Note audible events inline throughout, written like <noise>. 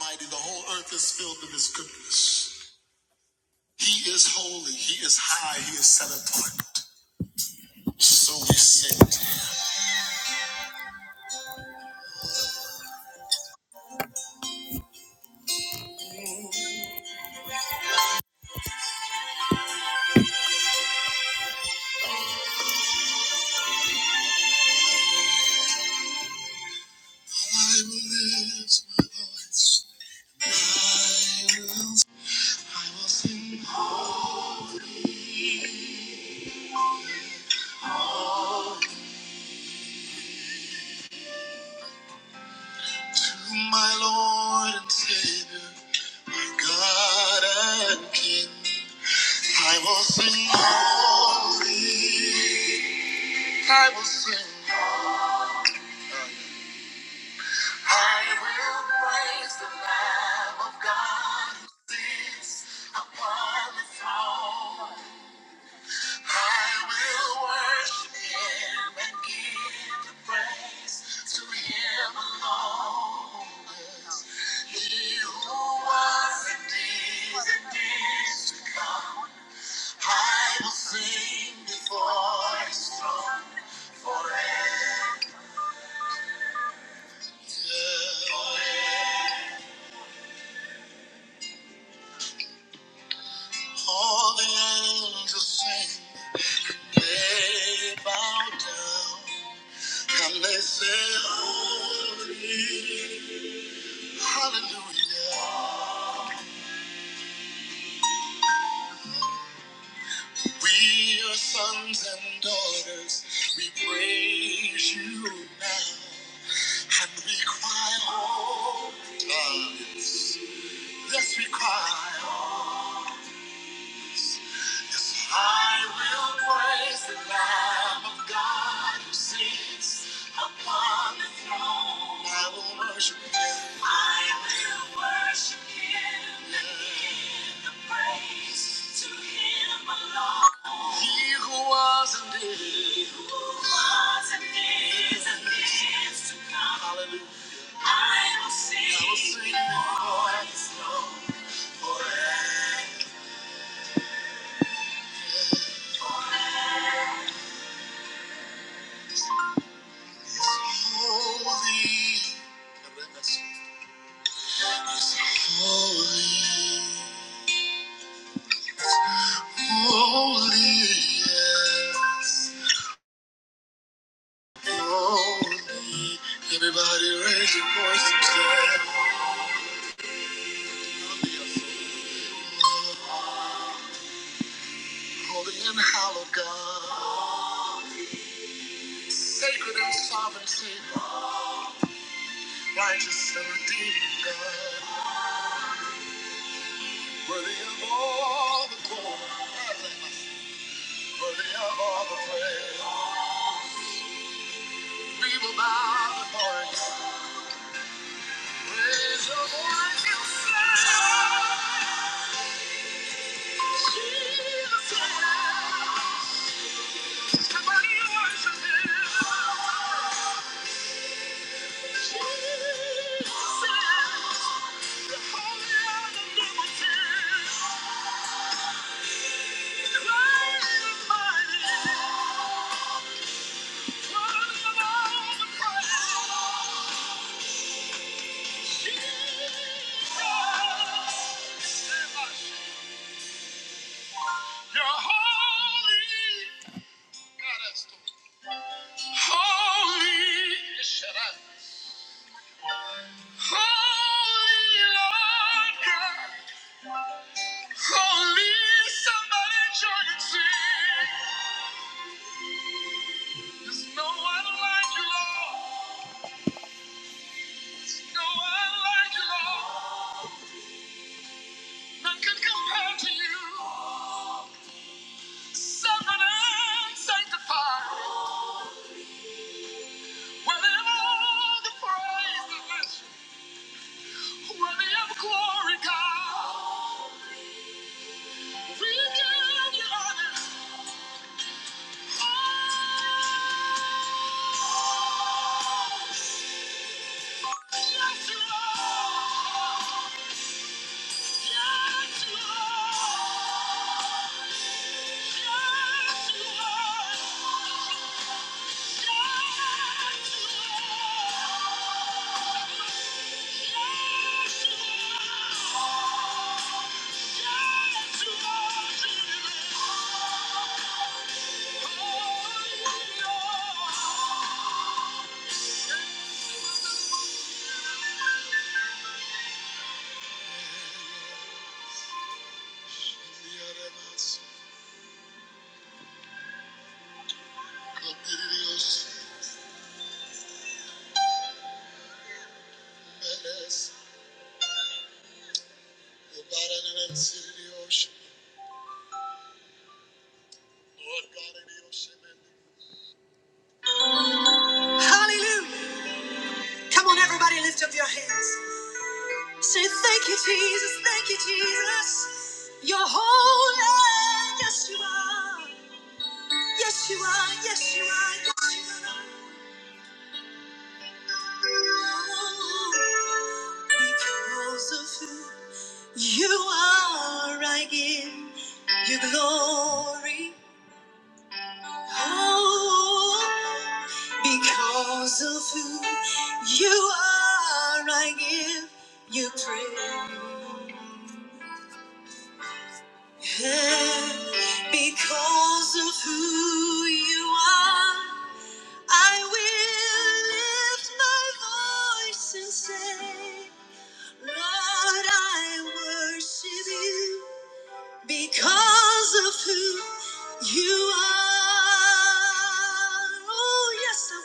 Mighty, the whole earth is filled with his goodness. He is holy, he is high, he is set apart. So we sing to him. I will lift my voice. I will, I will sing to my Lord and Savior, my God and King. I will sing holy. I will sing. I will praise the Lamb of God who sits upon the throne. I will worship Him and give the praise to Him alone. He who was and is and is to come. I will sing before His throne forever. Forever. All the angels sing, they bow down, and they say, Holy, hallelujah. We are sons and daughters, we praise you now, and we cry, oh, yes, yes, we cry. I will praise the Lamb of God who sits upon the throne. I will worship Him. I will worship Him and give the praise to Him alone. He who was and is. He who was and is and is to come. Hallelujah. I will sing. I will sing before His throne forever. Everybody raise your voice and stand. Holy and hallowed God, sacred and sovereign Savior, righteous and redeeming God, worthy of all the glory, worthy of all the praise. We will bow before you. You're holy. God, that's the Holy. Yes, shut up. Holy Lord God. Holy, somebody join and sing. There's no one like you, Lord. No one like you, Lord. None can compare to you. Sovereign and sanctified. Worthy of all the praises. Worthy of glory, God. We give you honor. Oh, yes, you are. Yes, you are. Hallelujah. Come on, everybody, lift up your hands. Say thank you, Jesus, thank you, Jesus. You're holy, yes you are. Yes you are, yes you are, yes you are. Oh, because of who you are, I give you glory. Oh, because of who you are, I give you praise. Because of who you are, I will lift my voice and say, Lord, I worship you because of who you are. Oh, yes, I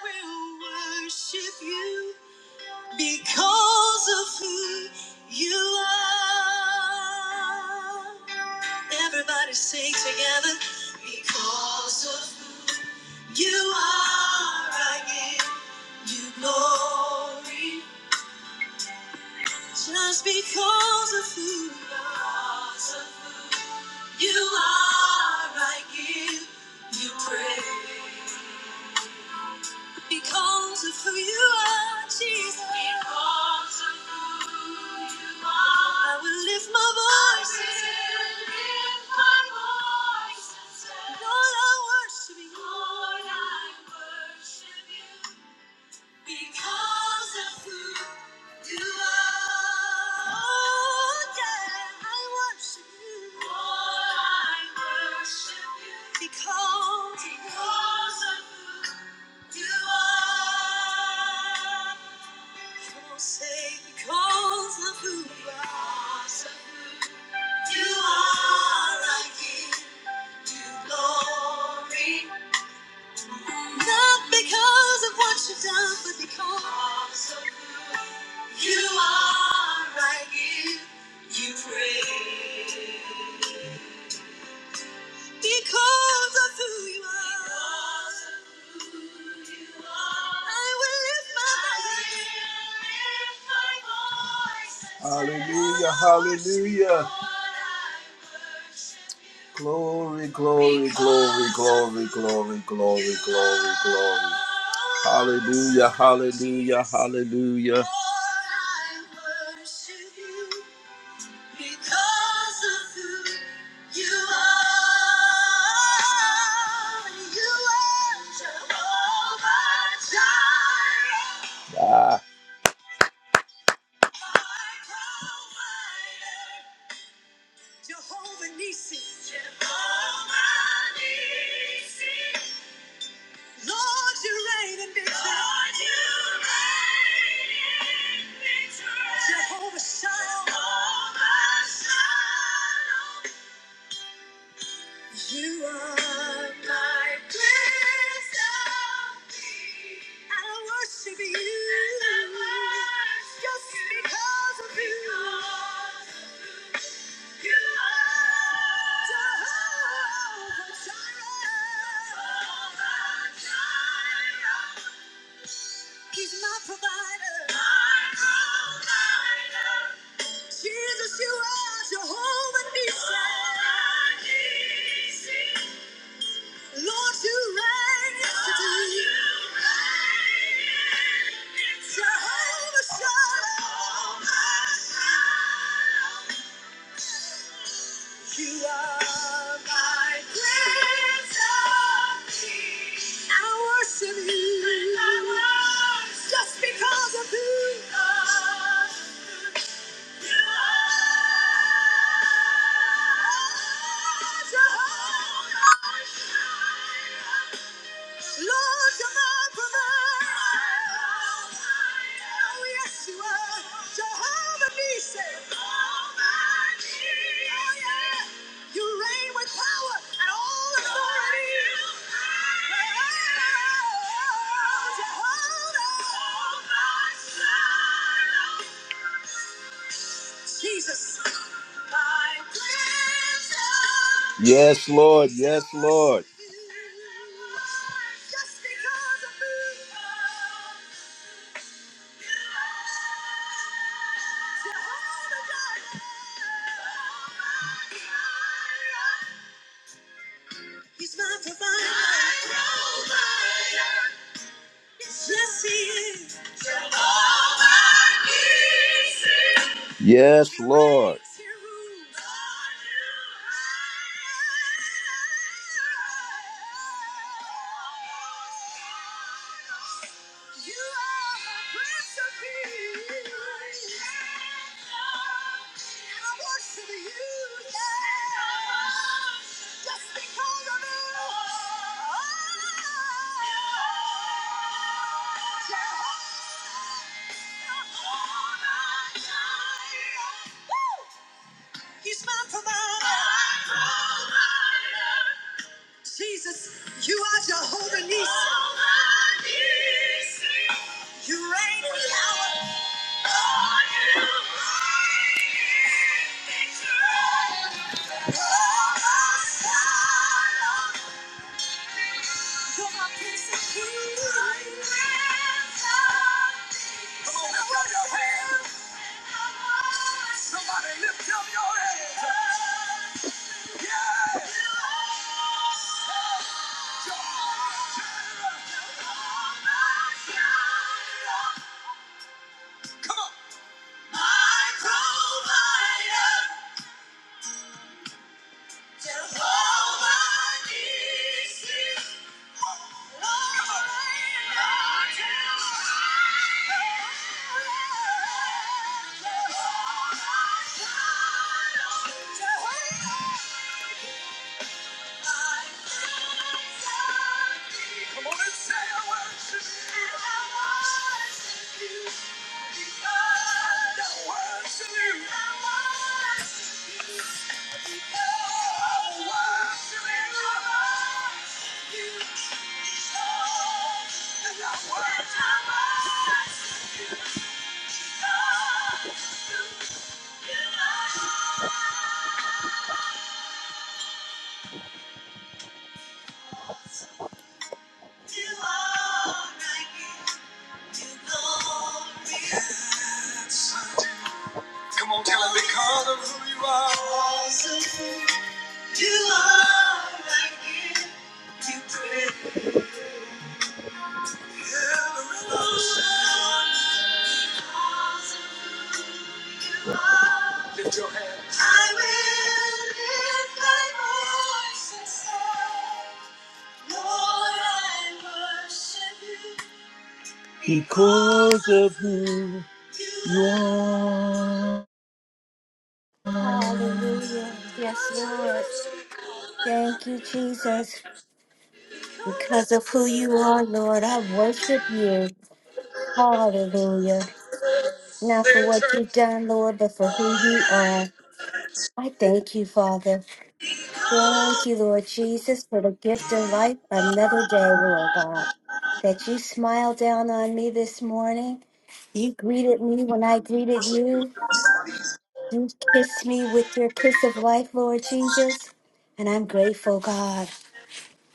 will. I will worship you because of who you are. Everybody sing together. Because of you are, I give you glory. Just because of who you are, I give you praise. Because of who you are, Jesus. Because of who you are. I will lift my voice. I will lift my voice and say, Lord, I worship you. Lord, I worship you. Because of who you are. Oh, yeah, I worship you. Lord, I worship you. Because, because of who you are. Come on, say, because of who you are. You are, I give you glory. Not because of what you've done, but because of who you are, I give you praise. Because of who you are. I will lift my voice. Hallelujah, hallelujah. Glory, glory, glory, glory, glory, glory, glory, glory. Hallelujah, hallelujah, hallelujah. Because of who you are, you are Jehovah Jireh. Ah. My provider, Jehovah Nissi. Jehovah Nissi. Lord, you reign in victory. Lord, you reign in victory. Jehovah Shalom. Jehovah Shalom. You are my prince of peace. I worship you. And I worship Just you. because of you. Because you are Jehovah Jireh. Jehovah Jireh. He's my provider. My provider. Jesus, you are Jehovah Nissi. Lord, you reign yesterday. Jehovah Shalom. You are my Prince of Peace. I worship you. I worship Just because of who you are. You are Jehovah. Shalom. Lord, you're my provider. Oh, yes, you are. Jehovah Nissi. Jehovah Nissi. Oh, yeah. You reign with power and all authority. Oh, Jehovah. Jesus. My cleanser. Yes, Lord. Yes, Lord. He's my provider. My provider. Yes, Lord. You are my prince of I worship you, yeah. Just because of you. Oh, Jehovah Jireh. Woo! He's my provider. My provider. Jesus, you are Jehovah Nissi. Jehovah Nissi. You reign in power. You're reign in victory. Oh, my Prince of Peace. and peace. Come on, clap your hands. Somebody lift up your hands. Yeah. Come on and say, I worship you. I worship you. Because I worship you. And I worship you. You are my King. Come on, tell him because of who you are. You are like him. You pray for alone. Because of you are, I will lift my voice and say, Lord, I worship you. Because of who you are. Hallelujah. Yes, Lord. Thank you, Jesus. Because of who you are, Lord, I worship you. Hallelujah. Not for what you've done, Lord, but for who you are. I thank you, Father. Thank you, Lord Jesus, for the gift of life another day, Lord God. That you smiled down on me this morning. You greeted me when I greeted you. You kissed me with your kiss of life, Lord Jesus. And I'm grateful, God.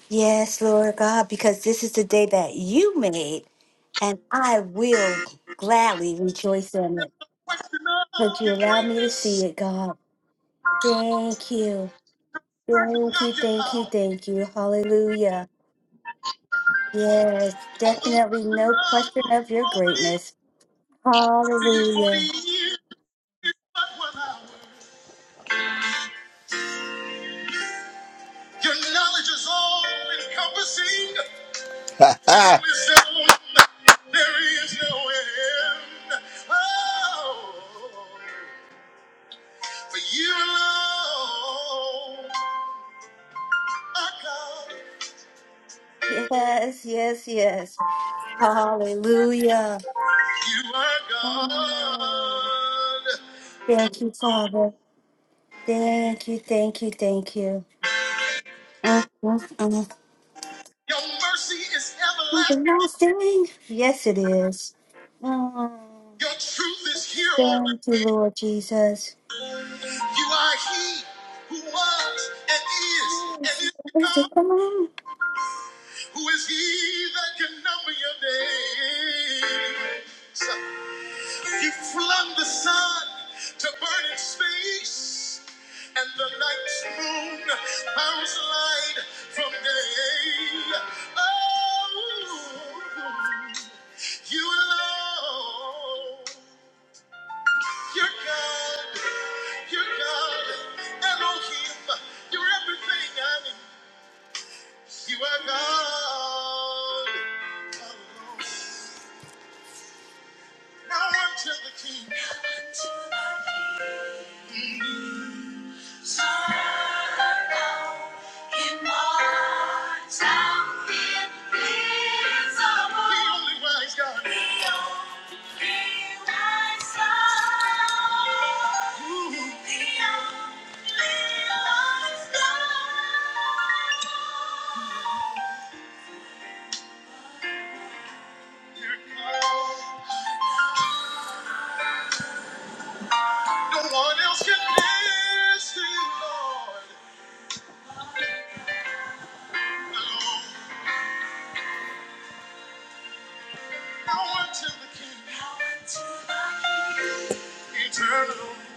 Yes, Lord God, because this is the day that you made, and I will gladly rejoice in it. Question of But you your allow me to see greatness, it, God. Thank you. person Thank you, of your thank you, power. thank you. Hallelujah. Yes, Of the wonder of definitely no question of your glory greatness. to you 40 Hallelujah. years is but one hour. Your knowledge is all encompassing. Ah. There is no end. There is no end. Oh, for you alone are God. Yes, yes, yes. Hallelujah. You are God. Oh, thank you, Father. Thank you, thank you, thank you. Mm, mm, mm. Your mercy is Something everlasting. else thing. Yes, it is. Oh, Your truth is here thank always. you, Lord Jesus. You are he who was and is Yes, and is yes, to it's come, the Lord. who is he that can number your days. So He flung the sun to burn in space, and the night's moon bounds light from day. Oh, you alone. You're God, you're God, Elohim, you're everything I need. You are God. alone. Now unto the King. Now unto the King. Eternal.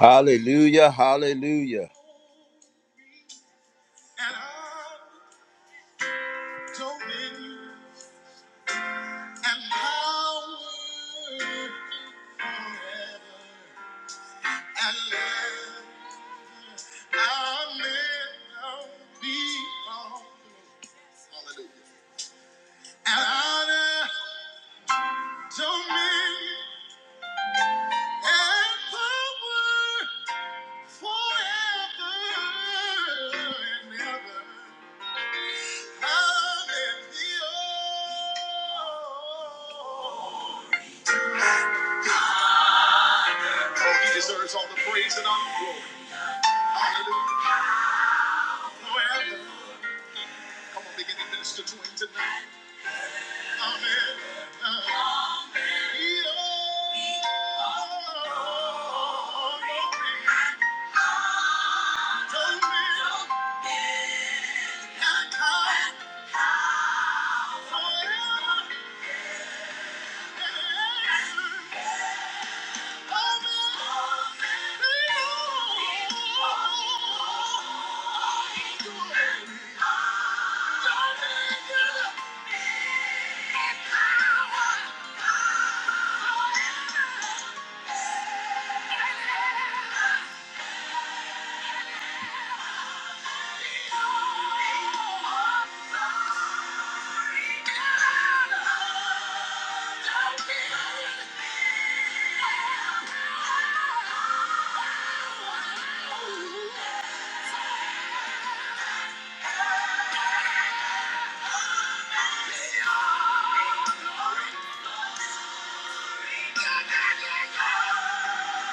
Hallelujah, hallelujah. dominion and power forever. And let our live be on. Hallelujah. And honor, dominion, and power forever and ever. Hallelujah. Oh, he deserves all the praise and all the glory. Hallelujah. Well, Come on, begin to minister to him tonight. Amen. Oh, he alone told me I can't forever. Amen. He alone told me Thank you. Come down, get out of my car.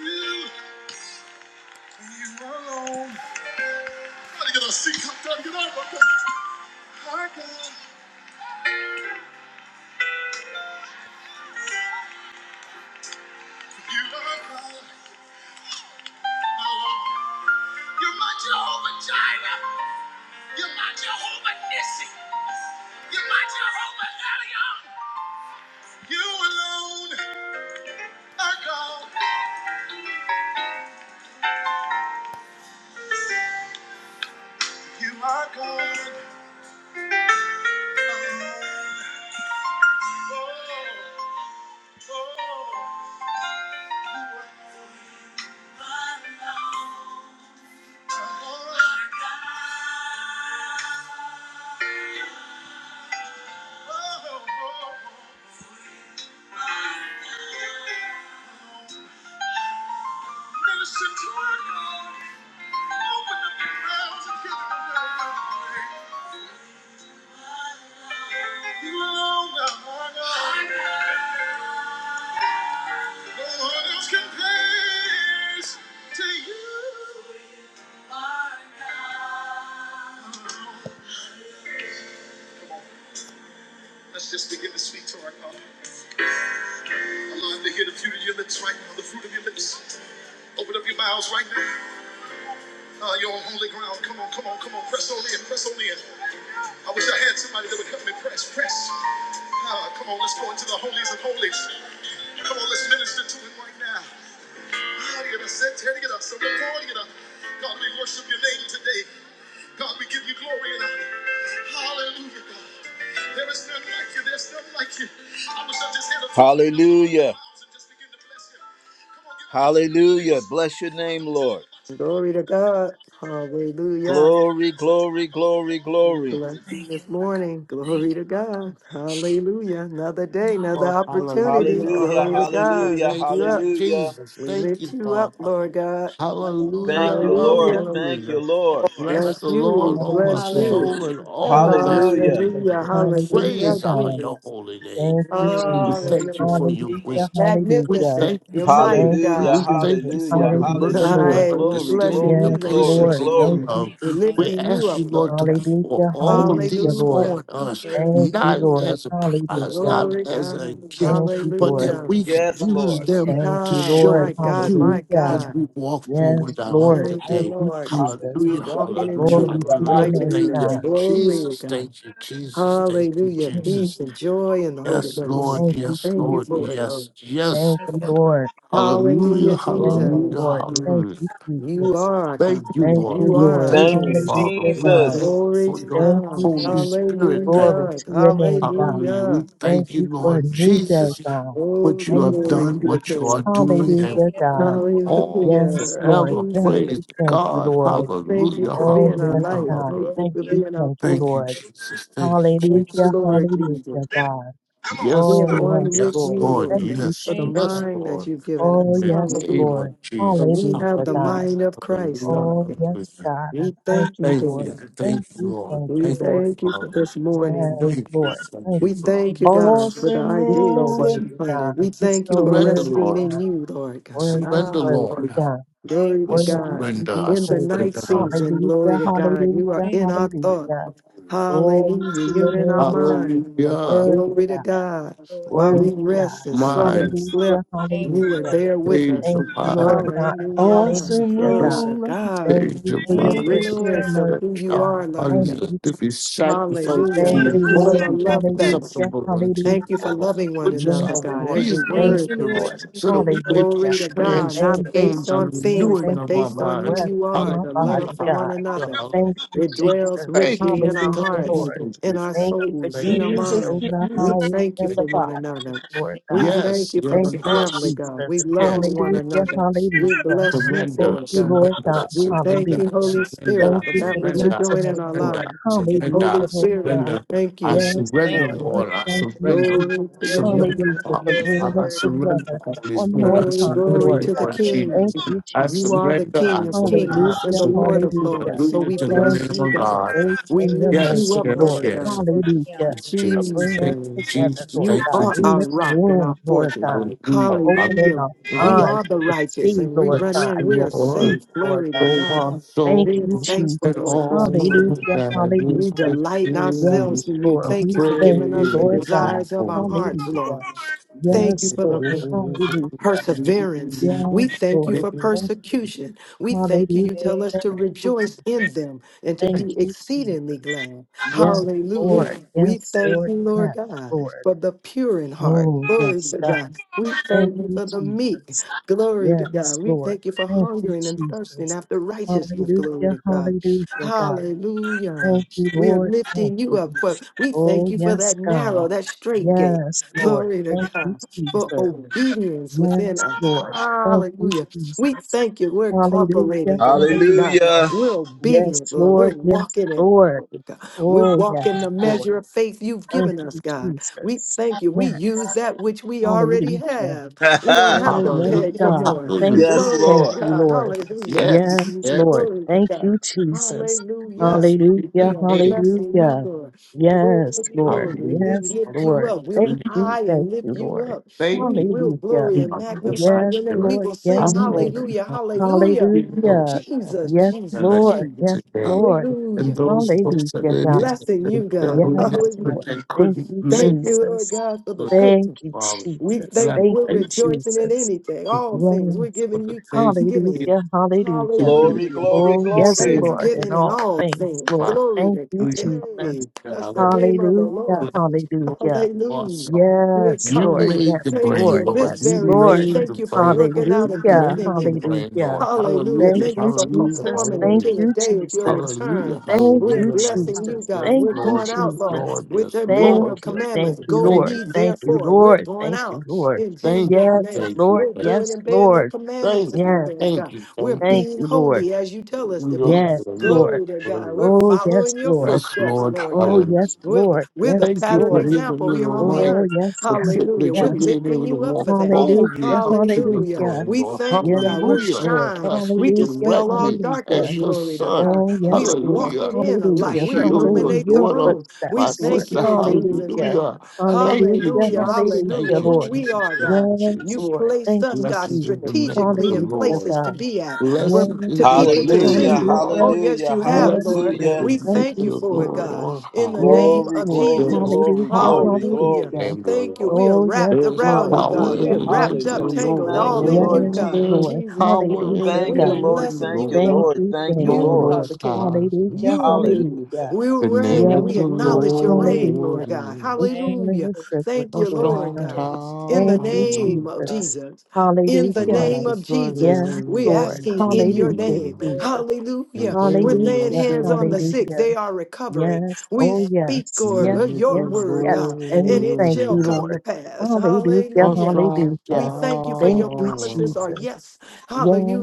You are God. You're my Jehovah Jireh. You're my Jehovah Nissi. You're my Jehovah Elion. You alone are God. You are God alone. Let's just begin to speak to our God. Allow him to hear the beauty of your lips right now, the fruit of your lips. Open up your mouths right now. Uh, you're on holy ground. Come on, come on, come on. Press on in, press on in. I wish I had somebody that would help me press, press. Ah, come on, let's go into the holies of holies. Come on, let's minister to him right now. Ah, get us, set, tear, get us, so we're going, God, we worship your name today. God, we give you glory and honor. Hallelujah, God. There is none like you. There's none like you. I wish I just had a Hallelujah. Hallelujah. Bless your name, Lord. Glory to God. Hallelujah. Glory, glory, glory, We glory. Bless you Thank you, this Lord God. morning. Thank Glory you, to Lord God. Hallelujah. Another day, God. another Lord. opportunity. Hallelujah. Hallelujah, Glory to Hallelujah. God. hallelujah, Lift Thank you you, up. hallelujah. Jesus. We Thank lift you, you up, Father. Lord God. Lord. Hallelujah. Thank you, Lord. Hallelujah. Thank you, Hallelujah. Thank Lord. you, Bless Lord. the Bless you. We Lord, oh, our Bless Hallelujah. Hallelujah. you. soul, and Lord. Thank all you, that's Hallelujah. within Jesus. you. Hallelujah. Lord. We Hallelujah, Hallelujah. praise our God. your Jesus. holy name. Thank you, Thank you. Thank We Mm. you. Jesus. thank you Hallelujah. for your Thank you. Thank Hallelujah, you. wisdom. We hallelujah. Magnificent. thank you You're Thank for your mighty Thank word. you, Hallelujah, We God. <laughs> thank You Jesus. you you. for are hallelujah, your worthy. You Hallelujah, mercy, hallelujah. your Lord. Hey, we're Glory, understanding, blessing your you, glory, God. Yes, Thank Lord glory, patience, God. Lord. and your Thank glory. you. you, Thank love. you. We're Thank Jesus. We lifting you, you ask Lord. up, you, Lord Lord, to God. Thank pour you Hallelujah, all of hallelujah, these Lord. Hallelujah. on Thank us, you. Praise Thank your you, name. not Lord. Lord. as a for prize, your Hallelujah. not Glory as a God. Thank gift, you, but Lord. that Hallelujah. we could goodness. Yes, use Lord. them Thank and mercy. you, Thank to you, Ah, Lord. show my God, my you Hallelujah. as God. we walk Yes, forward out Lord. Thank Thank you, today. you, Lord God. Jesus. Hallelujah, Hallelujah, Lord. Lord, Lord, we just Walking in hallelujah, thank truth, Glory hallelujah, to your hallelujah. name, Thank righteousness, you, hallelujah. God. glory to Jesus. God. Thank you, you, Jesus. Lord. Thank you, Hallelujah. Mm. Jesus. Peace and joy Thank in the you, Lord. Holy Yes, Ghost. Lord. Thank you, Yes, Thank you Lord. for Jesus. it, Lord. Yes, yes. Thank Thank you, you, Lord. Lord. Hallelujah. Hallelujah, Yes, Hallelujah. Jesus. Lord. Thank Hallelujah. you, You Jesus. are our Thank God. you, Thank Thank Lord. you, You We are our Lord. thank Thank you, you, King. Father. Hallelujah, We For God. thank Jesus. you Glory for to your all. Thank you, God. Holy thank Jesus. you, Spirit. Lord. Thank Hallelujah. Glory you. to your name, God. Hallelujah. Hallelujah. We Thank thank you, you for a Lord new day, Jesus, God. what Glory, you Thank have you, glory done, to the what you Jesus. are King. doing, and Thank Hallelujah, you. God. all Yes, Hallelujah. Lord. forever. Thank Jesus, Praise you, thank you, God. Lord. thank you Hallelujah. for Oh, being our yes, Hallelujah. light. God. Thank Hallelujah. Glory you Thank for to you, your being our thank you, force. Thank you, Lord. name. Jesus. Thank you, Thank you, Hallelujah, Jesus. Lord Jesus. hallelujah, God. Lord. Yes, Oh, Being Lord. one yes, with Yes, Lord. you, Lord. Lord, Thank God, you, for Yes, the Thank you, yes, Jesus. Jesus. mind Lord. that you've given Oh, In us. the yes, name Hallelujah. Lord. of For Jesus. we Hallelujah, have the Hallelujah. God. mind of Christ, Hallelujah. Lord. Oh, God. yes, Hallelujah. God. I We Thank thank you you, Thank for Lord. you. that. Thank Thank you, you, Thank Lord. thank you, We you, Thank Lord. you, Lord. thank you for Father. this Yes, morning. Thank you. Lord. Thank Thank you, We you, Father. Thank thank you, Jesus. God, for the You're so ideas that worthy, you God. planted. We You're thank you so for Surrender, worthy, resting Lord. in God. you, Lord God. Worthy, Surrender, Ah, worthy, Lord. God. thank Glory I to Worthy God. to surrender. be I In the praised. night surrender. Hallelujah. season, glory Hallelujah, to God. You are hallelujah, in you, our thought. hallelujah. Glory Hallelujah. to your You're in our name, God. mind. You're so Hallelujah. worthy, Glory to God. God. Lord. While Worthy, we rest God. and slumber and Mind, slept, Hallelujah, Thank you, Lord. Thank you you, were Lord. hallelujah. there with change us. of Thank you, Lord mind. God. Hallelujah. Hallelujah, Glory God. First, to God. Thank change you your for The your mind. Thank you, grace and Lord. richness of who Change mercy, you God. our are, Lord minds Thank God. you, to be Jesus. sacrificed Hallelujah. to Thank your Thank you, Lord. Thank you, Thank you you, for holy Lord. the Lord. and love best. Hallelujah. acceptable unto Hallelujah. you, Thank you for Lord, loving one which is another, our Yes, God, as Lord. your reasonable Thank Thank word. you, you, Lord. service, Lord. Thank so that you, we Hallelujah. may Lord. be Glory to God, transformed Thank not you, based by the on Jesus. Glory things, to renewing Thank but God. of you our based for on who Thank minds. breath you in you, are, my the love Hallelujah. body, Jesus. for one God. Hallelujah. another. Hallelujah. Thank you, It dwells Jesus. Thank richly you. in our Hallelujah, Thank you. hearts, Lord. Thank in you. our Lord. Thank you for souls, Thank in Thank our you. keeping me you, Lord. mind. over the We highways thank you and for the Thank you. one Lord. byways, another. Lord thank We God. thank Yes. you Yes. for Thank the you, family, Yes. God. We Jesus. love on Yes. one Hallelujah, Yes. you, another. We hallelujah. bless you Surrender, Thank for it, you, God. Lord God. surrender, We thank surrender, you, Hallelujah. Holy Spirit, Thank surrender, for you thank that for you, which Lord. you're surrender, blessing doing us, in our Lord. surrender, lives. surrender, Holy Hallelujah, Lord Spirit, God. we surrender. thank I you. Yes, Thank surrender, Lord. you, We Lord. Lord. I thank you, surrender. Glory to Jesus. your Thank you, Lord. Lord, your Surrender, name. word, Hallelujah, Father. for Lord, Jesus. your bringing I I us word, surrender, together Holy one Spirit. more I Glory, time, surrender, glory Lord to the God. Lord Lord, Thank King. Jesus. you, I You Jesus. are the surrender, King I of Lord, surrender, I kings and Hallelujah, the Lord surrender. of hallelujah. lords. So Hallelujah we Lord, to the Thank bless Lamb you you, of for God. your God. grace We and Lord, your lift Yes, you up, mercy, your yes, word, Lord Lord. yes. God. Lord, the Hallelujah. honor. For Jesus. Jesus, bringing us Thank you, together, Jesus. Lord you Thank God, you, are in our Jesus. this rock and our room, Lord fortress. God. For Hallelujah. opening Hallelujah. We Hallelujah. our eyes are the to righteous see, and we Lord run Bless God, the in. We are your truth, Lord, safe. Lord Glory to God. O God. our Thank We're you, soul, thankful, and Thank Jesus. Lord, all this morning. Hallelujah, that We is hallelujah. delight in within me. ourselves Yes, in you. Lord, I Thank we you for you, thank giving you, us the Lord praise God. your desires of our holy hearts, name. Hallelujah. Lord. Thank you Yes, for the Lord. Hallelujah. perseverance. Yes, We thank you Lord. for Thank you. persecution. We thank you. Hallelujah. You tell thank us to Thank you, rejoice in Jesus. them and to Thank be you, exceedingly Jesus. glad. Yes, Hallelujah. Lord. We Yes, thank Lord. you, Lord Yes, God, Lord. for the pure in heart. Oh, Glory yes, to God. God. We Thank thank you you, for the meek. Jesus. Glory to Yes, God. We Lord. thank you for Thank you, hungering and thirsting Jesus. after righteousness. Glory Hallelujah. to God. Hallelujah, God. Hallelujah. Thank you, We are Lord. Thank lifting you you. up. For, we thank Oh, you for yes, that God. narrow, that straight gate. Yes, Lord. Glory to Thank God you, for Jesus. obedience within Yes, us. Lord. Thank you, Hallelujah. We Jesus. thank you. We're Hallelujah. cooperating, glory to God. Hallelujah. Hallelujah. We're Yes, obedient, Lord. We're Lord. Yes, walking in it. Lord. glory to God. We're Oh, yes, walking the measure Lord. of faith you've Thank given us, you, God. We Jesus. thank you. We use Yes. that which we already Hallelujah. have. We <laughs> don't have Oh, to yes, beg for Hallelujah, God. more. hallelujah. Thank you. yes, Glory to Thank Lord. you, God. Lord. Hallelujah. Yes, Yes, <laughs> yes, Lord. Glory to Thank you, God. Jesus. Hallelujah. blessed be We Hallelujah. the are name. blessing you, Hallelujah. Lord. Yes, Glory, Lord. glory. Hallelujah. We Yes, lift you Lord. up. We'll Thank you. high Thank and you, lift you up. Lord. Thank We you. will for Hallelujah. glory and my magnify Yes, your groceries, name. We Lord. Lord. will I Yes, sing thank Lord. you hallelujah, for the hallelujah. free Hallelujah. Jesus, Yes, that Jesus, I get Lord. Yes, Jesus. today. Lord. And Hallelujah. those folks that Hallelujah, are in God. Blessing you, the God. <laughs> federal Yes, network Hallelujah. Lord. that Thank couldn't you, make Thank it, you, Lord Jesus. God, for the Lord good. Thank you, Father. We Jesus. And I thank you. Thank We're you, thank rejoicing in Jesus. anything, all you things. We're Yes, for Lord. giving the you faith thanksgiving. you Hallelujah, hallelujah. bring. Glory, Hallelujah. glory, Oh, It's yes, glory. in Lord, in Thanksgiving in all all things, things. my Lord. Glory Thank to you, God. hallelujah, Jesus. Hey, hallelujah. that's the name hallelujah. of the Hallelujah, Lord. bless you, hallelujah. Lord, Hallelujah. so We're Yes, You Lord. coming. made the Yes, Thank brain, Lord. you. This Lord. Yes, You very thing. Lord. made the Thank you for brain, working Lord. out a You good Hallelujah, made thing the in us. brain, hallelujah. Lord. Hallelujah. Thank Hallelujah, Thank you you, for hallelujah, Jesus. performing Thank until hallelujah. the you, day of your Jesus. Hallelujah, return. Thank We're you, hallelujah, hallelujah. blessing you, Jesus. God. Yes, Thank We're you, Lord, going yes, out, Lord, Jesus. Lord, with yes, the being Thank of Lord, you, yes, thank commandments. Lord. you, Go Thank Lord. ye you, Thank you, thank therefore. you, We're Lord. going Thank you, out Lord. in thank Jesus' you, Yes, name. thank you, Lord. We're thank you, doing Yes, and bearing the Lord. commandments thank of you, you, Yes. Lord thank God. you, We're thank you. Thank being you, Lord. holy as you tell us to Hallelujah, be. Yes, hallelujah, Lord. Glory to God. We're hallelujah. Oh, yes, following your Lord. Yes, footsteps, Lord, Lord Oh, God. Hallelujah! yes, We're, Lord. we're Yes, the Thank you pattern for Lord. giving example me the here on the right, Oh, earth. yes, the God. Hallelujah. privilege We're of Yes. being lifting able to you up walk for that. Hallelujah. boldly up to your Hallelujah. Hallelujah. throne, We Lord. thank you, God. Yes, We're Hallelujah. Lord. And shine. ask you We Hallelujah. dispel all directly Hallelujah. darkness. as your Glory to son. God. Oh, We are yes, Lord. Hallelujah. walking in a To light. Hallelujah. We heal Follow your in illuminate the your daughter, room. We my footsteps, Lord. thank sister. you in Jesus' Hallelujah. name. Hallelujah. Thank you, Hallelujah. Hallelujah. Jesus. Hallelujah. Thank Hallelujah, you, Who Lord. we Jesus. are, Thank God. you, Yes, You've Jesus. Lord. placed Thank us, you, God, Blessed is the Jesus. name of strategically the in Hallelujah, Lord. places to God. be at, but Blessed Yes, to is the people Lord. to name of the Hallelujah, see. Hallelujah. Lord. Oh, yes, hallelujah, you have, Yes, Blessed Lord. is Lord. hallelujah. the We name Thank of thank you, you the for it, Lord Jesus. God on in high. the Yes, name Glory, of Lord. glory, There Jesus. is glory, Hallelujah. power glory, in the Hallelujah. glory. Hallelujah. name of the Thank you. Lord. We are Oh, yes, wrapped There is around Lord. you, Thank God. power in We Hallelujah, are you, the wrapped name of up, the Jesus. hallelujah. tangled, Thank all you, in you, Lord Lord. Yes, Jesus. God, There in is Lord. Jesus' name. power in Hallelujah, the Thank We you, are God. name of Lord. the blessing Thank you, Lord. you, Thank Lord. Lord. you, Thank thank you, you, You Lord. are Lord. the Most king. high. Hallelujah, You Hallelujah. rule. <laughs> hallelujah. We The reign name you, and of we Yes, the Lord, acknowledge your reign, Lord hallelujah. Lord God. thank you, We is thank stand in Hallelujah. the you, privilege, Thank a you, Lord. Lord. Lord strong God. God. Hallelujah. In the Thank you, Thank you, tower. name of God. Jesus. Jesus. In The the Hallelujah. name Thank you, of righteous Jesus, Yes, we're Lord. run asking in your Hallelujah, thank name. you, into it, Lord. Jesus. and Hallelujah. We're they are laying Hallelujah, hands on the sick. saved. Thank They hallelujah. you, Lord. are recovering. Yes, We oh Hallelujah. speak, The yes, Lord, yes, name of of your the yes, word, yes. God, And and we it Lord thank shall you, is come to Lord. pass. Hallelujah, a Hallelujah. strong We hallelujah. thank you for Thank Thank your you, promises tower. are Jesus. yes.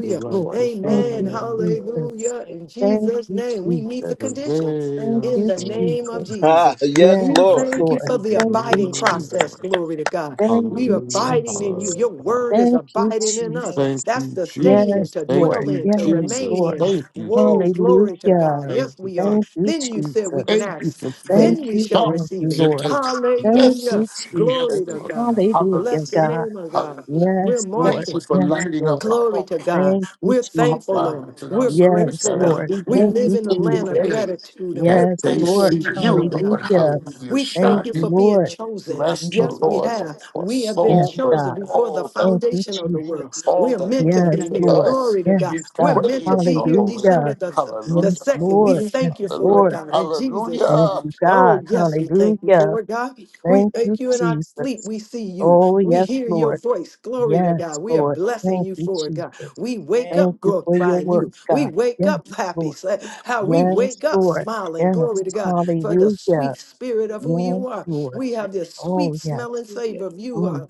The Lord. righteous Thank Amen. you, you, running, Lord. Jesus. Hallelujah. Thank In Thank Jesus' you, name, we meet the Jesus. and conditions they Thank are in you, the saved. name of Jesus. Jesus. Ah, yes, Yes, We Lord. Blessed thank you Lord. be for the the Thank name you, abiding of the process. Lord. Jesus. Glory to God. Thank We are you, Hallelujah, abiding in you. Jesus. hallelujah. Your hallelujah. word is Thank you, abiding in us. you, Jesus. Thank That's you, to stay in, Yes, Jesus. to Thank Lord. dwell you, in, to thank Yes, you, remain Jesus. in. Lord. Thank you, Lord. Whoa, Jesus. glory to God. Hallelujah. Thank Yes, you, we are. thank Thank you. you, Then you said we can Jesus. Thank you ask, for praying. Thank then we you, shall God, thank receive you, it. Thank you, thank you, Lord. Thank you, Lord. today. thank you, Thank Yes, Hallelujah. you, yes, Jesus. Glory to Lord. God. Hallelujah, Bless the Hallelujah, God. name of God. hallelujah. We're Yes, Lord. Thank marching. you for Yes, lighting up Lord. our Glory to heart. God. Thank you, We're thankful, Jesus. Abba, Lord. to our We're spirits Yes, that grateful, are Lord. Lord. God. leading We Thank live you, in the through land the of Jesus. day, gratitude and we that Just Yes, they Lord. see appreciate you, you, Lord Lord, God, for Hallelujah. it. hallelujah, We Thank thank you you, shining. for being Lord. thank you, chosen. Lord. Bless the Mm, Yes, we Lord for have. our We have been Yes, soul, for chosen God. before the all that Thank you, was, foundation of the Thank world. you, Jesus. Lord. all We are that meant to was be Yes, given here. Lord. us. Glory to God. We Yes, We're God. meant to praise be your here holy name. Hallelujah. December the, the Yes, Hallelujah, 2nd. Lord. We Yes, thank you for hallelujah, it, Lord. God, in Jesus' Thank name. hallelujah. you, Oh, God. yes, we thank you Hallelujah. for it, God. We Thank you, thank you in our sleep. Jesus. We see you. Oh, We yes, hear your Lord. voice. Glory to Yes, God. We are Lord. blessing Thank you you, for it, God. Jesus. We wake Thank Thank up you for your glorifying word, you. We God. wake Yes, up Lord. happy. Say How we Yes, wake up Lord. smiling. Glory Yes. to God for the Hallelujah. sweet spirit you, of who Lord. Yes, you are. Lord. We have Thank this sweet Oh, yes. smelling you, savor Lord. of you. uh, Mm.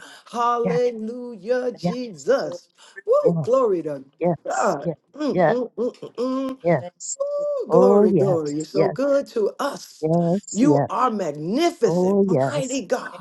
Yeah, Hallelujah, Thank yeah, Jesus. Woo, yeah. glory to Yes, God. yes, Mm, yes, mm, mm, mm, mm. yes. you, Ooh, Oh, glory, glory. You're yes, so yes, good to us. yes, You yes. are magnificent, Oh, yes. mighty God.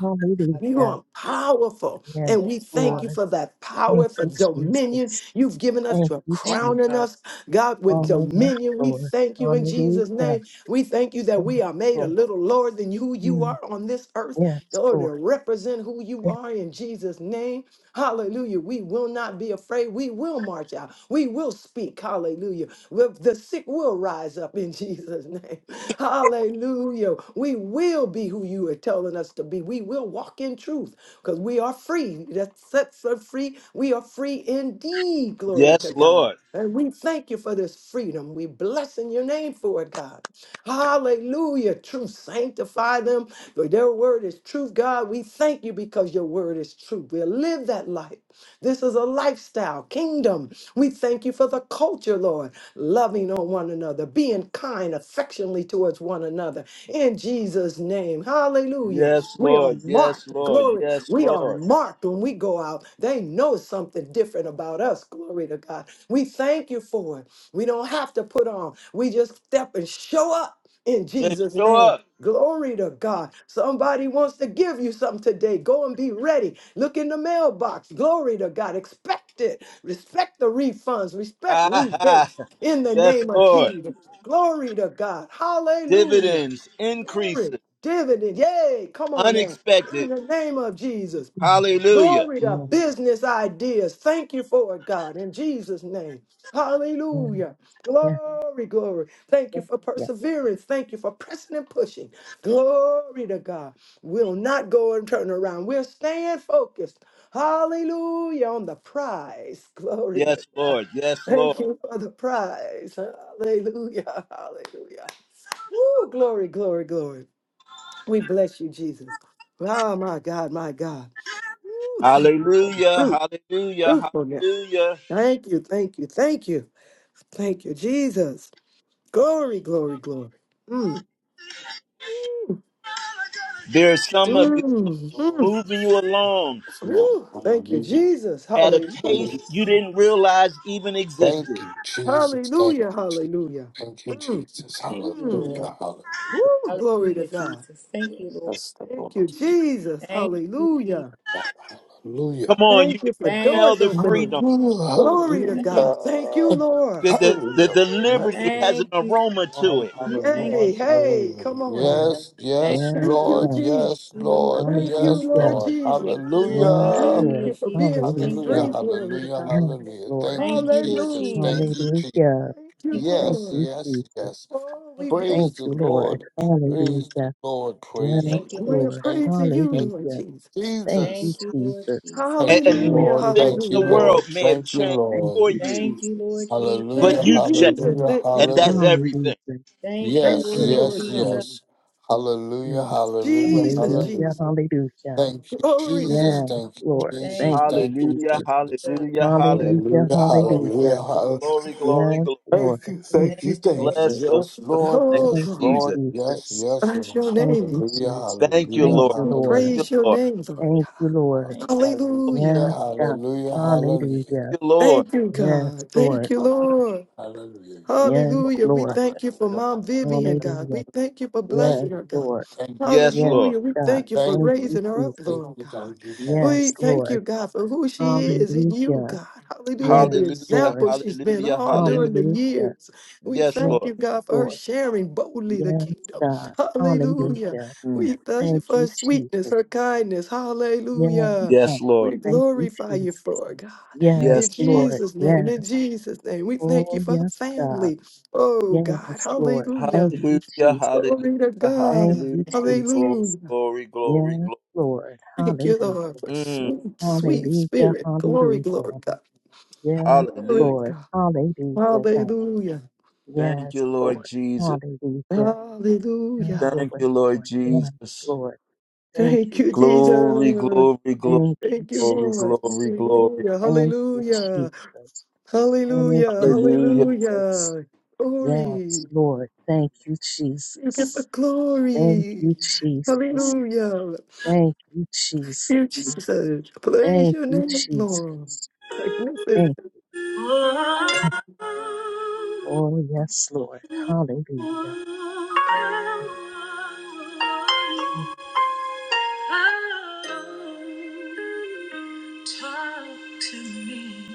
Lord. You Hallelujah. are powerful, Yes, and Thank you, Father. Thank you, we thank Father. you Lord. for that Father. power, Thank for you, dominion Jesus. you've given us Thank to you, Thank you, Jesus. crowning Father. us, God, with Oh, yes, dominion. We Lord. thank you in Hallelujah. Jesus' name. We thank you that Yes, we are made a Lord. little lower than who you Mm. are on this earth, Yes, Lord, to Lord. represent who you Yes, are in Jesus' name. Hallelujah. We will not be afraid. We will march out. We will speak. Hallelujah. Well, The sick will rise up in Jesus' name. <laughs> Hallelujah. We will be who you are telling us to be. We will walk in truth because we are free. That sets us free. We are free indeed. Glory to Yes, God. Lord. And we thank you for this freedom. We bless in your name for it, God. Hallelujah. Truth, sanctify them. For their word is truth, God. We thank you because your word is truth. We'll live that life. This is a lifestyle, kingdom. We thank you for the culture, Lord loving on one another, being kind affectionately towards one another. In Jesus' name, hallelujah. Yes, We are Lord. Yes, marked. Lord. Glory. Yes, We are Lord. marked when we go out. They know something different about us. Glory to God. We thank you for it. We don't have to put on, we just step and show up in Just Jesus' show name. up. <laughs> Glory to God. Somebody wants to give you something today. Go and be ready. Look in the mailbox. Glory to God. Expect it. Respect the refunds. Respect Ah, rebates ha. in the yes, name of Lord. Jesus. Glory to God. Hallelujah. Dividends, Glory. increases, Dividend. Yay. Come on now. In unexpected. the name of Jesus. yes, Hallelujah. Glory to yes, business ideas. Thank you for it, God, in Jesus' name. Hallelujah. yes, Glory, glory. Thank you yes. for yes. perseverance. Thank you for pressing and pushing. Glory to God. We'll not go and turn around. We'll stand focused. Hallelujah on the prize. <laughs> Glory to Yes, God. Lord. Yes, Thank Lord. you for the prize. Hallelujah. Hallelujah. Woo, glory, glory, glory. We bless you, Jesus. Oh, my God, my God. Ooh, thank you for the Hallelujah. fruit, Hallelujah. fruitfulness. Hallelujah. Thank you, thank you, thank you, thank you, Jesus. Glory, glory, glory. Mm. Ooh, There's some of it mm, Lord, mm. moving you along Lord, Ooh, thank you, hallelujah, Jesus. at a pace Hallelujah. you hallelujah. didn't realize even existed. Thank you, Jesus. Thank you, Hallelujah, Jesus. hallelujah. Thank you, Mm, Jesus. Thank you, mm. Lord. Hallelujah! Hallelujah. Ooh, glory to Hallelujah, God. Jesus. Thank you, Lord. Bless the Thank you, Lord. Jesus. Thank you, Jesus. Hallelujah. Lord, hallelujah. Come on, Thank you you can for Thank smell doors the opening. you, freedom. Hallelujah. Glory to thank, God. Thank you, Lord. The, the, the, Hallelujah. the Bless liberty the has an thank you, aroma to Lord. it. thank Hey, you, Hallelujah. hey, Hallelujah. come on Mm. now. Yes, thank yes, Yes, you, Thank Lord. you, Lord. yes. Jesus. Yes, Thank you, Lord. Lord. Thank you, Hallelujah. Yes, Lord Lord. Thank Jesus. you, Lord. Yes, Hallelujah. Thank Lord. you Hallelujah, for Jesus. being set Hallelujah. Thank you, Hallelujah. free, Lord. glory to Hallelujah. God. Yes, Hallelujah. Lord. Thank you, Thank you, Lord Jesus. Hallelujah. Thank Jesus. you, Jesus. Hallelujah. Thank you, Thank you, Thank Lord. Yes, you, Lord. yes, Jesus. yes. Oh, we Thank you, Lord. Praise Thank bless the you, you, God. Lord. Lord. Praise the Hallelujah. Lord. Praise the Thank Yes, you, Lord. Thank you, Lord. We Lord. are Lord. Thank praising you. you, Thank Lord Hallelujah. Jesus. Thank Jesus. you, Thank you, Lord Jesus. Jesus. And, Thank you, and not Thank Hallelujah, a Lord. you, thing Lord. Thank you, in the hallelujah. world Lord. may have Thank you, changed Thank Lord. for you, you, Thank you, Lord Jesus. but Jesus. Thank Hallelujah. you, you've changed. Jesus. Hallelujah. Yes. Thank you, And that's Lord. Hallelujah. everything. Hallelujah. Thank you, Thank Yes, you, Lord Yes, Lord yes, God. Jesus. Lord. yes. Yes. Hallelujah. Thank Hallelujah. you, Jesus, Lord. Hallelujah. Hallelujah. Jesus. Hallelujah. Thank you, Glory to Jesus. God. Yes, Thank you, Lord. Thank Jesus. Thank you, you, Thank you, Hallelujah, Jesus. Jesus. God. hallelujah, hallelujah. Hallelujah. Hallelujah. Glory, Hallelujah. Hallelujah. Hallelujah. glory, glory, Yes, glory. Lord. Thank you. Thank Thank Thank you. you, you, Thank Lord. you. Jesus. Bless the Yes, wonderful Lord. name Oh, Thank Yes, of you, glory. Lord. Jesus. Yes, Jesus. yes, Bless Lord. your Thank name, you, Lord. Hallelujah. Jesus. Thank you, Hallelujah. Thank Lord. you, We Lord. Thank Hallelujah. praise you, your Lord. name, Lord Thank you, God. Lord. Thank Thank Hallelujah. Hallelujah. Yes, God. Hallelujah. Hallelujah. Hallelujah. you, Lord. Thank you, Yes, God. Thank Lord. you, Lord. Hallelujah. Yes, Yes, Lord. Hallelujah. We Lord. thank you for Hallelujah. Mom Vivian, Hallelujah. God. Hallelujah. We thank you for Thank Yes, blessing you. her, God. Lord. Thank you. Yes, Yes, Lord. Hallelujah. We God. thank you for Thank Thank you. Thank you. you, raising her up, Jesus. Lord God. Thank you. Thank you. We Yes, thank you, Lord. God, for who she is in you, Hallelujah. God. Hallelujah. The Yes, Hallelujah, Lord. example she's been hallelujah, all hallelujah. during the Hallelujah. years. We Yes, Yes, thank Lord. you, God, for her Lord. sharing boldly the Yes, kingdom. God. Hallelujah. Hallelujah. Mm. We thank you Thank for her you, Jesus. sweetness, her kindness. Yes, Hallelujah. God. Yes, Lord. We Thank you, glorify you Jesus. for it, God. In Yes, Yes, Lord. Lord. Jesus' name, Yes. in Jesus' name, we thank you Oh, for her yes, God. family. Oh God, Yes, Lord. hallelujah. Thank you, Hallelujah, Jesus. hallelujah, Glory to Thank God, hallelujah. you, Glory, Jesus. hallelujah. glory, glory, Yes, glory. Lord. Thank Hallelujah. you, Lord, for Mm. sweet, sweet Hallelujah. spirit. Glory, glory, Hallelujah. God. Yes, Glory Hallelujah. to Lord. God. Hallelujah, God. Hallelujah, Thank Yes, you, Lord Lord. Jesus. Hallelujah. Have your hallelujah. Thank way, you, Lord Lord. Yes, Jesus. Lord. Thank Thank you, you, Jesus. Glory, Jesus. glory, glory, Thank you, Thank you, glory, Lord. Jesus. glory, glory. Hallelujah, Thank you, hallelujah, Jesus. Thank hallelujah, you, Hallelujah. Jesus. hallelujah. Yes, Glory. Lord. Thank you, You get the Jesus. Thank glory. you, Jesus. Hallelujah. Thank you, You, Jesus. Jesus. Praise Thank your you, name, Lord. Jesus. Magnificent. Thank you. Oh, yes, Lord. Hallelujah. Thank you, Talk to me.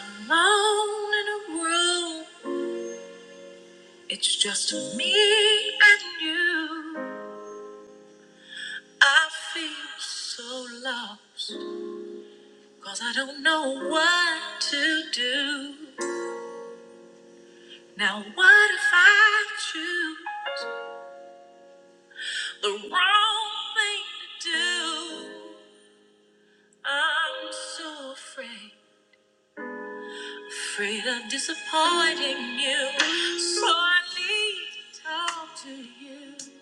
alone in a room. It's just me and you. I feel so lost. Cause I don't know what to do. Now what if I choose the wrong thing to do? I'm so afraid, afraid of disappointing you. So I need to talk to you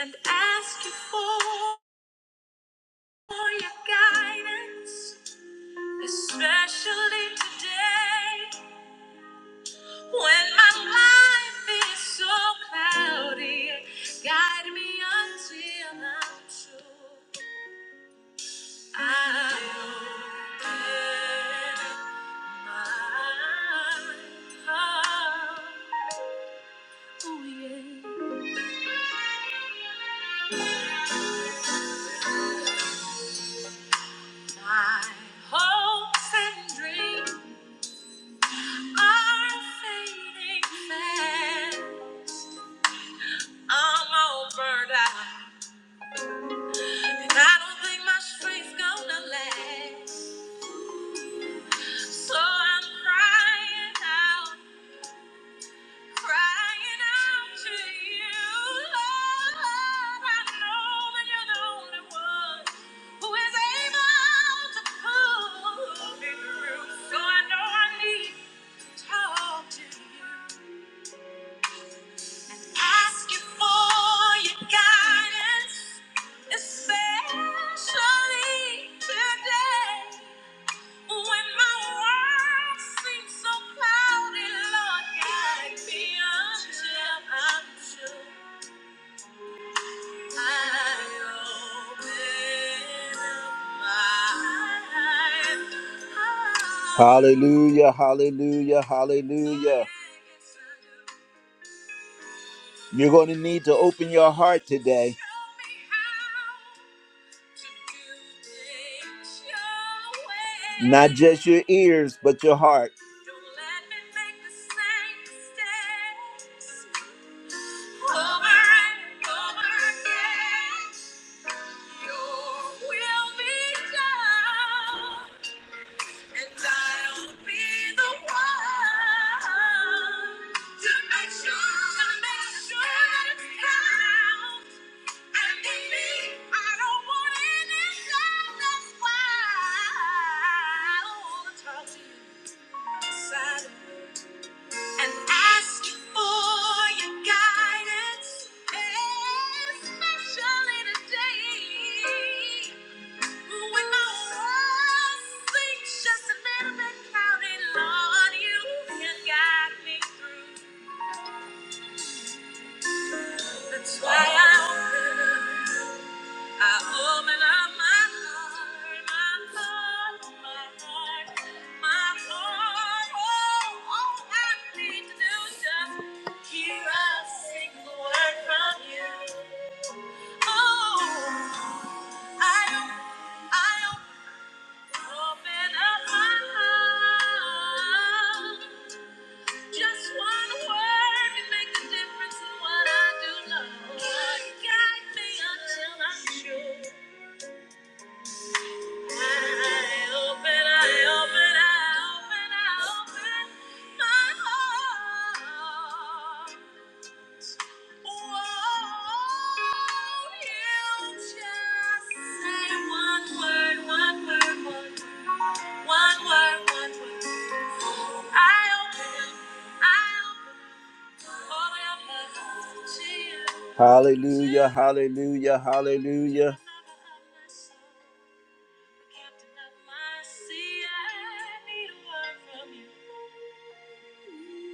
and ask you for. for your guidance, especially today when my life is so cloudy. Guide me until I'm sure I open my heart. Oh, yeah. My hopes and dreams are fading fast. I'm all burned out. I don't think my strength's gonna last. So I'm crying out, crying out to you, Lord. I know that you're the only one who is able to pull me through. So I know I need to talk to you. Asking for your guidance, especially today. When my world seems so cloudy, Lord, guide me until I'm sure I open up my eyes. Hallelujah, hallelujah, hallelujah. You're going to need to open your heart today. Not just your ears, but your heart. And ask you for your guidance, especially today when my world seems just a little bit cloudy. Lord, you can guide me through. why I. I open up my heart, my heart, my heart, my heart. Oh, all I need to do is just hear a single word from you. Oh, I, I open up my heart. Just one word can make the difference in what I do know. Guide me until I'm sure. Hallelujah, hallelujah, hallelujah.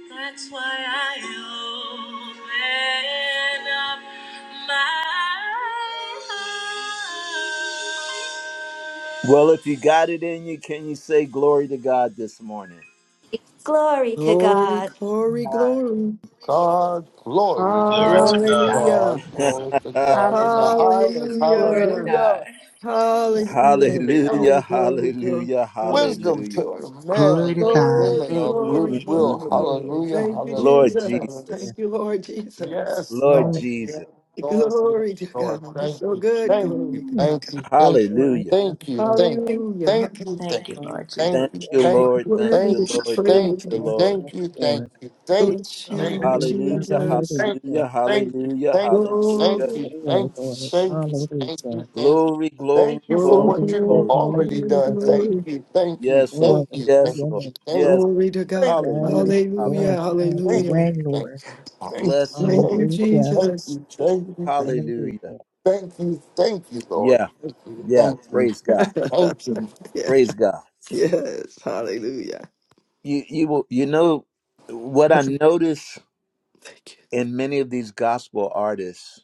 That's why I open up my heart. Well, if you got it in you, can you say glory to God this morning? Glory to Glory, God. glory, God. glory. God, glory, Glory to glory Glory to to God. God. Hallelujah. God, glory to <laughs> God in the Hallelujah. highest. Glory to Hallelujah. God. Hallelujah. Peace. Hallelujah. Glory, out. hallelujah, glory, glory, hallelujah, glory. Wisdom to hallelujah. the Glory men to and God. women Glory, Mm, of Thank mm, glory, mm, you. mm, goodwill. glory, mm. Thank glory. Hallelujah. Thank you, Lord Hallelujah. Jesus. you. Jesus, Thank you, Lord Jesus. Yes, Lord Lord. Hallelujah. Yes, Jesus, Lord. Glory to Lord. God. You're Thank so you. good. Thank you. Glory to God. Thank you. Yes, Thank you. Lord. hallelujah. Yes, Thank you. Lord. Thank you. Hallelujah. Thank you. Thank you, Thank. Lord Thank Jesus. Thank you. Hallelujah, you, Thank Thank Lord. Lord, you. thank Worthy to Thank you, be you. Lord, Yes, thank thank Thank praised. you, you. you. Lord. Lord. Thank Yes, you. Thank you. Lord. Thank you. Thank Bless you, you, Lord. Thank you. Lord Hallelujah, Hallelujah. Jesus. Thank Hallelujah. you. hallelujah, Thank you. Thank you. hallelujah, Thank you. Have Thank you. hallelujah. Thank Glory, your you. way, Lord. Thank you. Hallelujah. Thank you. Glory, glory, Thank you for glory, what you've Hallelujah, glory. already glory, hallelujah, done. Lord. Thank glory, you. Thank you. Yes, Lord. Glory Thank you. to Thank Yes, your Lord. name. you. Yes. glory to Thank God. you. Hallelujah. Yes, Thank you. Hallelujah, Lord. Hallelujah. Have your Thank hallelujah. you. way, Lord. Thank Bless the Thank you. you, wonderful Hallelujah, Thank Jesus. you. Jesus. Thank you. Thank you. Hallelujah. hallelujah. Thank you, Thank you, Lord. Yeah. Thank you. Yeah. Thank you. Praise God. <laughs> Thank you. yes, Praise God. yes, hallelujah. You you will you know what <laughs> I notice Thank you. in many of these gospel artists,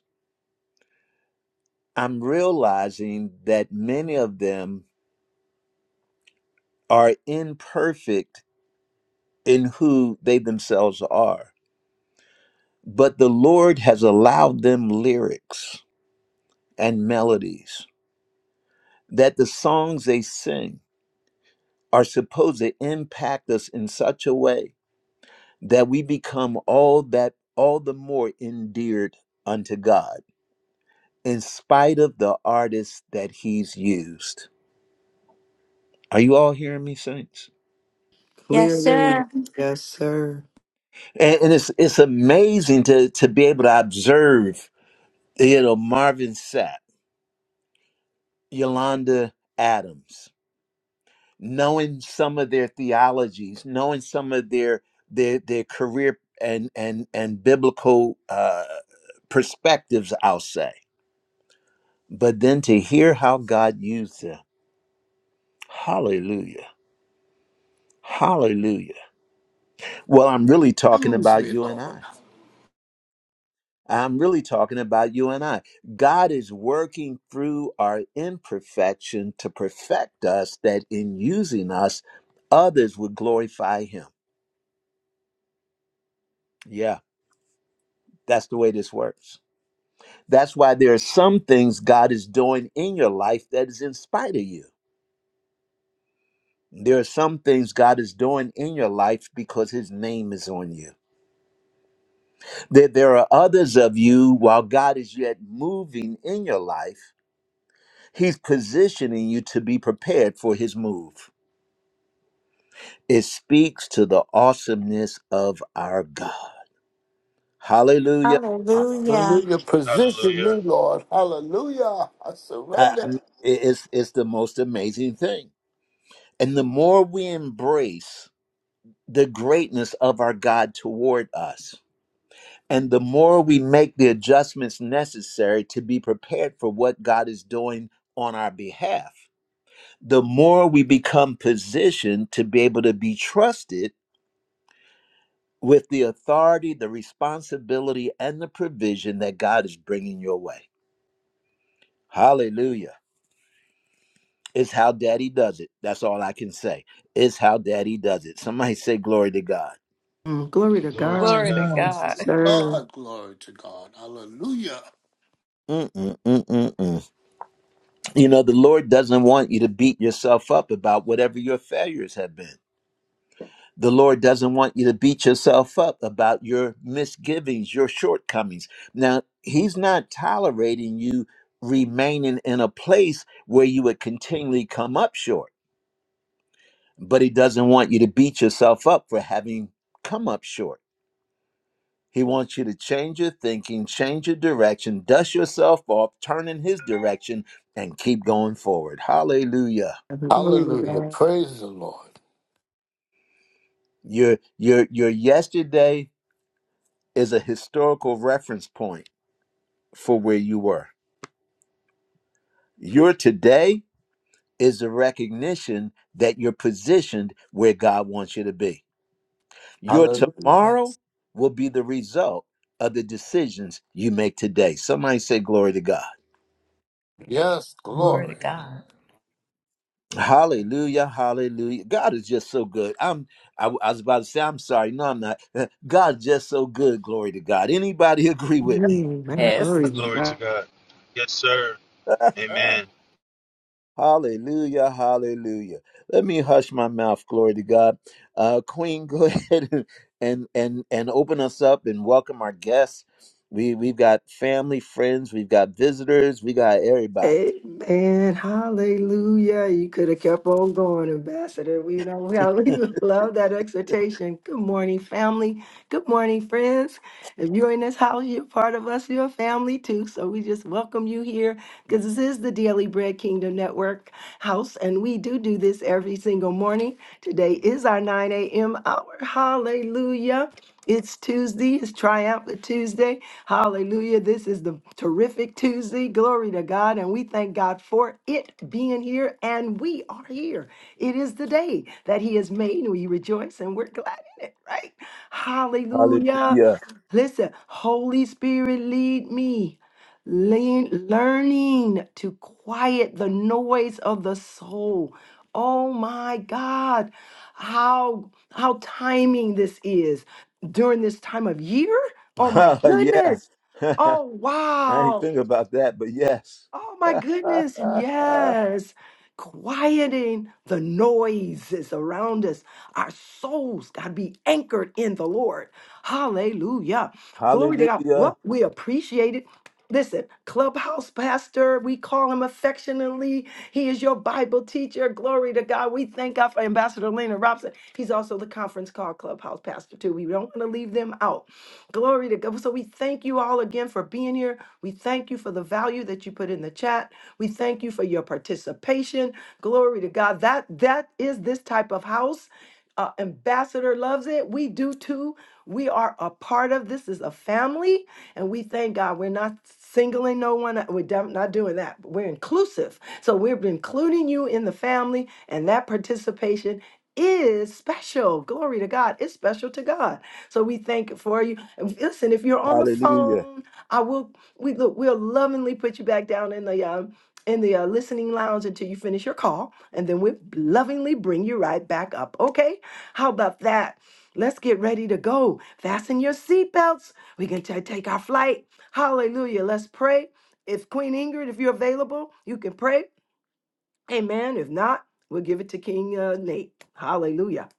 I'm realizing that many of them are imperfect in who they themselves are. But the Lord has allowed them lyrics and melodies that the songs they sing are supposed to impact us in such a way that we become all that all the more endeared unto God in spite of the artists that he's used. Are you all hearing me, saints? Yes, Yeah, Clearly, sir. yes, sir. And, and it's it's amazing to to be able to observe, you know, Marvin Sapp, Yolanda Adams, knowing some of their theologies, knowing some of their their their career and and and biblical uh, perspectives, I'll say. But then to hear how God used them, Hallelujah, Hallelujah. Well, I'm really talking Use about me, you and Lord. I. I'm really talking about you and I. God is working through our imperfection to perfect us that in using us, others would glorify Him. Yeah, that's the way this works. That's why there are some things God is doing in your life that is in spite of you. There are some things God is doing in your life because his name is on you. There, there are others of you, while God is yet moving in your life, he's positioning you to be prepared for his move. It speaks to the awesomeness of our God. Hallelujah. Hallelujah. Hallelujah. Position me, Hallelujah. Lord. Hallelujah. I I- I surrender. mean, it- it's, it's the most amazing thing. And the more we embrace the greatness of our God toward us. And the more we make the adjustments necessary to be prepared for what God is doing on our behalf, the more we become positioned to be able to be trusted with the authority, the responsibility, and the provision that God is bringing your way. Hallelujah. It's how daddy does it. That's all I can say. It's how daddy does it. Somebody say glory to God. Mm, glory to Glory to God. Glory to God. yeah, Glory Yes, to God. sir. God. Glory to God. Hallelujah. Mm-mm-mm-mm-mm. You know, the Lord doesn't want you to beat yourself up about whatever your failures have been. The Lord doesn't want you to beat yourself up about your misgivings, your shortcomings. Now, He's not tolerating you remaining in a place where you would continually come up short, but He doesn't want you to beat yourself up for having come up short. He wants you to change your thinking, change your direction, dust yourself off, turn in His direction, and keep going forward. Hallelujah. Glory to Hallelujah. God. Praise the Lord. Your your your yesterday is a historical reference point for where you were. Your today is a recognition that you're positioned where God wants you to be. Your Hallelujah. tomorrow will be the result of the decisions you make today. Somebody say glory to God. Yes, yeah. Glory to glory. God. Hallelujah, hallelujah. God is just so good. I'm I, I was about to say I'm sorry. No, I'm not. <laughs> God's just so good. Glory to God. Anybody <laughs> agree with me? Mm, man, Yes. glory to Glory God. to God. Yes, sir. Amen. Hallelujah, hallelujah. Let me hush my mouth, glory to God. Uh, Queen, <laughs> go ahead and, and and and open us up and welcome our guests. We we've got family, friends, we've got visitors, we got everybody. Amen. Hallelujah. You could have kept on going, Ambassador. We know we we <laughs> love that exhortation. Good morning, family. Good morning, friends. If you're in this house, you're part of us. You're a family too. So we just welcome you here because this is the Daily Bread Kingdom Network house, and we do do this every single morning. Today is our 9 a.m. hour. Hallelujah. It's Tuesday. It's Triumphant Tuesday. Hallelujah. This is the terrific Tuesday. Glory to God. And we thank God for it being here. And we are here. It is the day that He has made. We rejoice and we're glad in it, right? Hallelujah. Hallelujah. Listen, Holy Spirit, lead me. Lean, learning to quiet the noise of the soul. Oh my God, how how timing this is during this time of year? Oh my <laughs> yeah. goodness. <laughs> Oh I ain't wow. think about that, but yes. Oh my goodness. <laughs> Yes. Quieting the noises around us. Our souls got to be anchored in the Lord. Hallelujah. Glory to God. Hallelujah. Well, we appreciate it. Listen, Clubhouse Pastor, we call him affectionately. He is your Bible teacher. Glory to God. We thank God for Ambassador Lena Robson. He's also the conference call Clubhouse Pastor, too. We don't want to leave them out. Glory to God. So we thank you all again for being here. We thank you for the value that you put in the chat. We thank you for your participation. Glory to God. That that is this type of house. Uh, Ambassador loves it. We do too. We are a part of this is a family, and we thank God. We're not singling no one. out. We're def- not doing that. But We're inclusive, so we're including you in the family, and that participation is special. Glory to God. It's special to God. So we thank for you. And Listen, if you're on the Hallelujah. phone, I will we look, we'll lovingly put you back down in the um in the uh, listening lounge until you finish your call, and then we'll lovingly bring you right back up. Okay? How about that? Let's get ready to go. Fasten your seatbelts. We can t- take our flight. Hallelujah. Let's pray. If Queen Ingrid, if you're available, you can pray. Amen. If not, we'll give it to King uh, Nate. Hallelujah.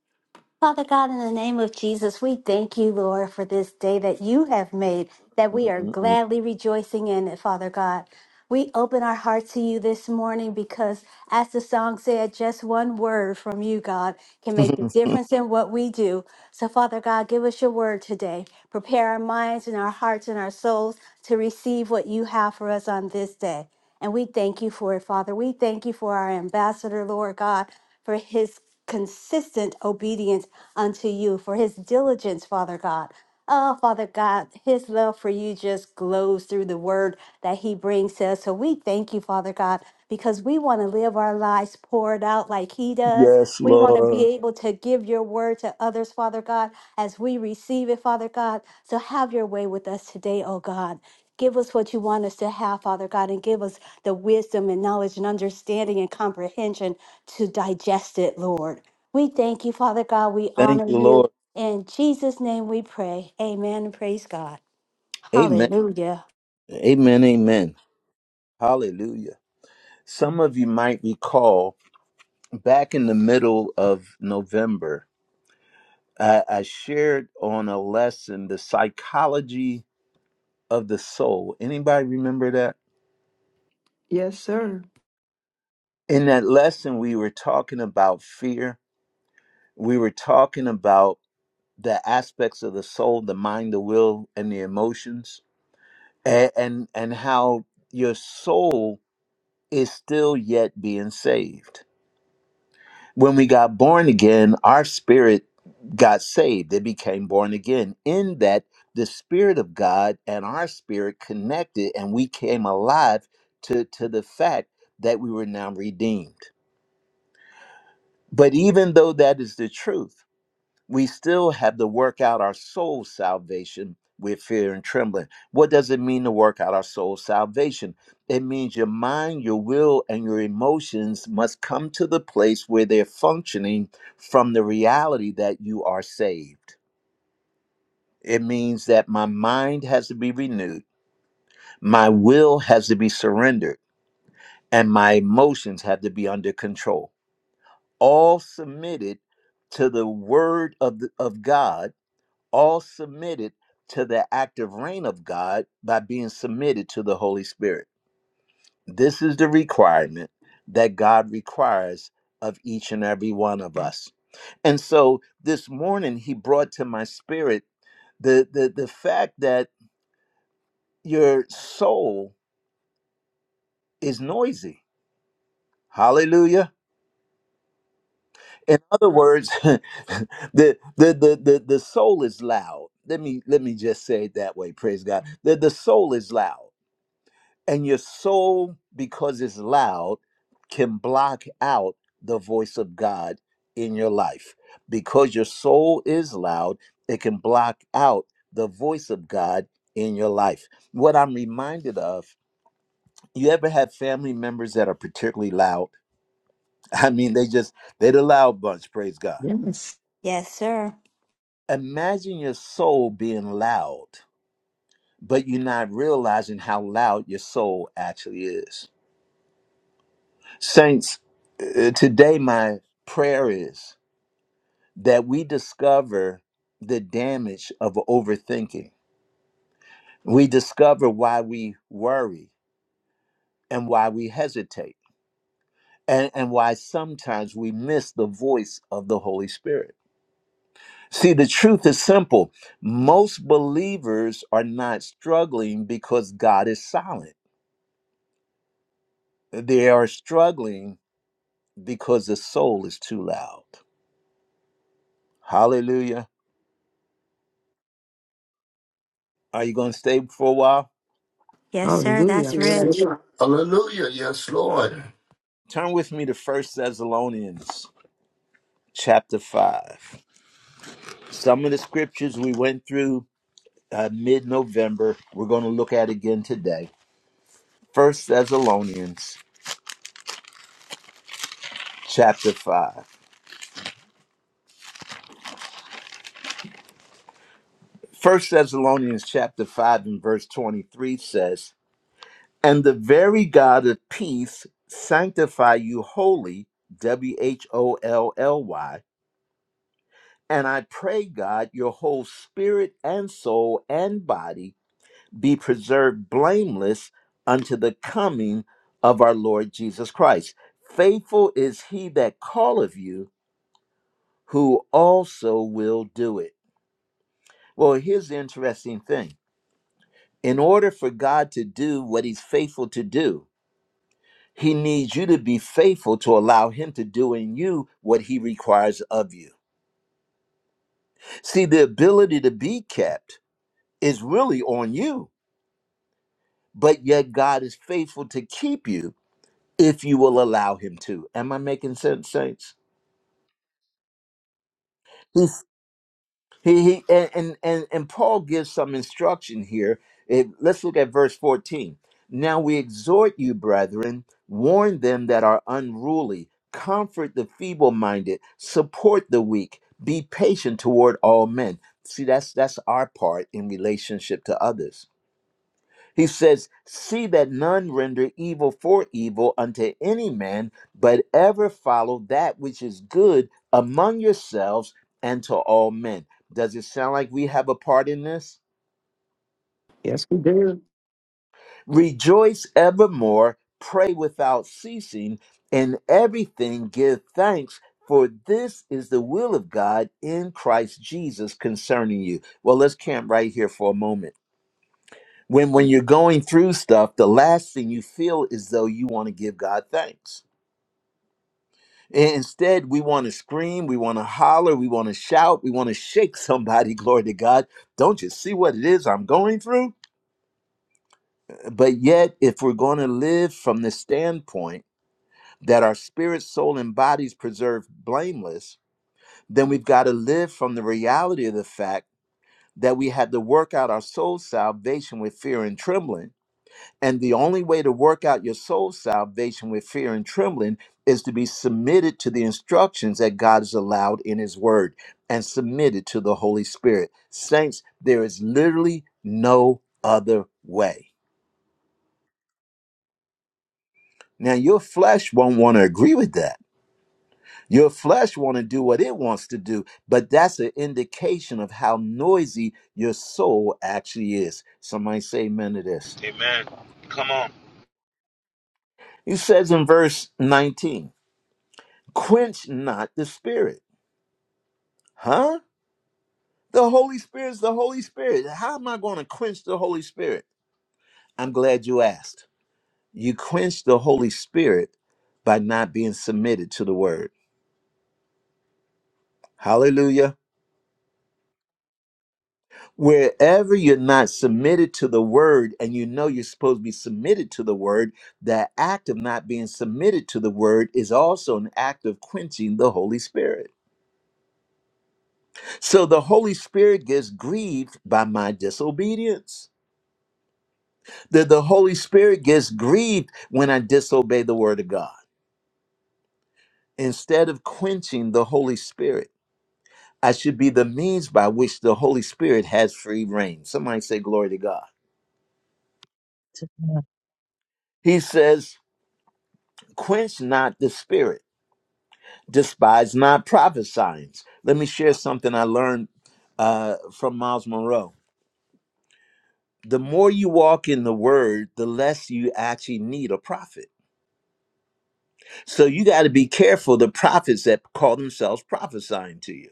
Father God, in the name of Jesus, we thank you, Lord, for this day that you have made, that we are Mm-mm-mm. gladly rejoicing in it, Father God. We open our hearts to you this morning because, as the song said, just one word from you, God, can make the <laughs> difference in what we do. So, Father God, give us your word today. Prepare our minds and our hearts and our souls to receive what you have for us on this day. And we thank you for it, Father. We thank you for our ambassador, Lord God, for his consistent obedience unto you, for his diligence, Father God. Oh, Father God, His love for you just glows through the word that He brings to us. So we thank you, Father God, because we want to live our lives poured out like He does. yes, We want to be Lord. able to give your word to others, Father God, as we receive it, Father God. So have your way with us today, oh God. Give us what you want us to have, Father God, and give us the wisdom and knowledge and understanding and comprehension to digest it, Lord. We thank you, Father God. We Thank honor you, you. Lord. In Jesus' name we pray. Amen. Praise God. Amen. Hallelujah. Amen. Amen. Hallelujah. Some of you might recall back in the middle of November, I, I shared on a lesson the psychology of the soul. Anybody remember that? Yes, sir. In that lesson, we were talking about fear we were talking about the aspects of the soul the mind the will and the emotions and and, and how your soul is still yet being saved when we got born again our spirit got saved it became born again in that the spirit of god and our spirit connected and we came alive to to the fact that we were now redeemed but even though that is the truth we still have to work out our soul salvation with fear and trembling. What does it mean to work out our soul salvation? It means your mind, your will, and your emotions must come to the place where they're functioning from the reality that you are saved. It means that my mind has to be renewed, my will has to be surrendered, and my emotions have to be under control, all submitted to the word of, the, of God all submitted to the active reign of God by being submitted to the Holy Spirit. This is the requirement that God requires of each and every one of us. And so this morning, he brought to my spirit the, the, the fact that your soul is noisy. Hallelujah. In other words, <laughs> the, the, the, the, the soul is loud. Let me let me just say it that way. Praise God. The, the soul is loud And your soul, because it's loud, can block out the voice of God in your life. Because your soul is loud, it can block out the voice of God in your life. What I'm reminded of, you ever have family members that are particularly loud? <laughs> I mean, they just, they're the loud bunch, praise God. Yes. Yes, sir. Imagine your soul being loud, but you're not realizing how loud your soul actually is Saints, uh, today my prayer is that we discover the damage of overthinking. We discover why we worry and why we hesitate and, and why sometimes we miss the voice of the Holy Spirit. See, the truth is simple most believers are not struggling because God is silent, they are struggling because the soul is too loud. Hallelujah. Are you going to stay for a while? Yes, sir. Hallelujah. That's Yeah. rich. Hallelujah. Yes, Lord. Turn with me to First Thessalonians chapter 5. Some of the scriptures we went through uh, mid November, we're going to look at again today. First Thessalonians chapter 5. First Thessalonians chapter 5 and verse 23 says, And the very God of peace sanctify you wholly, W H O L L Y. And I pray God, your whole spirit and soul and body be preserved blameless unto the coming of our Lord Jesus Christ. Faithful is he that calleth you, who also will do it. Well, here's the interesting thing in order for God to do what he's faithful to do, he needs you to be faithful to allow him to do in you what he requires of you. See, the ability to be kept is really on you, but yet God is faithful to keep you if you will allow him to. Am I making sense, saints? He's, he he and, and and Paul gives some instruction here. It- let's look at verse 14. Now we exhort you, brethren, warn them that are unruly, comfort the feeble-minded, support the weak, be patient toward all men. See, that's that's our part in relationship to others. He says, See that none render evil for evil unto any man, but ever follow that which is good among yourselves and to all men. Does it sound like we have a part in this? Yes, we do. Rejoice evermore, pray without ceasing, in everything give thanks, for this is the will of God in Christ Jesus concerning you. Well, let's camp right here for a moment when when you're going through stuff the last thing you feel is though you want to give god thanks I- instead we want to scream we want to holler we want to shout we want to shake somebody <laughs> glory to god don't you see what it is i'm going through but yet if we're going to live from the standpoint that our spirit soul and bodies preserved blameless then we've got to live from the reality of the fact that we had to work out our soul salvation with fear and trembling And the only way to work out your soul salvation with fear and trembling is to be submitted to the instructions that God has allowed in His Word and submitted to the Holy Spirit. Saints, there is literally no other way. Now, your flesh won't want to agree with that. Your flesh want to do what it wants to do, but that's an indication of how noisy your soul actually is. Somebody say amen to this. Amen. Come on. He says in verse 19, quench not the spirit Huh? The Holy Spirit's the Holy Spirit. How am I going to quench the Holy Spirit? I'm glad you asked. You quench the Holy Spirit by not being submitted to the word. Hallelujah. Wherever you're not submitted to the word and you know you're supposed to be submitted to the word, that act of not being submitted to the word is also an act of quenching the Holy Spirit. So the Holy Spirit gets grieved by my disobedience. The, the Holy Spirit gets grieved when I disobey the word of God. Instead of quenching the Holy Spirit, I should be the means by which the Holy Spirit has free reign. Somebody say, Glory to God. To God. He says, Quench not the Spirit, despise not prophesying. Let me share something I learned uh, from Miles Monroe. The more you walk in the word, the less you actually need a prophet. So you got to be careful the prophets that call themselves prophesying to you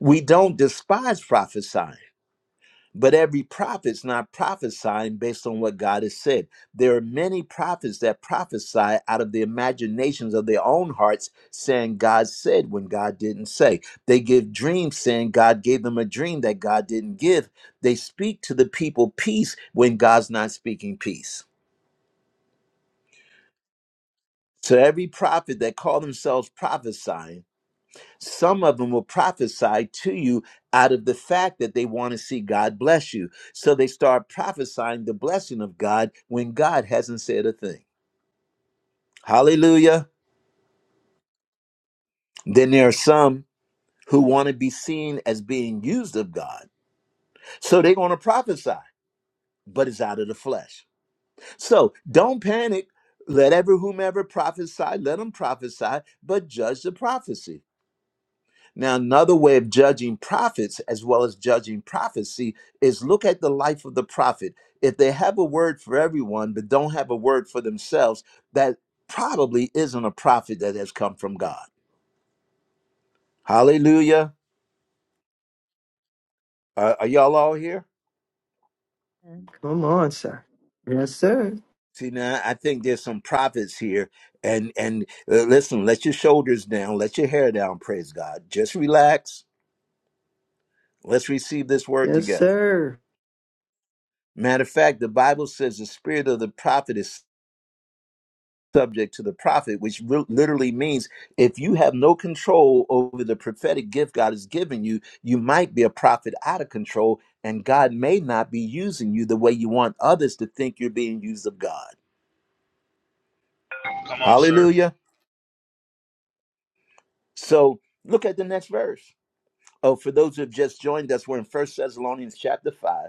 We don't despise prophesying, but every prophet's not prophesying based on what God has said. There are many prophets that prophesy out of the imaginations of their own hearts, saying God said when God didn't say. They give dreams saying God gave them a dream that God didn't give. They speak to the people peace when God's not speaking peace. So every prophet that call themselves prophesying Some of them will prophesy to you out of the fact that they want to see God bless you. So they start prophesying the blessing of God when God hasn't said a thing. Hallelujah. Then there are some who want to be seen as being used of God. So they want to prophesy, but it's out of the flesh. So don't panic. Let ever whomever prophesy, let them prophesy, but judge the prophecy Now, another way of judging prophets, as well as judging prophecy, is look at the life of the prophet. If they have a word for everyone, but don't have a word for themselves, that probably isn't a prophet that has come from God. Hallelujah. Are are y'all all here? Come on, sir. Yes, sir. See, now I think there's some prophets here. And and uh, listen, let your shoulders down, let your hair down, praise God. Just relax. Let's receive this word Yes, together. sir. Matter of fact, the Bible says the spirit of the prophet is subject to the prophet, which re- literally means if you have no control over the prophetic gift God has given you, you might be a prophet out of control, and God may not be using you the way you want others to think you're being used of God. Come on, sir. Hallelujah. So look at the next verse. Oh, for those who have just joined us, we're in First Thessalonians chapter 5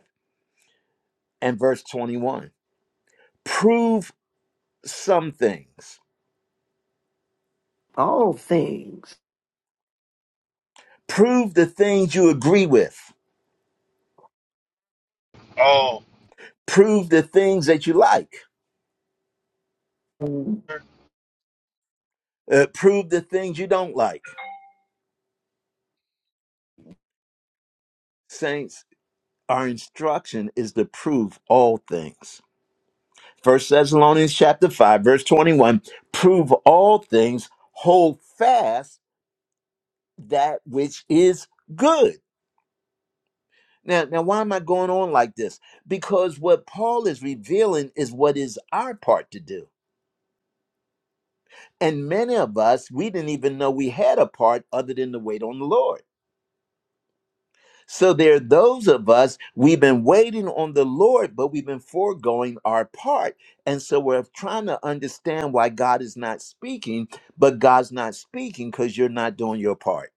and verse 21. Prove some things. All things. Prove the things you agree with. Oh. Prove the things that you like Mm. Uh, prove the things you don't like. Saints, our instruction is to prove all things. First Thessalonians chapter 5, verse 21, prove all things, hold fast that which is good. Now, now why am I going on like this? Because what Paul is revealing is what is our part to do. And many of us, we didn't even know we had a part other than to wait on the Lord. So there are those of us, we've been waiting on the Lord, but we've been foregoing our part. And so we're trying to understand why God is not speaking, but God's not speaking because you're not doing your part.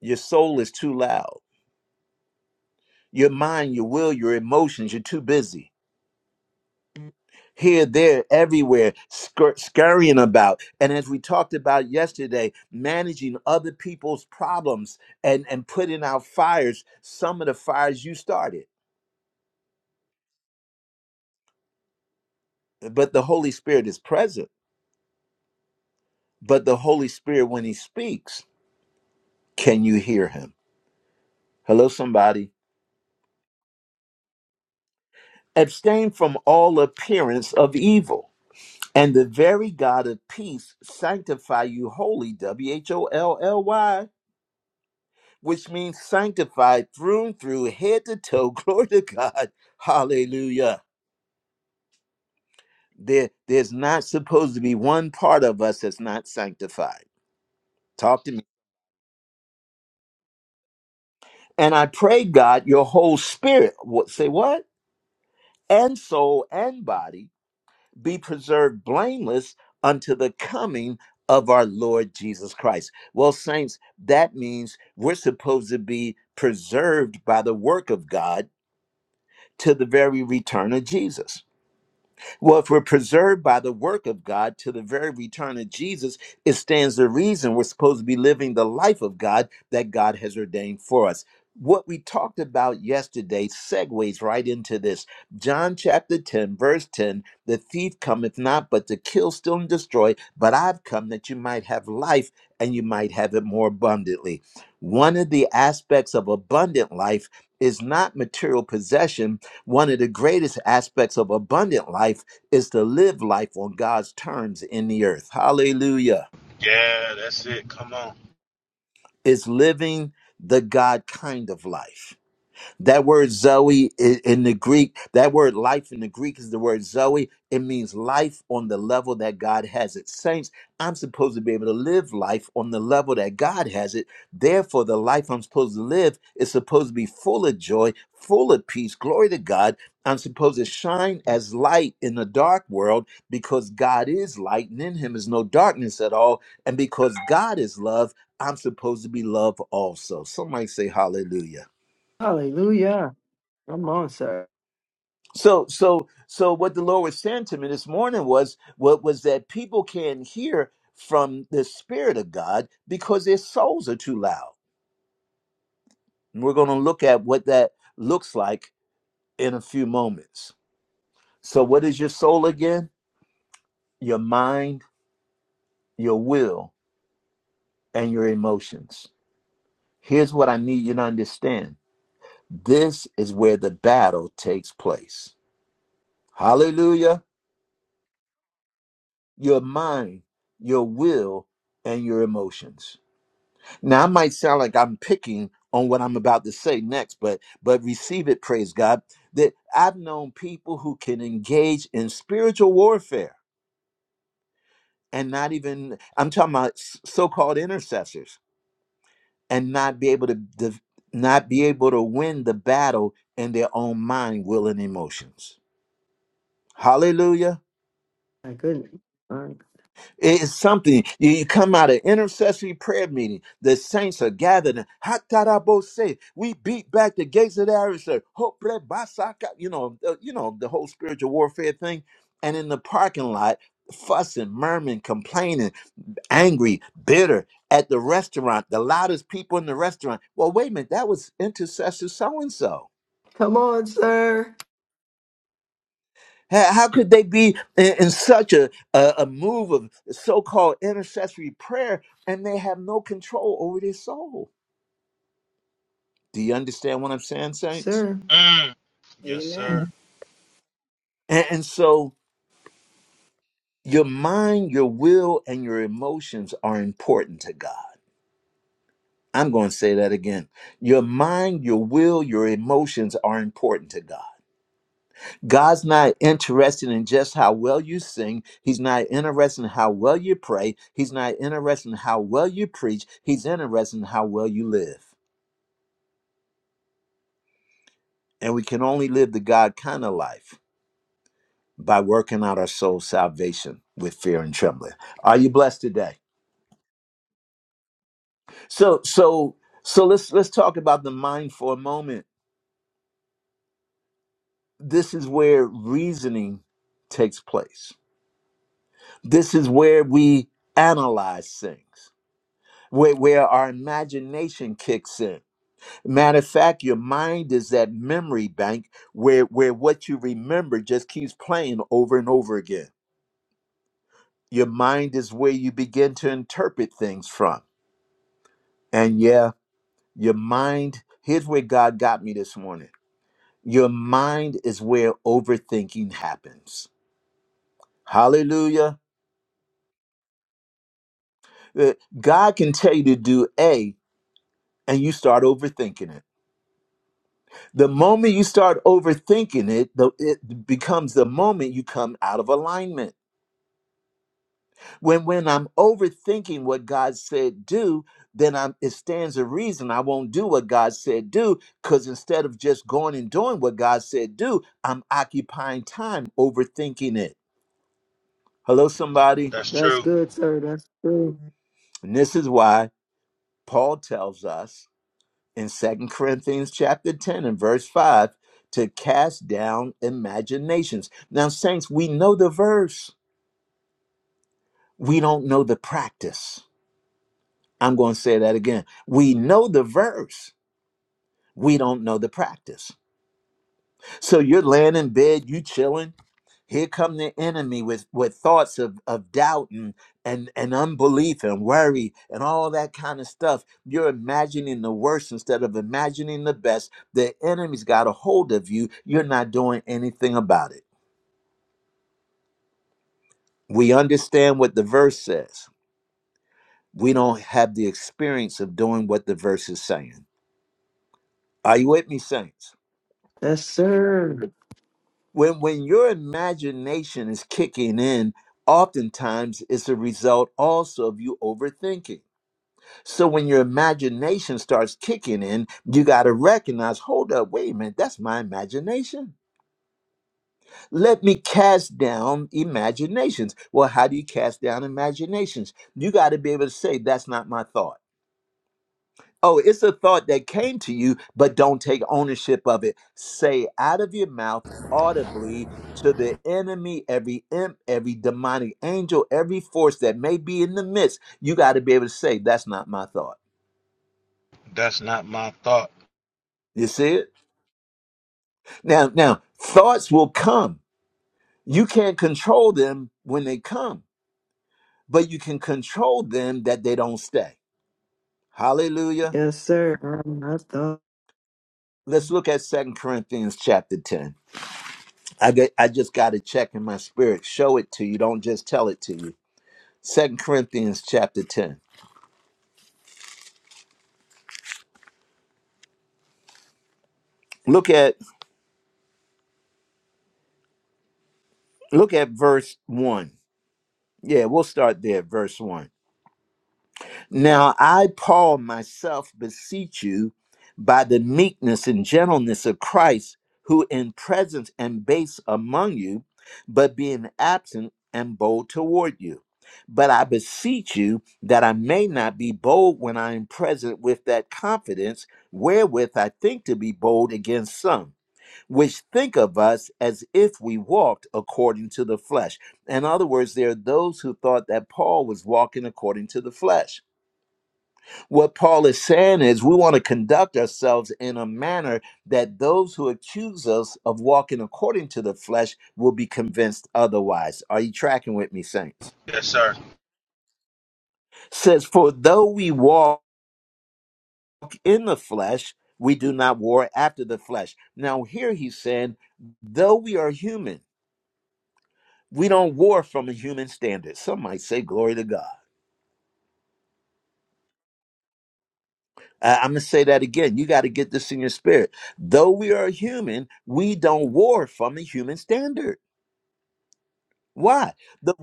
Your soul is too loud. Your mind, your will, your emotions, you're too busy. Here, there, everywhere, scur- scurrying about. And as we talked about yesterday, managing other people's problems and, and putting out fires, some of the fires you started. but the Holy Spirit is present. But the Holy Spirit, when he speaks, can you hear him? Hello, somebody. Abstain from all appearance of evil. And the very God of peace sanctify you wholly, W H O L L Y, which means sanctified through and through, head to toe. <laughs> Glory to God. Hallelujah. There, there's not supposed to be one part of us that's not sanctified. Talk to me. And I pray, God, your whole spirit. What say what? and soul and body be preserved blameless unto the coming of our Lord Jesus Christ. Well, saints, that means we're supposed to be preserved by the work of God to the very return of Jesus. Well, if we're preserved by the work of God to the very return of Jesus, it stands to reason we're supposed to be living the life of God that God has ordained for us. What we talked about yesterday segues right into this. John chapter 10, verse 10 The thief cometh not but to kill, steal, and destroy, but I've come that you might have life and you might have it more abundantly. One of the aspects of abundant life is not material possession, one of the greatest aspects of abundant life is to live life on God's terms in the earth. Hallelujah. Yeah, that's it. Come on. It's living the God kind of life. That word Zoe i- in the Greek, that word life in the Greek is the word Zoe. It means life on the level that God has it. Saints, I'm supposed to be able to live life on the level that God has it. Therefore, the life I'm supposed to live is supposed to be full of joy, full of peace. Glory to God. I'm supposed to shine as light in a dark world because God is light and in him is no darkness at all. And because God is love, I'm supposed to be love also. Somebody say hallelujah. Hallelujah. Come on, sir. So, so, so, what the Lord was saying to me this morning was what was that people can't hear from the Spirit of God because their souls are too loud. And we're going to look at what that looks like in a few moments. So, what is your soul again? Your mind, your will, and your emotions. Here's what I need you to understand this is where the battle takes place. Hallelujah. Your mind, your will, and your emotions Now I might sound like I'm picking on what I'm about to say next, but but receive it, praise God. That I've known people who can engage in spiritual warfare and not even I'm talking about s- so-called intercessors and not be able to de- not be able to win the battle in their own mind, will, and emotions. Hallelujah. My goodness. All right. It's something you, you come out of intercessory prayer meeting. The saints are gathered. and, "Hatarabose," We beat back the gates of the adversary. Hoprebasaka," You know, uh, you know the whole spiritual warfare thing. And in the parking lot, fussing, murmuring, complaining, angry, bitter at the restaurant. The loudest people in the restaurant. Well, wait a minute. That was intercessor so and so Come on, sir. How how could they be in, in such a, a, a move of so called intercessory prayer and they have no control over their soul? Do you understand what I'm saying, saints? Sir. Mm. you. Yes, Yeah, Amen. sir. And, and so your mind, your will, and your emotions are important to God. I'm going to say that again. Your mind, your will, your emotions are important to God. God's not interested in just how well you sing. He's not interested in how well you pray. He's not interested in how well you preach. He's interested in how well you live. And we can only live the God kind of life by working out our soul salvation with fear and trembling. Are you blessed today? So so so let's let's talk about the mind for a moment. This is where reasoning takes place. This is where we analyze things. where, where our imagination kicks in. Matter of fact, your mind is that memory bank where, where what you remember just keeps playing over and over again. Your mind is where you begin to interpret things from. And yeah, your mind, here's where God got me this morning. Your mind is where overthinking happens. Hallelujah. Uh, God can tell you to do A and you start overthinking it The moment you start overthinking it, the, it becomes the moment you come out of alignment. When when I'm overthinking what God said do, then I'm, it stands a reason I won't do what God said do. Because instead of just going and doing what God said do, I'm occupying time overthinking it. Hello, somebody. That's That's true. good, sir. That's good. And this is why Paul tells us in Second Corinthians chapter 10 and verse 5 to cast down imaginations. Now, saints, we know the verse We don't know the practice. I'm going to say that again. We know the verse. We don't know the practice. So you're laying in bed, you chilling. Here come the enemy with, with thoughts of, of doubt and, and, and unbelief and worry and all that kind of stuff. You're imagining the worst instead of imagining the best. The enemy's got a hold of you. You're not doing anything about it. We understand what the verse says. We don't have the experience of doing what the verse is saying. Are you with me, saints? Yes, sir. When when your imagination is kicking in, oftentimes it's a result also of you overthinking. So when your imagination starts kicking in, you got to recognize, hold up, wait a minute, that's my imagination. Let me cast down imaginations. Well, how do you cast down imaginations? You got to be able to say that's not my thought. Oh, it's a thought that came to you, but don't take ownership of it. Say out of your mouth audibly to the enemy, every imp, every demonic angel, every force that may be in the midst. You got to be able to say, "That's not my thought." That's not my thought. You see it now. Now thoughts will come. You can't control them when they come, but you can control them that they don't stay. Hallelujah. Yes, sir. I'm Let's look at Second Corinthians chapter 10. I get, I just got to check in my spirit. Show it to you. Don't just tell it to you. Second Corinthians chapter ten. Look at look at verse one. Yeah, we'll start there. Verse one. Now I, Paul, myself beseech you by the meekness and gentleness of Christ, who in presence am base among you, but being absent am bold toward you. But I beseech you that I may not be bold when I am present with that confidence wherewith I think to be bold against some, which think of us as if we walked according to the flesh. In other words, there are those who thought that Paul was walking according to the flesh. What Paul is saying is we want to conduct ourselves in a manner that those who accuse us of walking according to the flesh will be convinced otherwise. Are you tracking with me, saints? Yes, sir. Says, for though we walk in the flesh, we do not war after the flesh. Now, here he's saying, though we are human, we don't war from a human standard. Some might say, glory to God. I- I'm going to say that again. You got to get this in your spirit. Though we are human, we don't war from a human standard. Why? The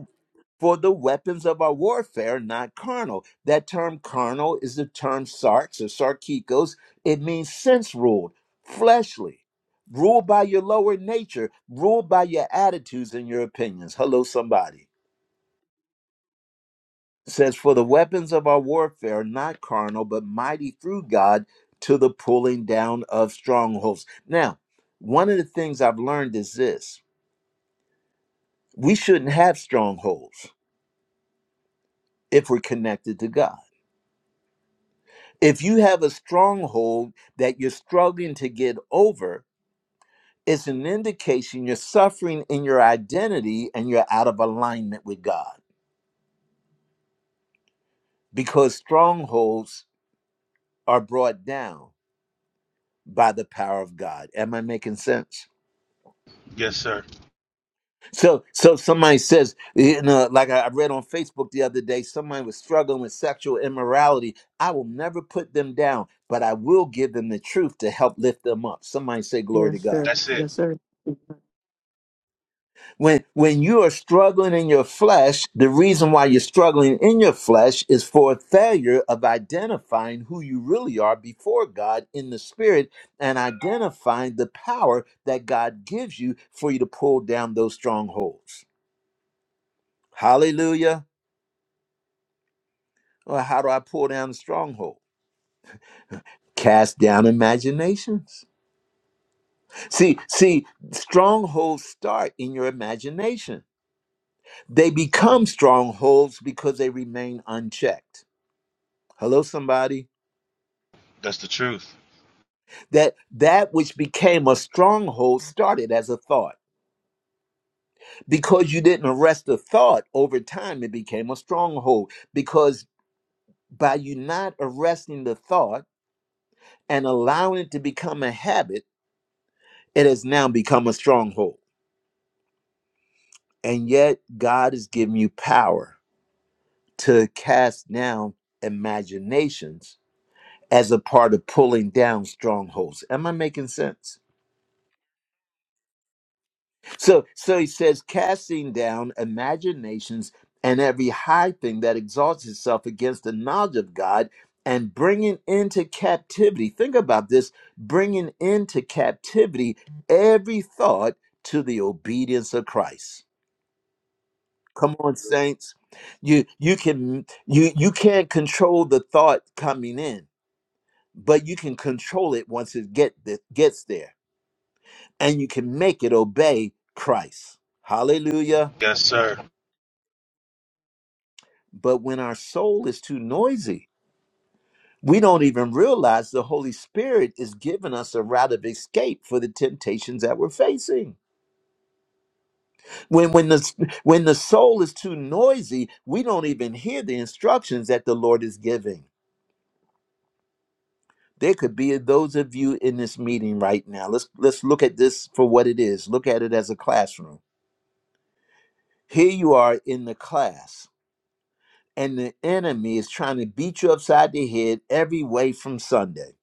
for the weapons of our warfare, not carnal. That term carnal is the term sarx or sarkikos. It means sense ruled, fleshly, ruled by your lower nature, ruled by your attitudes and your opinions. Hello, somebody. It says, For the weapons of our warfare are not carnal, but mighty through God to the pulling down of strongholds. Now, one of the things I've learned is this we shouldn't have strongholds if we're connected to God If you have a stronghold that you're struggling to get over, it's an indication you're suffering in your identity and you're out of alignment with God because strongholds are brought down by the power of God. Am I making sense? Yes, sir. So, so somebody says, you know, like I I read on Facebook the other day, somebody was struggling with sexual immorality. I will never put them down, but I will give them the truth to help lift them up. Somebody say, Glory to Yes, God. sir. That's it. Yes, sir. When when you are struggling in your flesh, the reason why you're struggling in your flesh is for a failure of identifying who you really are before God in the spirit and identifying the power that God gives you for you to pull down those strongholds. Hallelujah. Well, how do I pull down the stronghold? Cast down imaginations. See, see, strongholds start in your imagination. They become strongholds because they remain unchecked. Hello, somebody. That's the truth. That that which became a stronghold started as a thought. Because you didn't arrest the thought, over time it became a stronghold. Because by you not arresting the thought and allowing it to become a habit, it has now become a stronghold. And yet God has given you power to cast down imaginations as a part of pulling down strongholds. Am I making sense? So so he says, casting down imaginations and every high thing that exalts itself against the knowledge of God and bringing into captivity. Think about this, bringing into captivity every thought to the obedience of Christ. Come on saints. You you can you you can't control the thought coming in, but you can control it once it get it gets there and you can make it obey Christ. Hallelujah. Yes, sir. But when our soul is too noisy, we don't even realize the Holy Spirit is giving us a route of escape for the temptations that we're facing. When when the when the soul is too noisy, we don't even hear the instructions that the Lord is giving. There could be those of you in this meeting right now. Let's let's look at this for what it is. Look at it as a classroom. Here you are in the class, and the enemy is trying to beat you upside the head every way from Sunday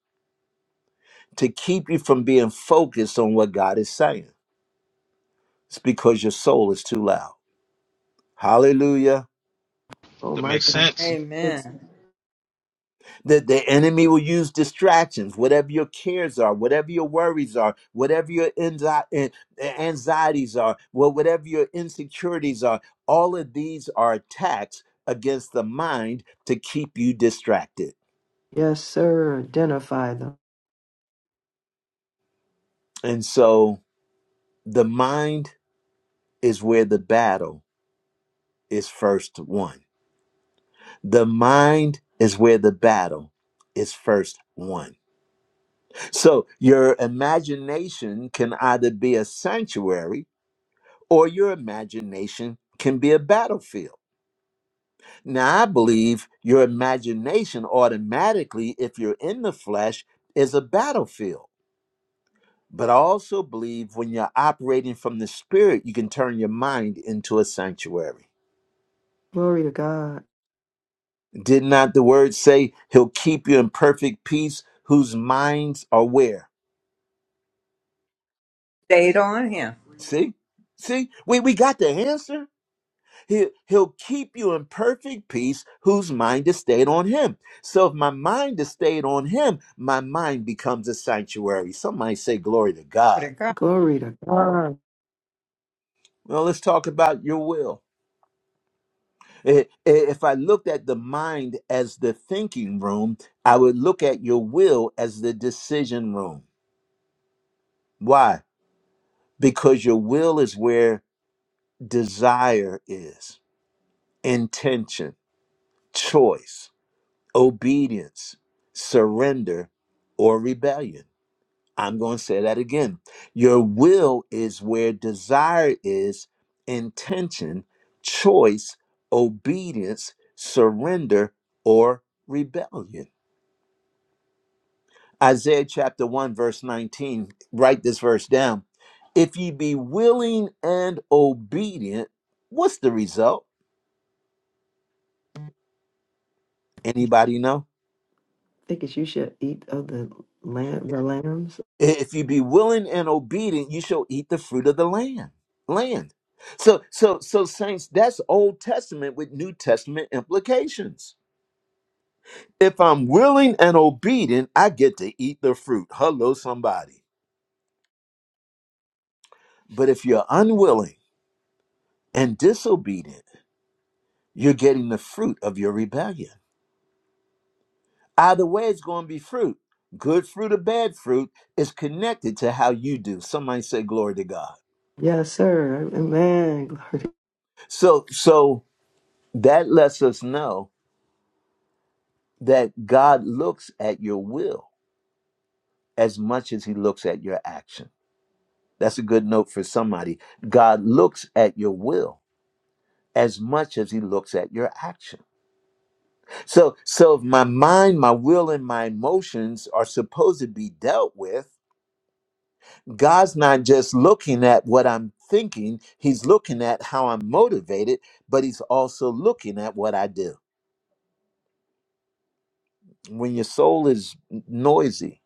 to keep you from being focused on what God is saying. It's because your soul is too loud. Hallelujah. Oh, That my makes God. sense. Amen. That the enemy will use distractions, whatever your cares are, whatever your worries are, whatever your anxi- an- anxieties are, wha- whatever your insecurities are. All of these are attacks against the mind to keep you distracted. Yes, sir. Identify them. And so the mind is where the battle is first won. The mind is where the battle is first won. So your imagination can either be a sanctuary or your imagination can be a battlefield. Now, I believe your imagination automatically, if you're in the flesh, is a battlefield. But I also believe when you're operating from the spirit, you can turn your mind into a sanctuary. Glory to God. Did not the word say he'll keep you in perfect peace whose minds are where? Stayed on him. See? See? We we got the answer. He he'll keep you in perfect peace whose mind is stayed on him. So if my mind is stayed on him, my mind becomes a sanctuary. Some might say glory to Glory to God. God. Glory to God. Well, let's talk about your will. I- i- If I looked at the mind as the thinking room, I would look at your will as the decision room. Why? Because your will is where desire is, intention, choice obedience, surrender, or rebellion. I'm going to say that again. Your will is where desire is, intention, choice, obedience, surrender, or rebellion. Isaiah chapter 1, verse 19, write this verse down. If ye be willing and obedient, what's the result? Anybody know? Thinkest you should eat of the lamb, the lambs? if you be willing and obedient you shall eat the fruit of the land land so so so saints that's old testament with new testament implications if i'm willing and obedient i get to eat the fruit hello somebody but if you're unwilling and disobedient you're getting the fruit of your rebellion either way it's going to be fruit good fruit or bad fruit is connected to how you do somebody say glory to god Yes, sir. Amen. Glory. so so that lets us know that God looks at your will as much as he looks at your action. That's a good note for somebody. God looks at your will as much as he looks at your action. So so if my mind, my will and my emotions are supposed to be dealt with, God's not just looking at what I'm thinking, he's looking at how I'm motivated, but he's also looking at what I do. When your soul is noisy,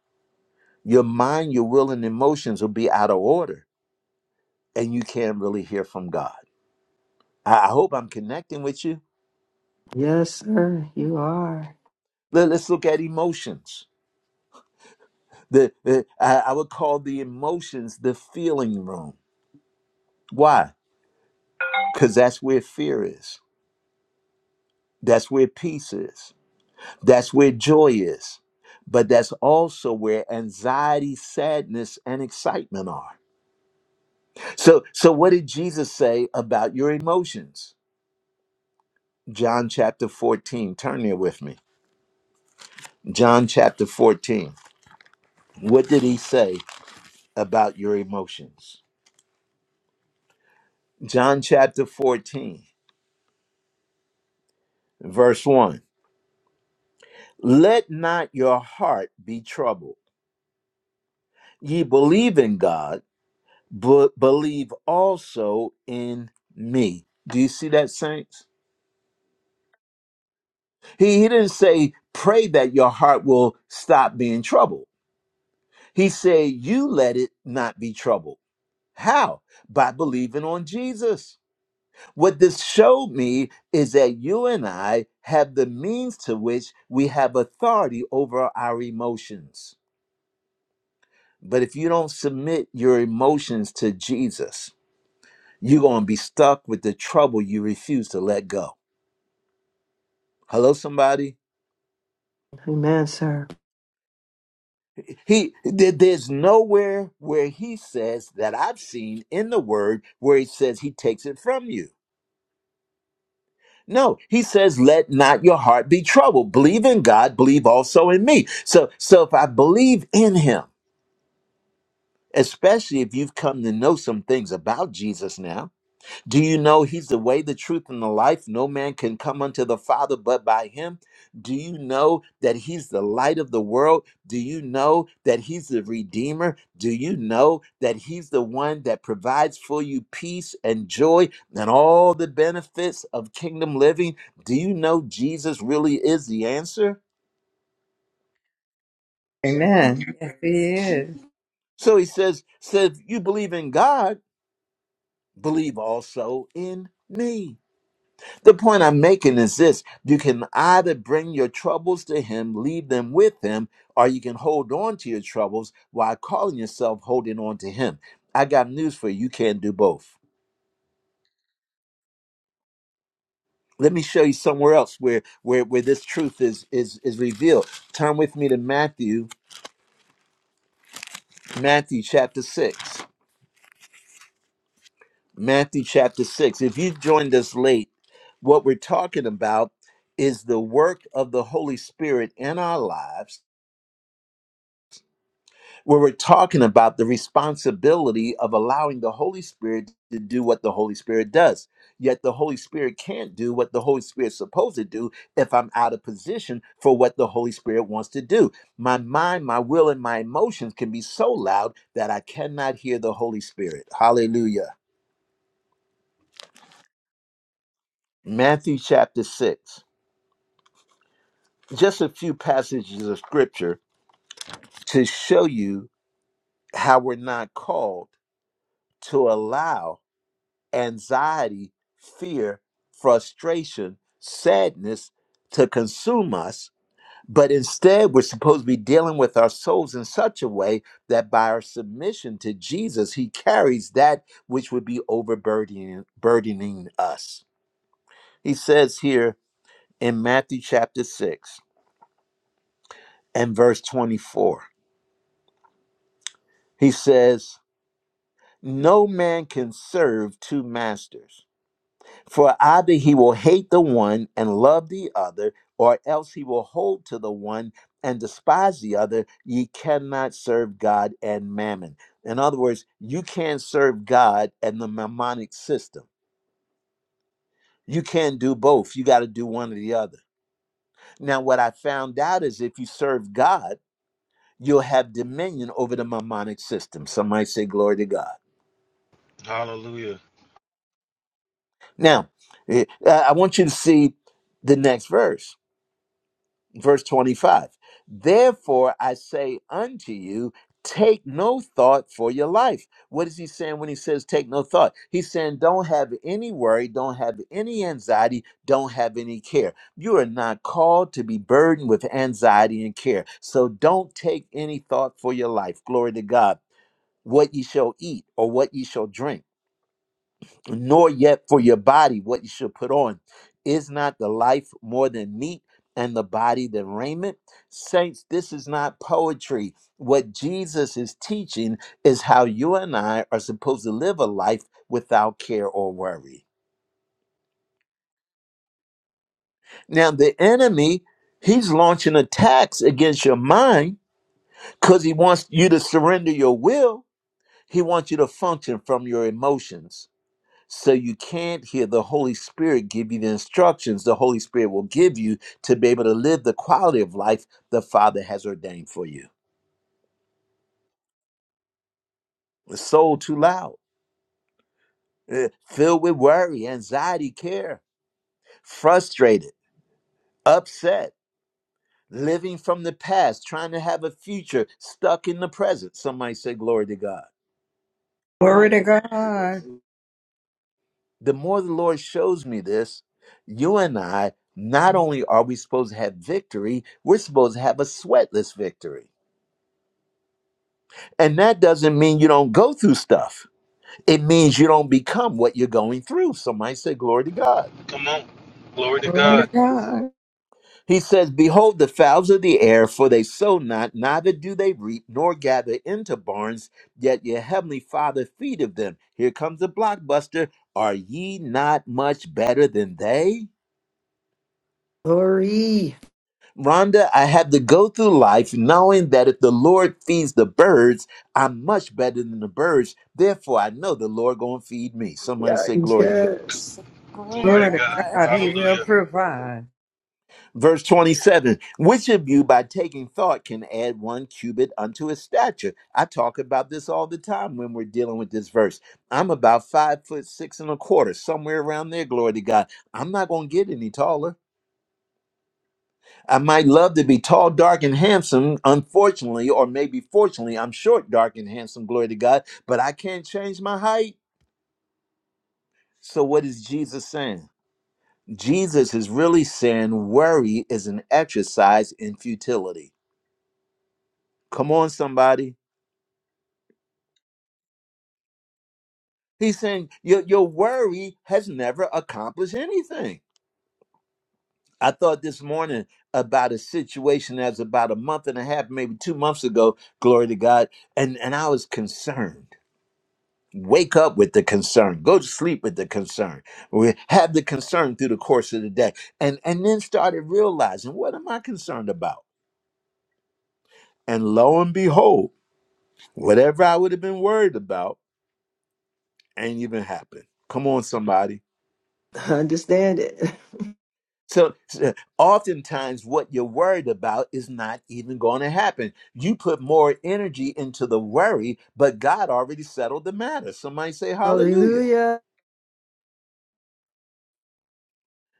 your mind, your will and emotions will be out of order and you can't really hear from God. I I hope I'm connecting with you. Yes, sir. You are. Let- Let's look at emotions. The, the I I would call the emotions the feeling room. Why? Because that's where fear is. That's where peace is. That's where joy is. But that's also where anxiety, sadness, and excitement are. So, so what did Jesus say about your emotions? John chapter 14. Turn there with me. John chapter 14. What did he say about your emotions. John chapter 14, verse 1. Let not your heart be troubled. Ye believe in God, but believe also in me. Do you see that, saints? He, he didn't say, pray that your heart will stop being troubled. He said, you let it not be troubled. How? By believing on Jesus. What this showed me is that you and I have the means to which we have authority over our emotions. But if you don't submit your emotions to Jesus, you're going to be stuck with the trouble you refuse to let go. Hello, somebody? Amen, sir. He there- there's nowhere where he says that I've seen in the word where he says he takes it from you. No, he says, "Let not your heart be troubled. Believe in God. Believe also in me." So, so if I believe in Him. especially if you've come to know some things about Jesus now. Do you know he's the way, the truth, and the life? No man can come unto the Father but by him. Do you know that he's the light of the world? Do you know that he's the Redeemer? Do you know that he's the one that provides for you peace and joy and all the benefits of kingdom living? Do you know Jesus really is the answer? Amen. Yes, he is. So he says, says, you believe in God, believe also in me. The point I'm making is this you can either bring your troubles to Him, leave them with Him, or you can hold on to your troubles while calling yourself holding on to Him. I got news for you. You can't do both. Let me show you somewhere else where, where, where this truth is, is, is revealed. Turn with me to Matthew, Matthew chapter 6. Matthew chapter 6. If you joined us late, what we're talking about is the work of the Holy Spirit in our lives where we're talking about the responsibility of allowing the Holy Spirit to do what the Holy Spirit does. Yet the Holy Spirit can't do what the Holy Spirit's supposed to do if I'm out of position for what the Holy Spirit wants to do. My mind, my will, and my emotions can be so loud that I cannot hear the Holy Spirit. Hallelujah. Matthew chapter 6. Just a few passages of scripture to show you how we're not called to allow anxiety, fear, frustration, sadness to consume us. But instead, we're supposed to be dealing with our souls in such a way that by our submission to Jesus, He carries that which would be overburdening burdening us. He says here in Matthew chapter 6 and verse 24, He says, No man can serve two masters. For either he will hate the one and love the other, or else he will hold to the one and despise the other. Ye cannot serve God and mammon. In other words, you can't serve God and the mammonic system. You can't do both. You got to do one or the other. Now, what I found out is if you serve God, you'll have dominion over the mammonic system. Some might say, Glory to God. Hallelujah. Now, eh, I I want you to see the next verse verse 25 therefore i say unto you take no thought for your life what is he saying when he says take no thought he's saying don't have any worry don't have any anxiety don't have any care you are not called to be burdened with anxiety and care so don't take any thought for your life glory to god what ye shall eat or what ye shall drink nor yet for your body what you should put on. Is not the life more than meat, and the body than raiment? Saints, this is not poetry. What Jesus is teaching is how you and I are supposed to live a life without care or worry. Now, the enemy, he's launching attacks against your mind because he wants you to surrender your will, he wants you to function from your emotions. So you can't hear the Holy Spirit give you the instructions the Holy Spirit will give you to be able to live the quality of life the Father has ordained for you. The soul too loud, eh, filled with worry, anxiety, care, frustrated, upset, living from the past, trying to have a future, stuck in the present. Somebody say, Glory to God. Glory to God. The more the Lord shows me this, you and I, not only are we supposed to have victory, we're supposed to have a sweatless victory. And that doesn't mean you don't go through stuff. It means you don't become what you're going through. Somebody say, Glory to God. Come on. Glory to Glory to God. God. He says, Behold, the fowls of the air, for they sow not, neither do they reap, nor gather into barns, yet your heavenly Father feedeth them. Here comes the blockbuster. Are ye not much better than they? Glory. Rhonda, I had to go through life knowing that if the Lord feeds the birds, I'm much better than the birds. Therefore, I know the Lord going to feed me. Somebody Yeah, say, Glory to God. Yes. Glory to Glory Glory to to God. God. God. He will Hallelujah. provide. Verse 27 Which of you by taking thought can add one cubit unto his stature? I talk about this all the time when we're dealing with this verse. I'm about five foot six and a quarter, somewhere around there, glory to God. I'm not going to get any taller. I might love to be tall, dark, and handsome. Unfortunately, or maybe fortunately, I'm short, dark, and handsome, glory to God, but I can't change my height. So, what is Jesus saying? Jesus is really saying worry is an exercise in futility. Come on, somebody. He's saying your your worry has never accomplished anything. I thought this morning about a situation that was about a month and a half, maybe two months ago, glory to God, and, and I was concerned. Wake up with the concern, go to sleep with the concern. We have the concern through the course of the day. And and then started realizing what am I concerned about? And lo and behold, whatever I would have been worried about ain't even happened. Come on, somebody. Understand it. <laughs> So so oftentimes what you're worried about is not even going to happen. You put more energy into the worry, but God already settled the matter. Somebody say hallelujah. Hallelujah.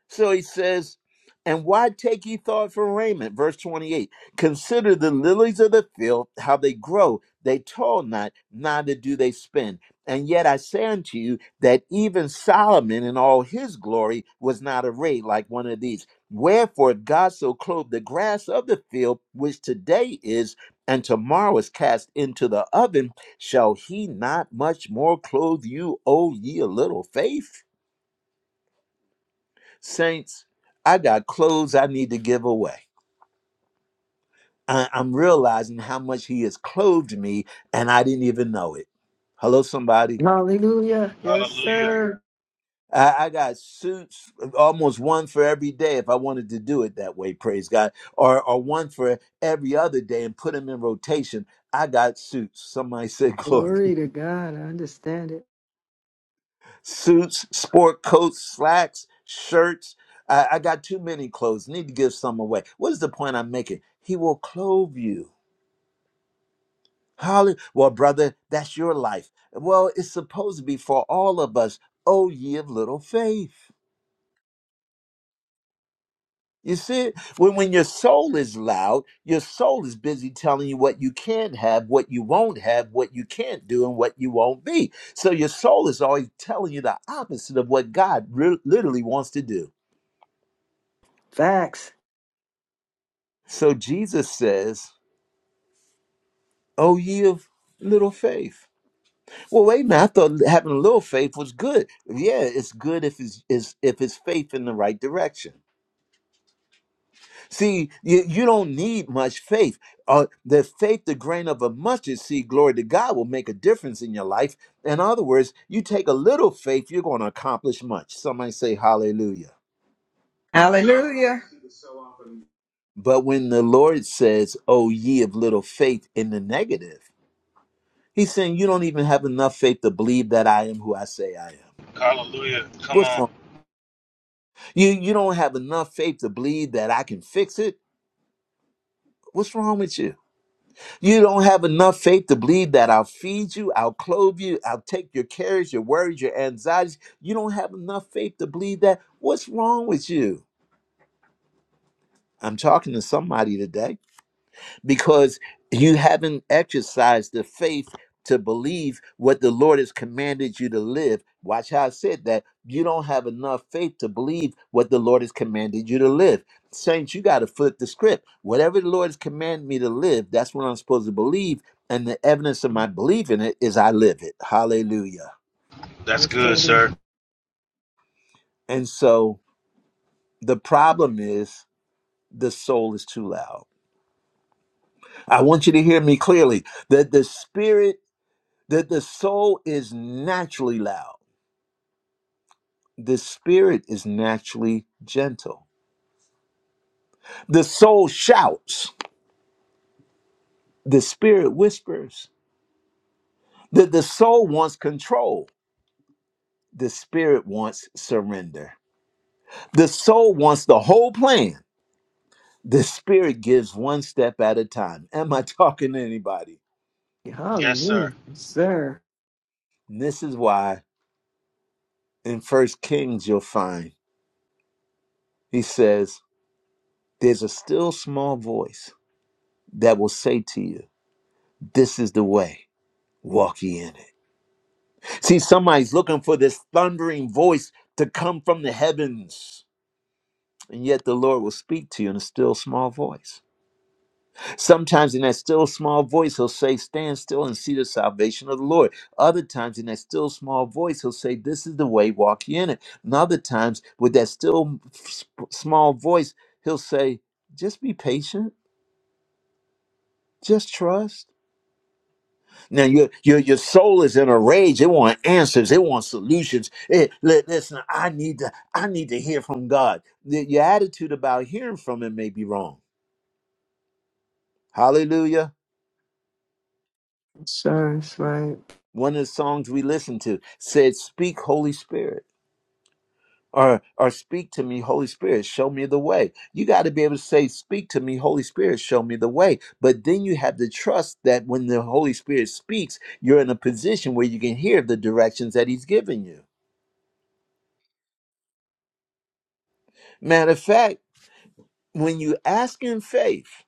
So he says, And why take ye thought for raiment? Verse 28 Consider the lilies of the field, how they grow. They toil not, neither do they spin. And yet I say unto you that even Solomon in all his glory was not arrayed like one of these. Wherefore God so clothed the grass of the field, which today is and tomorrow is cast into the oven. Shall he not much more clothe you, O ye of little faith? Saints, I got clothes I need to give away. I- I'm realizing how much He has clothed me, and I didn't even know it. Hello, somebody. Hallelujah. Yes, Hallelujah. sir. I, I got suits, almost one for every day if I wanted to do it that way, praise God, or, or one for every other day and put them in rotation. I got suits. Somebody said Glory glory. <laughs> to God. I understand it. Suits, sport coats, slacks, shirts. I, I got too many clothes. Need to give some away. What is the point I'm making? He will clothe you. Holly, well, brother, that's your life. Well, it's supposed to be for all of us. Oh, ye of little faith. You see, it? when when your soul is loud, your soul is busy telling you what you can't have, what you won't have, what you can't do, and what you won't be. So your soul is always telling you the opposite of what God re- literally wants to do. Facts. So Jesus says, "Oh, ye of little faith." Well, wait a minute. I thought having a little faith was good. Yeah, it's good if it's, it's if it's faith in the right direction. See, you, you don't need much faith. Uh, the faith, the grain of a mustard seed, glory to God, will make a difference in your life. In other words, you take a little faith, you're going to accomplish much. Somebody say hallelujah. Hallelujah. But when the Lord says, "Oh, ye of little faith," in the negative, He's saying you don't even have enough faith to believe that I am who I say I am. Hallelujah. Come What's wrong? on. You you don't have enough faith to believe that I can fix it. What's wrong with you? You don't have enough faith to believe that I'll feed you, I'll clothe you, I'll take your cares, your worries, your anxieties. You don't have enough faith to believe that. What's wrong with you? I'm talking to somebody today. because you haven't exercised the faith to believe what the Lord has commanded you to live. Watch how I said that. You don't have enough faith to believe what the Lord has commanded you to live. Saints, you got to flip the script. Whatever the Lord has commanded me to live, that's what I'm supposed to believe. And the evidence of my belief in it is I live it. Hallelujah. That's Yes, good, sir. sir. And so the problem is the soul is too loud. I want you to hear me clearly that the spirit that the soul is naturally loud the spirit is naturally gentle the soul shouts the spirit whispers that the soul wants control the spirit wants surrender the soul wants the whole plan the spirit gives one step at a time am i <laughs> talking to anybody Yes, sir. Hallelujah. Yes, sir. and this is why in first kings you'll find he says there's a still small voice that will say to you this is the way walk ye in it See, somebody's looking for this thundering voice to come from the heavens. And yet the Lord will speak to you in a still small voice. Sometimes in that still small voice, he'll say, Stand still and see the salvation of the Lord. Other times in that still small voice, he'll say, This is the way, walk ye in it. And other times with that still s- small voice, he'll say, Just be patient, just trust. Now your your your soul is in a rage. It want answers. It wants solutions. It, li- listen, I need to I need to hear from God. Y- your attitude about hearing from Him may be wrong. Hallelujah. Yes, sir. That's right. One of the songs we listened to said, "Speak, Holy Spirit." Or, or speak to me, Holy Spirit, show me the way. You got to be able to say, Speak to me, Holy Spirit, show me the way. But then you have to trust that when the Holy Spirit speaks, you're in a position where you can hear the directions that He's giving you. Matter of fact, when you ask in faith,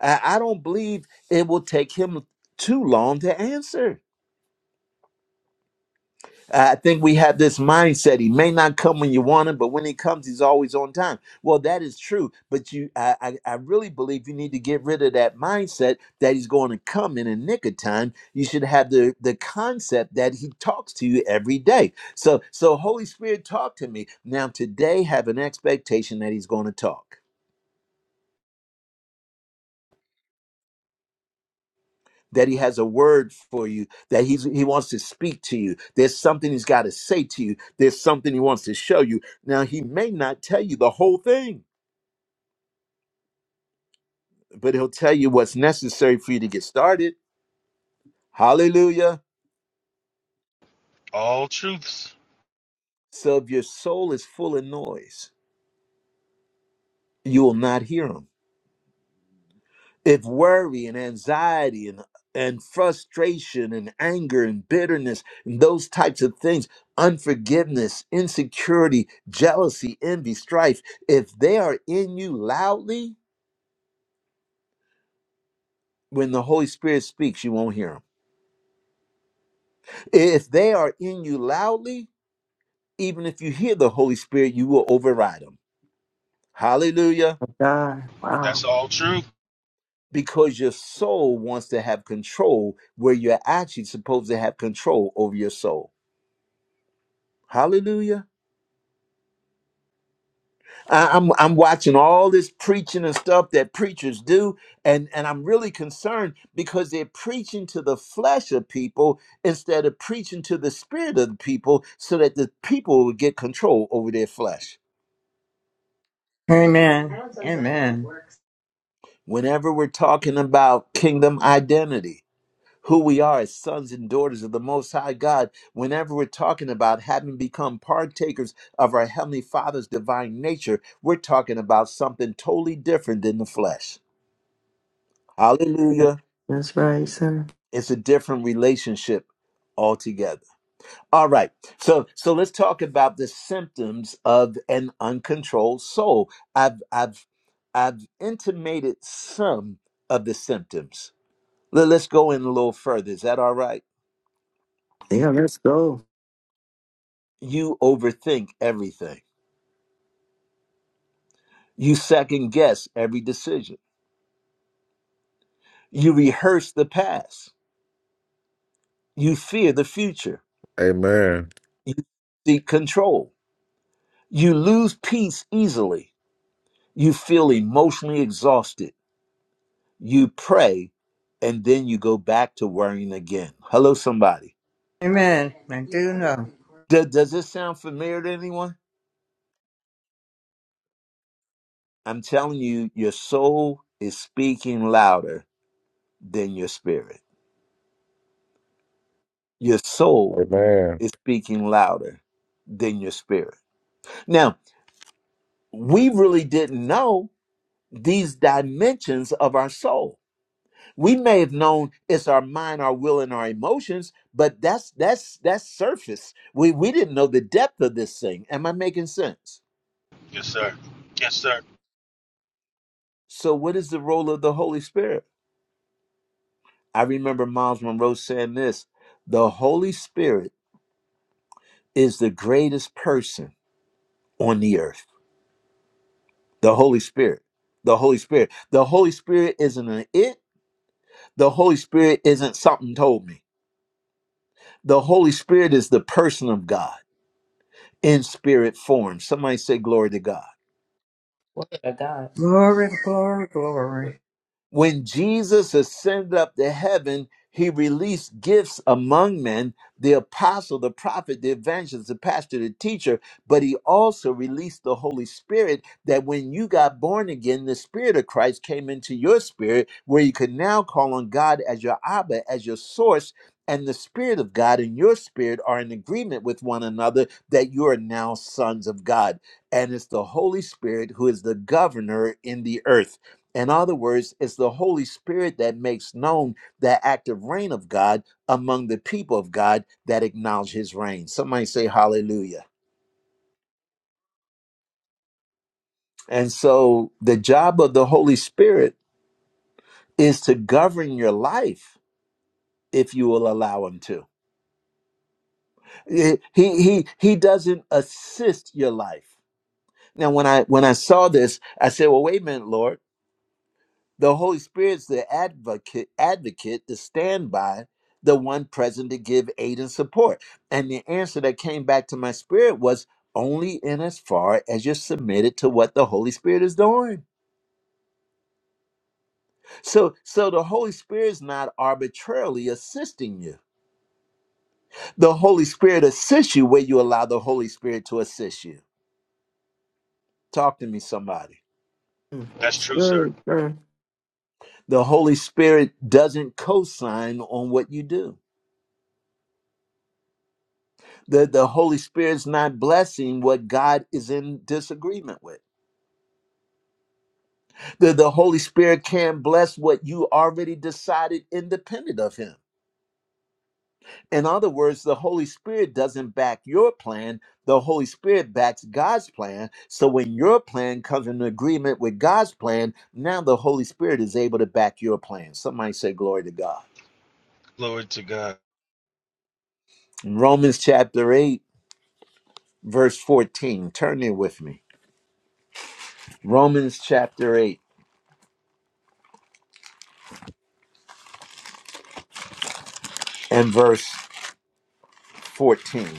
I, I don't believe it will take him too long to answer. I think we have this mindset. He may not come when you want him, but when he comes, he's always on time. Well, that is true. But you I, I, I really believe you need to get rid of that mindset that he's going to come in a nick of time. You should have the, the concept that he talks to you every day. So so Holy Spirit talk to me. Now today have an expectation that he's going to talk. that he has a word for you, that he's, he wants to speak to you. There's something he's got to say to you, there's something he wants to show you. Now, he may not tell you the whole thing, but he'll tell you what's necessary for you to get started. Hallelujah. All truths. So if your soul is full of noise, you will not hear him. if worry and anxiety and and frustration and anger and bitterness and those types of things unforgiveness insecurity jealousy envy strife if they are in you loudly when the holy spirit speaks you won't hear them if they are in you loudly even if you hear the holy spirit you will override them hallelujah God. That's Wow. all truth. because your soul wants to have control where you're actually supposed to have control over your soul hallelujah I- I'm I'm watching all this preaching and stuff that preachers do, and and I'm really concerned because they're preaching to the flesh of people instead of preaching to the spirit of the people, so that the people would get control over their flesh. Amen. Amen. Whenever we're talking about kingdom identity, who we are as sons and daughters of the Most High God, whenever we're talking about having become partakers of our Heavenly Father's divine nature, we're talking about something totally different than the flesh. Yeah. Hallelujah. That's right, sir. it's a different relationship altogether all right so so let's talk about the symptoms of an uncontrolled soul i've i've i've intimated some of the symptoms Let- let's go in a little further is that all right Yeah, let's go. you overthink everything you second guess every decision you rehearse the past you fear the future Amen. you seek control you lose peace easily you feel emotionally exhausted You pray and then you go back to worrying again. Hello, somebody. Amen. I do know. Do- does this sound familiar to anyone? I'm telling you, your soul is speaking louder than your spirit. Your soul Amen. is speaking louder than your spirit. Now, we really didn't know these dimensions of our soul. We may have known it's our mind, our will, and our emotions, but that's that's that's surface. We we didn't know the depth of this thing. Am I making sense? Yes, sir. Yes, sir. So, what is the role of the Holy Spirit? I remember Miles Monroe saying this the Holy Spirit is the greatest person on the earth. The Holy Spirit. The Holy Spirit. The Holy Spirit isn't an it. The Holy Spirit isn't something told me. The Holy Spirit is the person of God in spirit form. Somebody say, Glory to God. Glory to God. Glory, glory, glory. when Jesus ascended up to heaven, he released gifts among men the apostle, the prophet, the evangelist, the pastor, the teacher. But he also released the Holy Spirit that when you got born again, the Spirit of Christ came into your spirit, where you could now call on God as your Abba, as your source. And the Spirit of God and your Spirit are in agreement with one another that you are now sons of God. And it's the Holy Spirit who is the governor in the earth. In other words, it's the Holy Spirit that makes known the active reign of God among the people of God that acknowledge his reign. Somebody say hallelujah. And so the job of the Holy Spirit is to govern your life if you will allow him to. He he he doesn't assist your life. Now when I when I saw this, I said, "Well, wait a minute, Lord. The Holy Spirit's the advocate, advocate, the standby, the one present to give aid and support. And the answer that came back to my spirit was only in as far as you're submitted to what the Holy Spirit is doing. So so the Holy Spirit is not arbitrarily assisting you. The Holy Spirit assists you where you allow the Holy Spirit to assist you. Talk to me, somebody. Mm. That's true, sir. Sir, sir. The Holy Spirit doesn't co-sign on what you do. The, the Holy Spirit's not blessing what God is in disagreement with. The, the Holy Spirit can't bless what you already decided independent of Him. In other words, the Holy Spirit doesn't back your plan. The Holy Spirit backs God's plan. So when your plan comes in agreement with God's plan, now the Holy Spirit is able to back your plan. Somebody say, Glory to God. Glory to God. In Romans chapter 8, verse 14. Turn there with me. Romans chapter 8 and verse 14.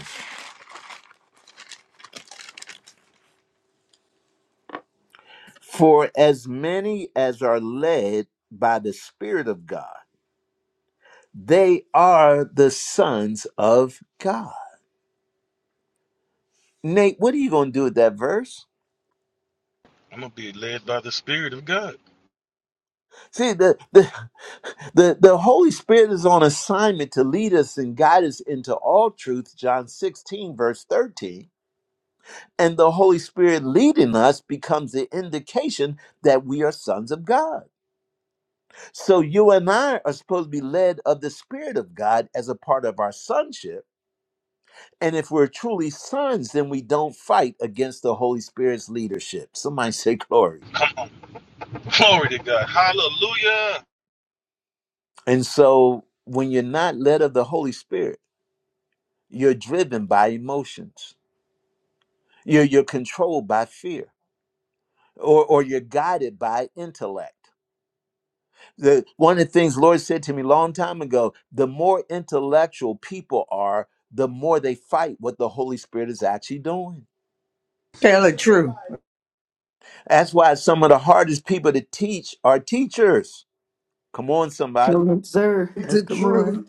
For as many as are led by the Spirit of God, they are the sons of God. Nate, what are you going to do with that verse? I'm going to be led by the Spirit of God. See, the, the, <laughs> the, the Holy Spirit is on assignment to lead us and guide us into all truth, John 16, verse 13. And the Holy Spirit leading us becomes the indication that we are sons of God. So you and I are supposed to be led of the Spirit of God as a part of our sonship And if we're truly sons, then we don't fight against the Holy Spirit's leadership. Somebody <laughs> say glory. Come on. Glory to God. Hallelujah. And so when you're not led of the Holy Spirit, you're driven by emotions. You're, you're controlled by fear or, or you're guided by intellect. The, one of the things Lord said to me a long time ago, the more intellectual people are, the more they fight what the Holy Spirit is actually doing. Tell the truth. That's why some of the hardest people to teach are teachers. Come on, somebody Come on, sir. Let's The come on. truth.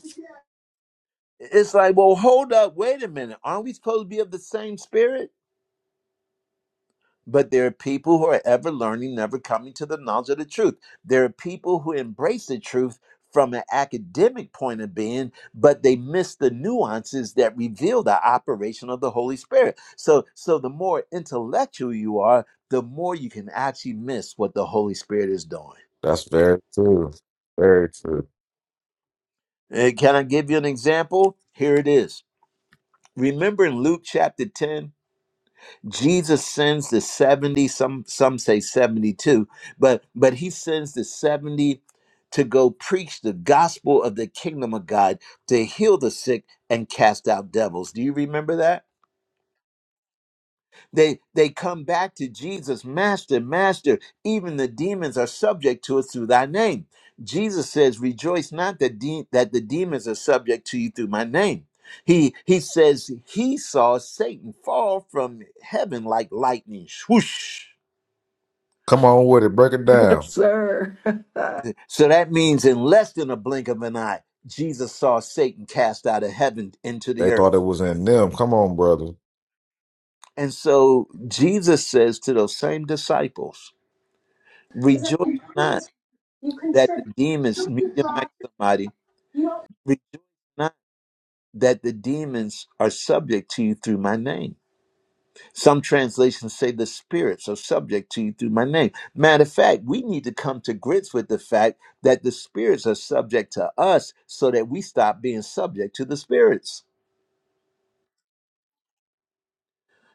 It's like, well, hold up, wait a minute. Aren't we supposed to be of the same spirit? But there are people who are ever learning, never coming to the knowledge of the truth. There are people who embrace the truth from an academic point of being, but they miss the nuances that reveal the operation of the Holy Spirit. So, so the more intellectual you are, the more you can actually miss what the Holy Spirit is doing. That's very true. Very true. Eh, Can I give you an example? Here it is. Remember in Luke chapter 10, Jesus sends the 70, some some say 72, but but he sends the 70 to go preach the gospel of the kingdom of God, to heal the sick and cast out devils. Do you remember that? They they come back to Jesus, Master, Master, even the demons are subject to us through thy name. Jesus says, Rejoice not that, de- that the demons are subject to you through my name. He he says he saw Satan fall from heaven like lightning. Swoosh. Come on with it. Break it <laughs> Yes, down. sir. <laughs> So that means in less than a blink of an eye, Jesus saw Satan cast out of heaven into They the thought it earth. was in them. Come on, brother. And so Jesus says to those same disciples, Rejoice not. that the demons mute your mic, somebody. Rejoice not that the demons are subject to you through my name. Some translations say the spirits are subject to you through my name. Matter of fact, we need to come to grips with the fact that the spirits are subject to us so that we stop being subject to the spirits.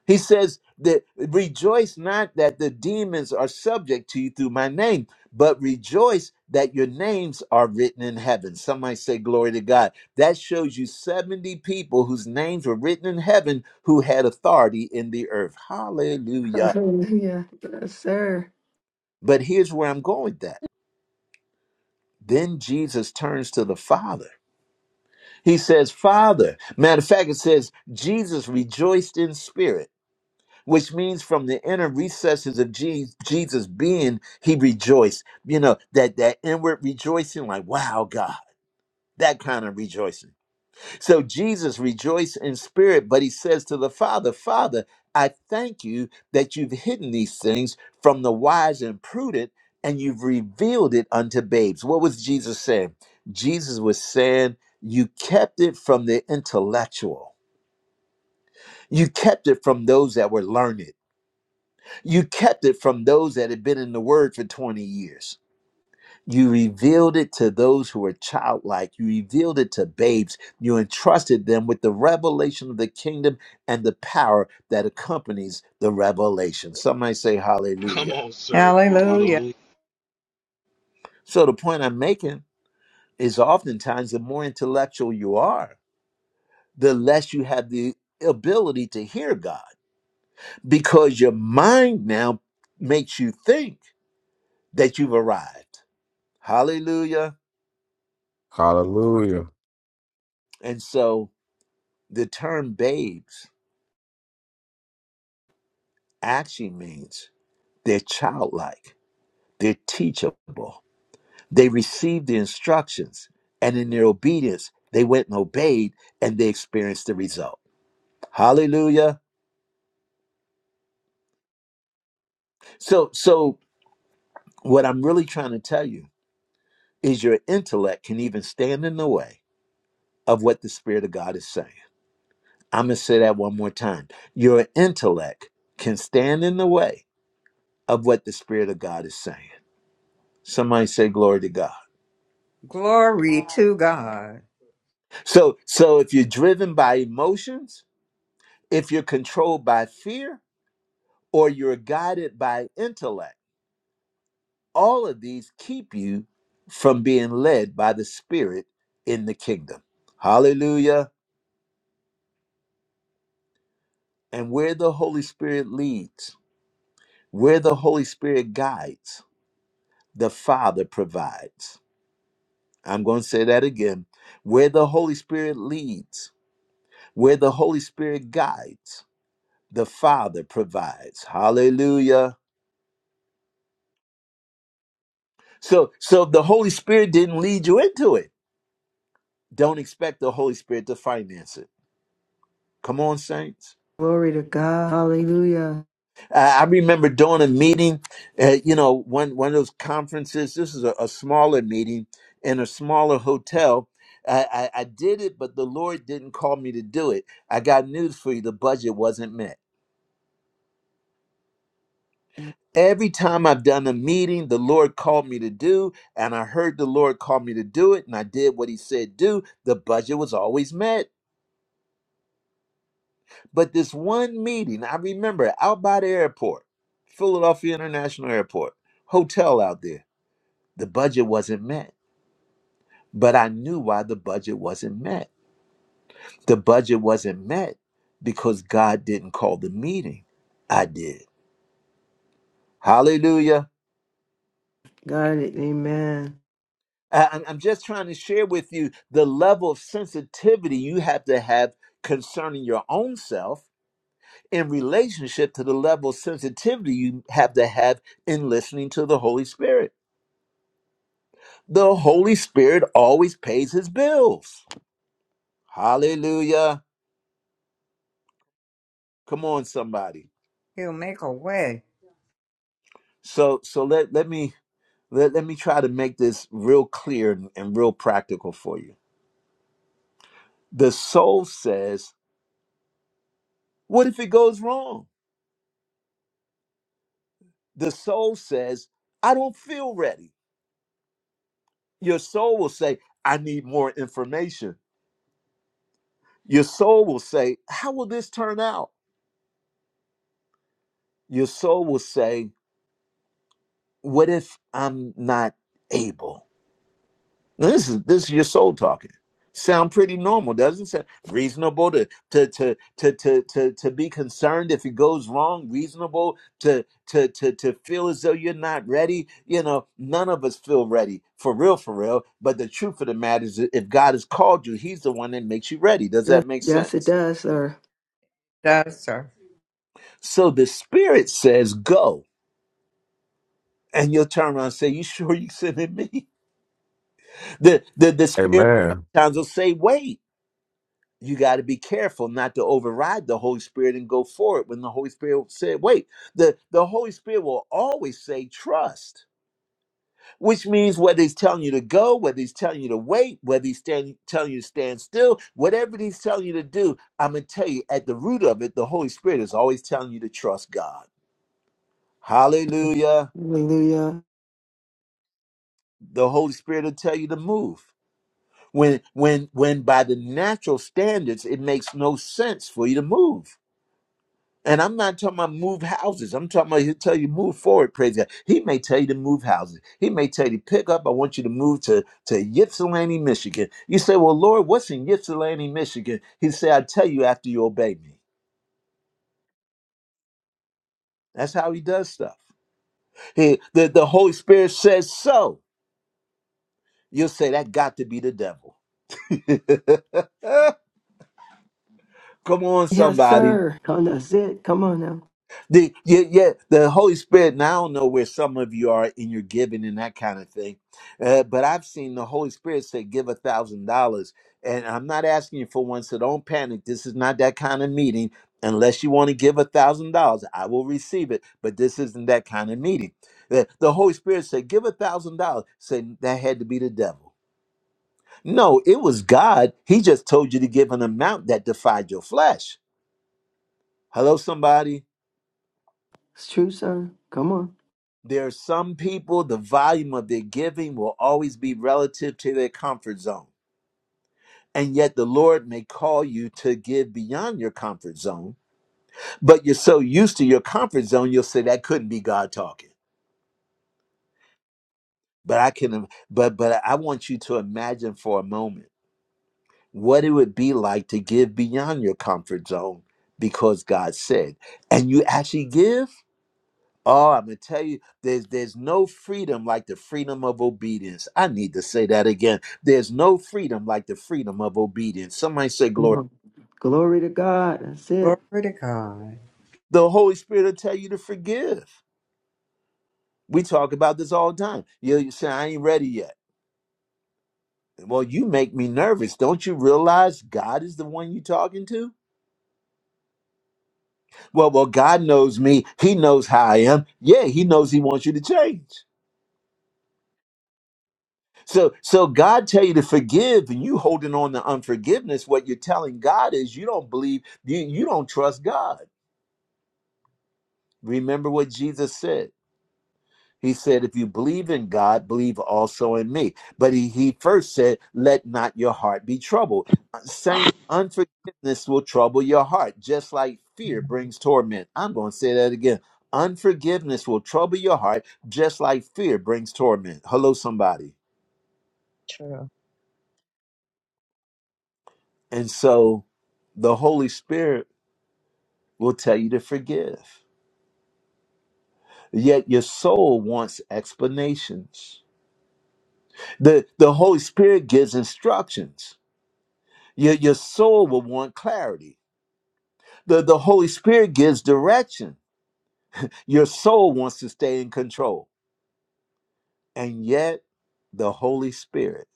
He says that rejoice not that the demons are subject to you through my name, but rejoice that your names are written in heaven. Somebody say, Glory to God. That shows you 70 people whose names were written in heaven who had authority in the earth. Hallelujah. Hallelujah. Yes, sir. But here's where I'm going with that. Then Jesus turns to the Father. He says, Father, matter of fact, it says, Jesus rejoiced in spirit. which means from the inner recesses of Je- Jesus' being, he rejoiced. You know, that, that inward rejoicing, like, wow, God, that kind of rejoicing. So Jesus rejoiced in spirit, but he says to the Father, Father, I thank you that you've hidden these things from the wise and prudent, and you've revealed it unto babes. What was Jesus saying? Jesus was saying, You kept it from the intellectual, you kept it from those that were learned You kept it from those that had been in the word for 20 years. You revealed it to those who were childlike. You revealed it to babes. You entrusted them with the revelation of the kingdom and the power that accompanies the revelation. Some might say, Come Hallelujah. on, sir. Hallelujah. Hallelujah. So, the point I'm making is oftentimes the more intellectual you are, the less you have the ability to hear God because your mind now makes you think that you've arrived. Hallelujah. Hallelujah. And so the term babes actually means they're childlike, they're teachable. They received the instructions, and in their obedience, they went and obeyed and they experienced the result. Hallelujah. So so what I'm really trying to tell you is your intellect can even stand in the way of what the Spirit of God is saying. I'm gonna say that one more time. Your intellect can stand in the way of what the Spirit of God is saying. Somebody say glory to God. Glory to God. So so if you're driven by emotions, if you're controlled by fear, or you're guided by intellect, all of these keep you from being led by the Spirit in the kingdom. Hallelujah. And where the Holy Spirit leads, where the Holy Spirit guides, the Father provides. I'm going to say that again. Where the Holy Spirit leads, where the Holy Spirit guides, the Father provides. Hallelujah. So so if the Holy Spirit didn't lead you into it, don't expect the Holy Spirit to finance it. Come on, saints. Glory to God. Hallelujah. I I remember doing a meeting, uh, you know, one one of those conferences. This is a, a smaller meeting in a smaller hotel. I, I, I did it, but the Lord didn't call me to do it. I got news for you: the budget wasn't met. Every time I've done a meeting, the Lord called me to do, and I heard the Lord call me to do it, and I did what He said do. The budget was always met. But this one meeting, I remember out by the airport, Philadelphia International Airport, hotel out there, the budget wasn't met. But I knew why the budget wasn't met. The budget wasn't met because God didn't call the meeting. I did. Hallelujah. Got it. Amen. I- am I'm just trying to share with you the level of sensitivity you have to have concerning your own self in relationship to the level of sensitivity you have to have in listening to the Holy Spirit. The Holy Spirit always pays his bills. Hallelujah. Come on, somebody. He'll make a way. So so let, let me let, let me try to make this real clear and, and real practical for you. The soul says, What if it goes wrong? The soul says, I don't feel ready. Your soul will say, I need more information. Your soul will say, How will this turn out? Your soul will say, What if I'm not able? This is this is your soul talking. Sound pretty normal, doesn't it? Reasonable to to to to to to, to be concerned if it goes wrong. Reasonable to, to to to feel as though you're not ready. You know, none of us feel ready for real, for real. But the truth of the matter is, that if God has called you, He's the one that makes you ready. Does Yes, that make yes, it sense? does, sir. That's sir. So the Spirit says, "Go," and you'll turn around and say, "You sure you sending me?" <laughs> The the the Spirit Amen. sometimes will say, "Wait." you got to be careful not to override the Holy Spirit and go forward when the Holy Spirit said, wait. The, the Holy Spirit will always say, trust, which means whether he's telling you to go, whether he's telling you to wait, whether he's stand, telling you to stand still, whatever he's telling you to do, I'm going to tell you at the root of it, the Holy Spirit is always telling you to trust God. Hallelujah. Hallelujah. The Holy Spirit will tell you to move. When, when, when by the natural standards, it makes no sense for you to move And I'm not talking about move houses. I'm talking about he'll tell you move forward, praise God. He may tell you to move houses. He may tell you to pick up. I want you to move to, to Ypsilanti, Michigan. You say, Well, Lord, what's in Ypsilanti, Michigan? He say, I tell you after you obey me. That's how he does stuff. He, the, the Holy Spirit says so. You'll say that got to be the devil. <laughs> Come on, Yes, somebody. sir. Come on, that's it. Come on now. The yeah, yeah, the Holy Spirit. Now I don't know where some of you are in your giving and that kind of thing, uh, but I've seen the Holy Spirit say, "Give a thousand dollars." And I'm not asking you for one, so don't panic. This is not that kind of meeting. Unless you want to give a thousand dollars, I will receive it. But this isn't that kind of meeting. The, the Holy Spirit said, "Give a thousand dollars." Said that had to be the devil. No, it was God. He just told you to give an amount that defied your flesh. Hello, somebody. It's true, sir. Come on. There are some people, the volume of their giving will always be relative to their comfort zone. And yet, the Lord may call you to give beyond your comfort zone, but you're so used to your comfort zone, you'll say that couldn't be God talking. But I can, but but I want you to imagine for a moment what it would be like to give beyond your comfort zone because God said, and you actually give. Oh, I'm gonna tell you, there's there's no freedom like the freedom of obedience. I need to say that again. There's no freedom like the freedom of obedience. Somebody say Come glory. on. Glory to God. That's it. Glory to God. The Holy Spirit will tell you to forgive. We talk about this all the time. You, you say I ain't ready yet. Well, you make me nervous. Don't you realize God is the one you're talking to? Well, well, God knows me. He knows how I am. Yeah, He knows He wants you to change. So so God tell you to forgive and you holding on to unforgiveness what you're telling God is you don't believe you you don't trust God. Remember what Jesus said. He said if you believe in God, believe also in me. But he he first said let not your heart be troubled. Uh, Saying unforgiveness will trouble your heart just like fear brings torment. I'm going to say that again. Unforgiveness will trouble your heart just like fear brings torment. Hello somebody. true. And so the Holy Spirit will tell you to forgive. Yet your soul wants explanations. The, the Holy Spirit gives instructions. Your, your soul will want clarity. The, the Holy Spirit gives direction. Your soul wants to stay in control. And yet, the Holy Spirit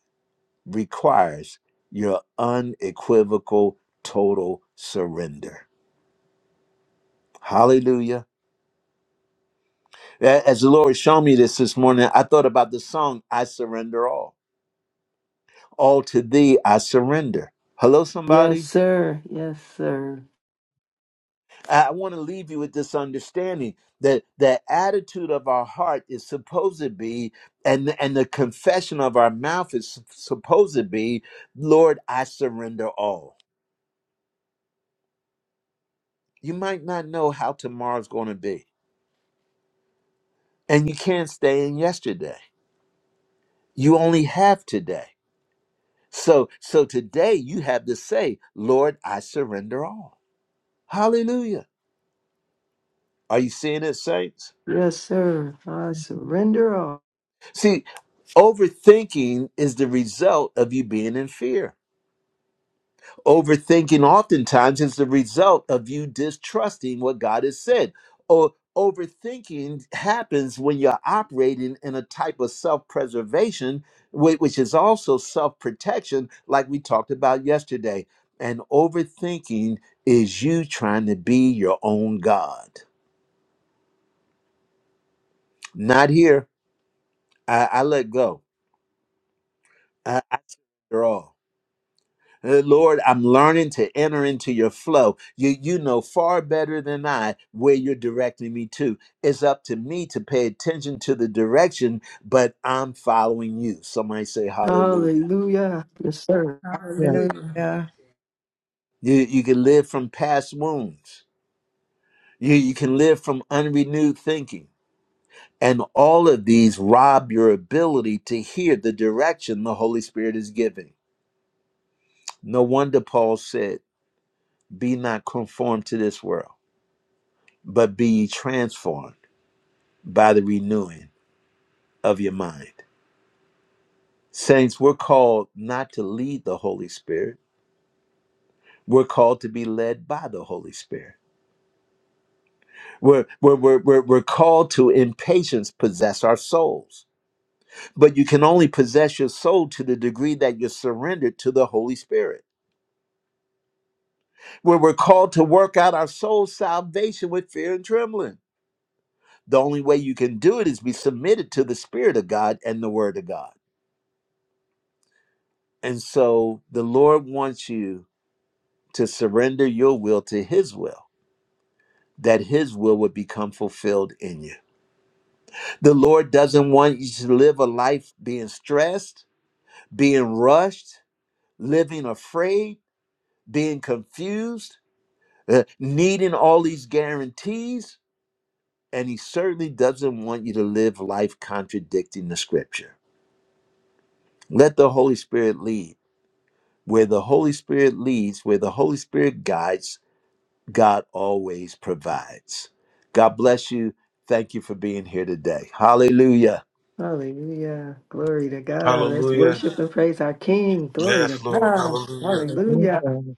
requires your unequivocal, total surrender. Hallelujah. A- As the Lord showed me this this morning, I thought about the song, I Surrender All. All to thee I surrender. Hello, Yes, somebody? sir. Yes, sir. I want to leave you with this understanding that the attitude of our heart is supposed to be, and, and the confession of our mouth is supposed to be, Lord, I surrender all. You might not know how tomorrow's going to be, and you can't stay in yesterday. You only have today. So, so today you have to say, Lord, I surrender all. Hallelujah. Are you seeing it, saints? Yes, sir. I surrender all. See, overthinking is the result of you being in fear. Overthinking oftentimes is the result of you distrusting what God has said. Or overthinking happens when you're operating in a type of self-preservation, whi- which is also self-protection, like we talked about yesterday. And overthinking is you trying to be your own God. Not here. I, I let go. I, after all. Uh, Lord, I'm learning to enter into your flow. You you know far better than I where you're directing me to. It's up to me to pay attention to the direction, but I'm following you. Somebody say hallelujah. Hallelujah. Yes, sir. Yes, Hallelujah. Hallelujah. You you can live from past wounds. You you can live from unrenewed thinking. And all of these rob your ability to hear the direction the Holy Spirit is giving. No wonder Paul said, Be not conformed to this world, but be ye transformed by the renewing of your mind. Saints, we're called not to lead the Holy Spirit. We're called to be led by the Holy Spirit. We're, we're, we're, we're, we're called to, in patience, possess our souls. But you can only possess your soul to the degree that you're surrendered to the Holy Spirit. Where we're called to work out our soul's salvation with fear and trembling. The only way you can do it is be submitted to the Spirit of God and the Word of God. And so the Lord wants you to surrender your will to His will, that His will would become fulfilled in you. The Lord doesn't want you to live a life being stressed, being rushed, living afraid, being confused, uh, needing all these guarantees. And He certainly doesn't want you to live life contradicting the scripture. Let the Holy Spirit lead. Where the Holy Spirit leads, where the Holy Spirit guides, God always provides. God bless you. Thank you for being here today. Hallelujah. Hallelujah. Glory to God. Let's Hallelujah. worship and praise our King. Glory to Yes, Lord. God. Hallelujah. Hallelujah. hallelujah.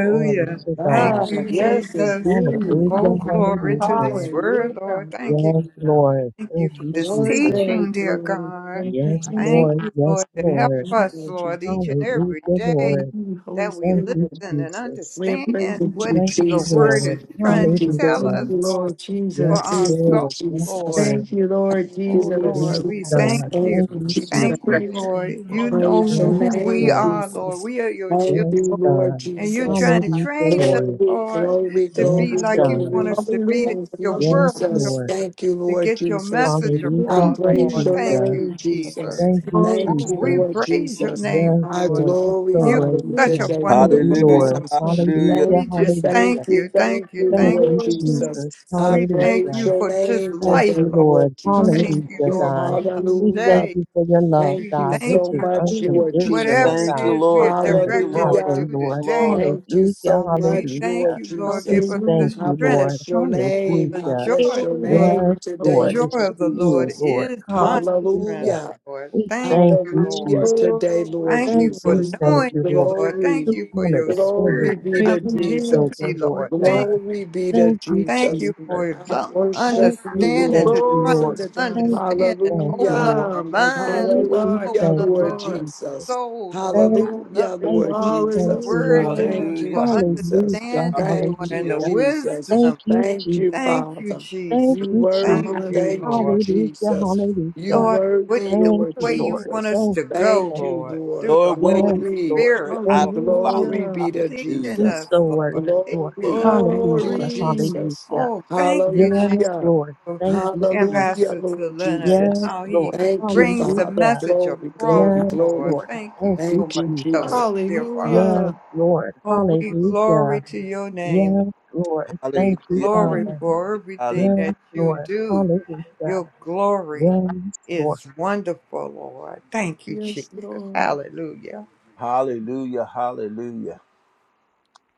Glory to Thank God. Ah, you, Hallelujah. yes, Jesus. indeed. Oh, Hallelujah, Hallelujah. glory to this hallelujah. Hallelujah. word, Lord. Thank you. Yes, Thank you, Hallelujah. Lord. Lord. Thank you Thank for Thank you, you, this Lord. Glory, Jesus. glory, teaching, dear glory. God. Thank you, Yes, Thank you, Lord. Thank Jesus. Lord. you, Yes, Lord, to Praise help Lord. the name us, of Lord, Jesus. each and Hallelujah, every day Thank Lord. you, Holy that we Thank Spirit. you, listen and Jesus. We're understand Thank praising what you, Thank Thank you. you, you. your Lord. word Jesus. is trying to Thank you, tell Lord Thank Hallelujah. us, you, Jesus. Lord, Lord for Yes, Jesus. our Thank you, Lord. soul, Yes, Jesus. Lord. Lord. Thank you, Lord Thank you, Oh, Lord Yes, Lord, Jesus. we Thank you, Jesus. God. thank Thank you. Thank you, you, Jesus. Your Jesus. Thank you, Jesus. praise. Lord. Thank you, You Lord know Praise Jesus. your Yes, who we name, Lord. Mm, are, Lord. Jesus. We are your children. Thank Yes, you, Lord God. And Thank you're you, Jesus. trying Lord. to Hallelujah, train us, Lord. Glory, Lord, glory, to Thank you, Yes, be glory, like Lord you Jesus. God. want glory. us to be, to Hallelujah. do Thank you, your Yes, work, Hallelujah. Jesus. Lord. Lord, Thank you, to Lord get your Jesus. Thank message you. Thank I Hallelujah. across, you, praise Lord. King. your Thank Hallelujah. you, name, Thank you for Jesus. Jesus. Thank clarity. you, Glory. Thank Oh, you, Thank we you. Jesus. Lord praise your Jesus. name, Yes, I Lord. Lord. You're so You're glorify worthy, you Hallelujah. such a God. today, wonderful Thank Thank Lord you, you, Hallelujah. Lord. Lord. Jesus. God. Hallelujah. Hallelujah. We Thank you, just thank Hallelujah. thank you, you, thank thank you, you, Thank you, Thank thank Lord you, you. Lord Jesus. Jesus. I Jesus. We thank praise Hallelujah. you your for just name Thank life, today, you, Lord. Lord Lord. Thank Jesus. you, Hallelujah, Lord, God. for another We Hallelujah. Hallelujah. thank day. you for your love, Thank We you God, which thank so is you for much, Thank you, Lord Jesus. unconditional, whatever it Jesus. Thank you, God. is we Lord. are And Thank the you, directed God, to Lord. Hallelujah. do Thank Lord. you, today, Lord. Lord. Thank Hallelujah, you so We much, thank Lord hallelujah. you, Lord. We Give Jesus. us the thank I you, Hallelujah. strength Lord. bless your for name. the I Hallelujah. joy Thank bless your of your, you, name Yes, the today, Lord, joy Lord it's of the Lord true, Jesus. Lord. is my strength, Hallelujah. Hallelujah. Lord. We Thank thank you, you, Hallelujah Lord. Jesus. today, Lord Thank you Thank for you, Jesus. thank knowing you, you, Lord. Lord. Thank Glory, Just you for one of your the things glory spirit be that to coming you into Jesus. Jesus. me, children, Lord Thank you, Lord. Lord. God. Thank, Glory be to Thank you, thank Jesus. you Jesus. for I lo- worship Thank you, you, understanding Lord thank to you, try to Glory Lord. to Jesus. Thank God. you, understand and thank you, Hallelujah. open up Lord. our Come, like, thank mind, you, Thank Lord. you, Lord. Hallelujah, Open Thank thank you, up you, Lord the Lord. Jesus. Jesus. soul, Lord. Thank Open you, Hallelujah, up thank the Lord you, thank Jesus. you, word Lord. to, Hallelujah. Thank you, for Hallelujah. Jesus. Hallelujah, understanding, Lord, Thank and you, the Hallelujah. hallelujah. Jesus. Thank wisdom. you, Thank you, Jesus. Thank you, Father. Jesus. Thank You you, Thank Jesus. worthy. you, Thank Hallelujah. you, Lord. Hallelujah, Jesus. You hallelujah. Lord, with worthy, the Thank Lord you, way you Lord. want Jesus. us Thank to you, go, Thank thank you, Lord, Lord. through the Lord, where Holy Yes, you Glory. Lord. lead, Spirit, I Thank Lord, you, will Jesus. follow. Glory Hallelujah. be to teaching Hallelujah. He's Jesus. us, so Lord, worthy, Lord. teaching Glory. us, Thank you, Hallelujah, Lord. Glory. Jesus. hallelujah. Oh, thank you, Jesus, Yes, Hallelujah. Lord. for Thank you, Jesus. Hallelujah, Ambassador to Lord Leonard, and Jesus. Yes, how Lord. he Thank you, brings the Father. Hallelujah. message Glory, across, glory, Yes, Lord. glory. Lord. Thank you Thank you, so Thank much, you, Jesus. Jesus. dear Father. Yes, Hallelujah. Lord. Oh, we Hallelujah. glory to your name, Yes, Lord. We Thank you, Hallelujah. glory Father. for everything Hallelujah. Yes, that you Lord. do. Hallelujah. Your glory Yes, Lord. is wonderful, Lord. Thank you, Jesus. Yes, Lord. Hallelujah. Hallelujah. Hallelujah.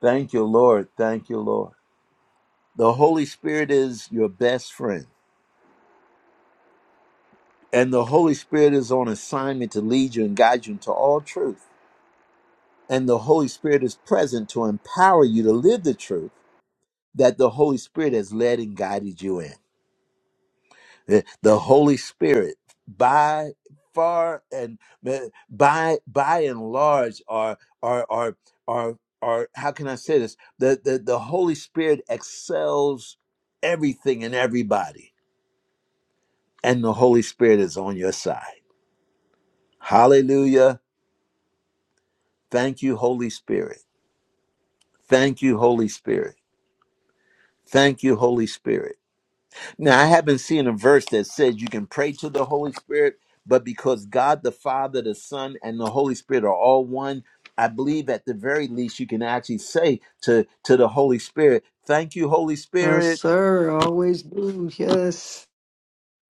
Thank you, Lord. Thank you, Lord. The Holy Spirit is your best friend And the Holy Spirit is on assignment to lead you and guide you into all truth. And the Holy Spirit is present to empower you to live the truth that the Holy Spirit has led and guided you in. The the Holy Spirit, by far and eh, by by and large, are are are are are how can I say this? The the, the Holy Spirit excels everything and everybody. And the Holy Spirit is on your side. Hallelujah. Thank you, Holy Spirit. Thank you, Holy Spirit. Thank you, Holy Spirit. Now, I haven't seen a verse that says you can pray to the Holy Spirit, but because God the Father, the Son, and the Holy Spirit are all one, I believe at the very least you can actually say to, to the Holy Spirit, Thank you, Holy Yes, Spirit. sir. Always do. Yes.